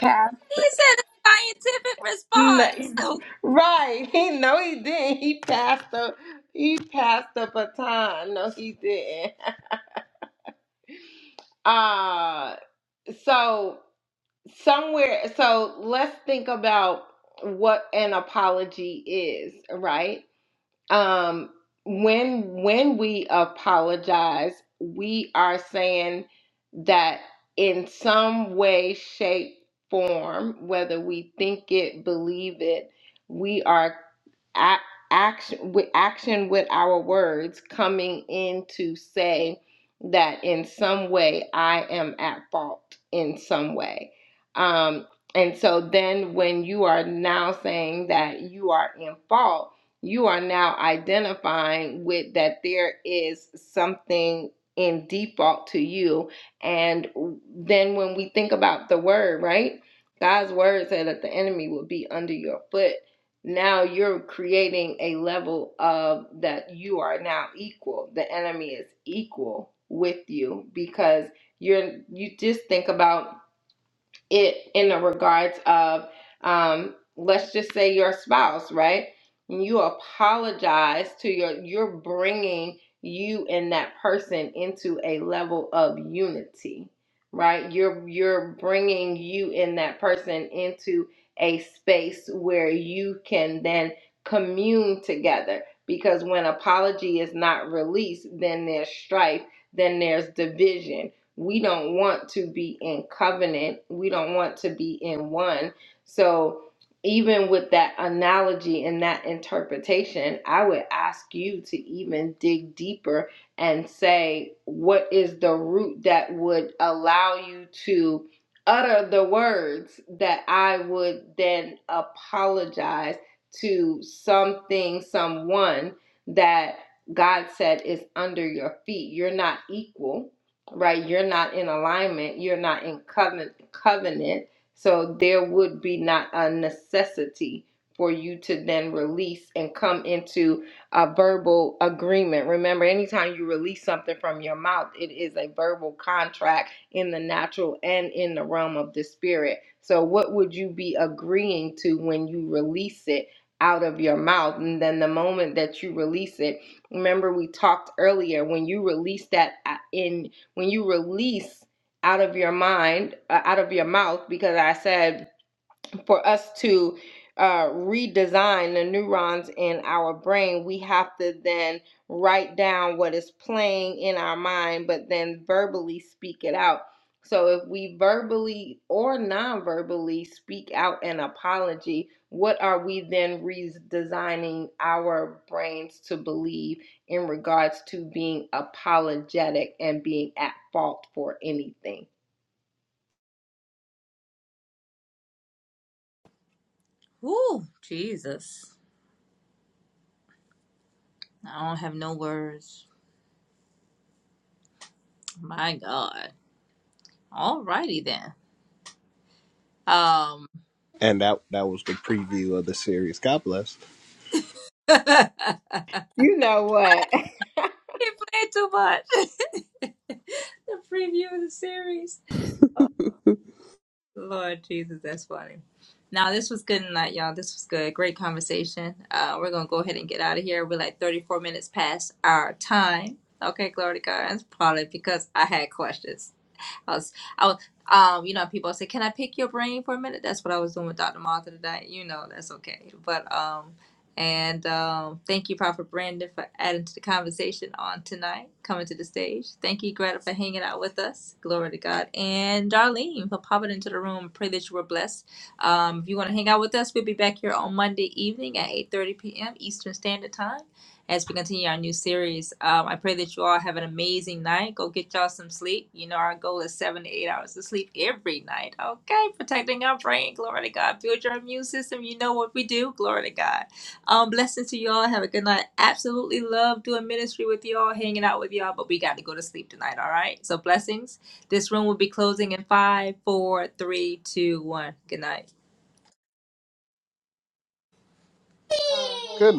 [SPEAKER 3] passed.
[SPEAKER 1] He said a scientific
[SPEAKER 3] No,
[SPEAKER 1] response.
[SPEAKER 3] right. He no, he didn't. He passed up. He passed the baton. No, he didn't. Uh so somewhere. So let's think about what an apology is, right? um when when we apologize we are saying that in some way shape form whether we think it believe it we are ac- action with action with our words coming in to say that in some way i am at fault in some way um and so then when you are now saying that you are in fault you are now identifying with that there is something in default to you. And then when we think about the word, right? God's word said that the enemy will be under your foot. Now you're creating a level of that you are now equal. The enemy is equal with you because you're you just think about it in the regards of um let's just say your spouse right And you apologize to your you're bringing you and that person into a level of unity right you're you're bringing you and that person into a space where you can then commune together because when apology is not released then there's strife then there's division we don't want to be in covenant. We don't want to be in one. So, even with that analogy and that interpretation, I would ask you to even dig deeper and say, what is the root that would allow you to utter the words that I would then apologize to something, someone that God said is under your feet? You're not equal right? You're not in alignment, you're not in covenant covenant. So there would be not a necessity for you to then release and come into a verbal agreement. Remember, anytime you release something from your mouth, it is a verbal contract in the natural and in the realm of the spirit. So what would you be agreeing to when you release it? out of your mouth and then the moment that you release it remember we talked earlier when you release that uh, in when you release out of your mind, uh, out of your mouth, because I said for us to uh, redesign the neurons in our brain, we have to then write down what is playing in our mind, but then verbally speak it out. So, if we verbally or non verbally speak out an apology, what are we then redesigning our brains to believe in regards to being apologetic and being at fault for anything?
[SPEAKER 1] Oh, Ooh, Jesus. I don't have no words. My God. Alrighty then. Um
[SPEAKER 5] And that that was the preview of the series. God bless.
[SPEAKER 1] He played
[SPEAKER 3] You know what?
[SPEAKER 1] too much. the preview of the series. Oh Lord Jesus, that's funny. Now this was good tonight, y'all. This was good. Great conversation. Uh we're gonna go ahead and get out of here. We're like thirty four minutes past our time. Okay, glory to God. It's probably because I had questions. I was, I was, um, you know, people say, "Can I pick your brain for a minute?" That's what I was doing with Dr. Martha today. You know, that's okay. But um, and um, thank you, Prophet Brandon, for adding to the conversation on tonight, coming to the stage. Thank you, Greta, for hanging out with us. Glory to God. And Darlene for popping into the room. Pray that you were blessed. Um, if you want to hang out with us, we'll be back here on Monday evening at 8:30 p.m. Eastern Standard Time as we continue our new series. Um, I pray that you all have an amazing night. Go get y'all some sleep. You know, our goal is seven to eight hours of sleep every night. Okay, protecting our brain. Glory to God. Build your immune system. You know what we do. Glory to God. Um, blessings to you all. Have a good night. Absolutely love doing ministry with you all, hanging out with y'all, but we got to go to sleep tonight. All right. So, blessings. This room will be closing in five, four, three, two, one. Good night.
[SPEAKER 5] Good.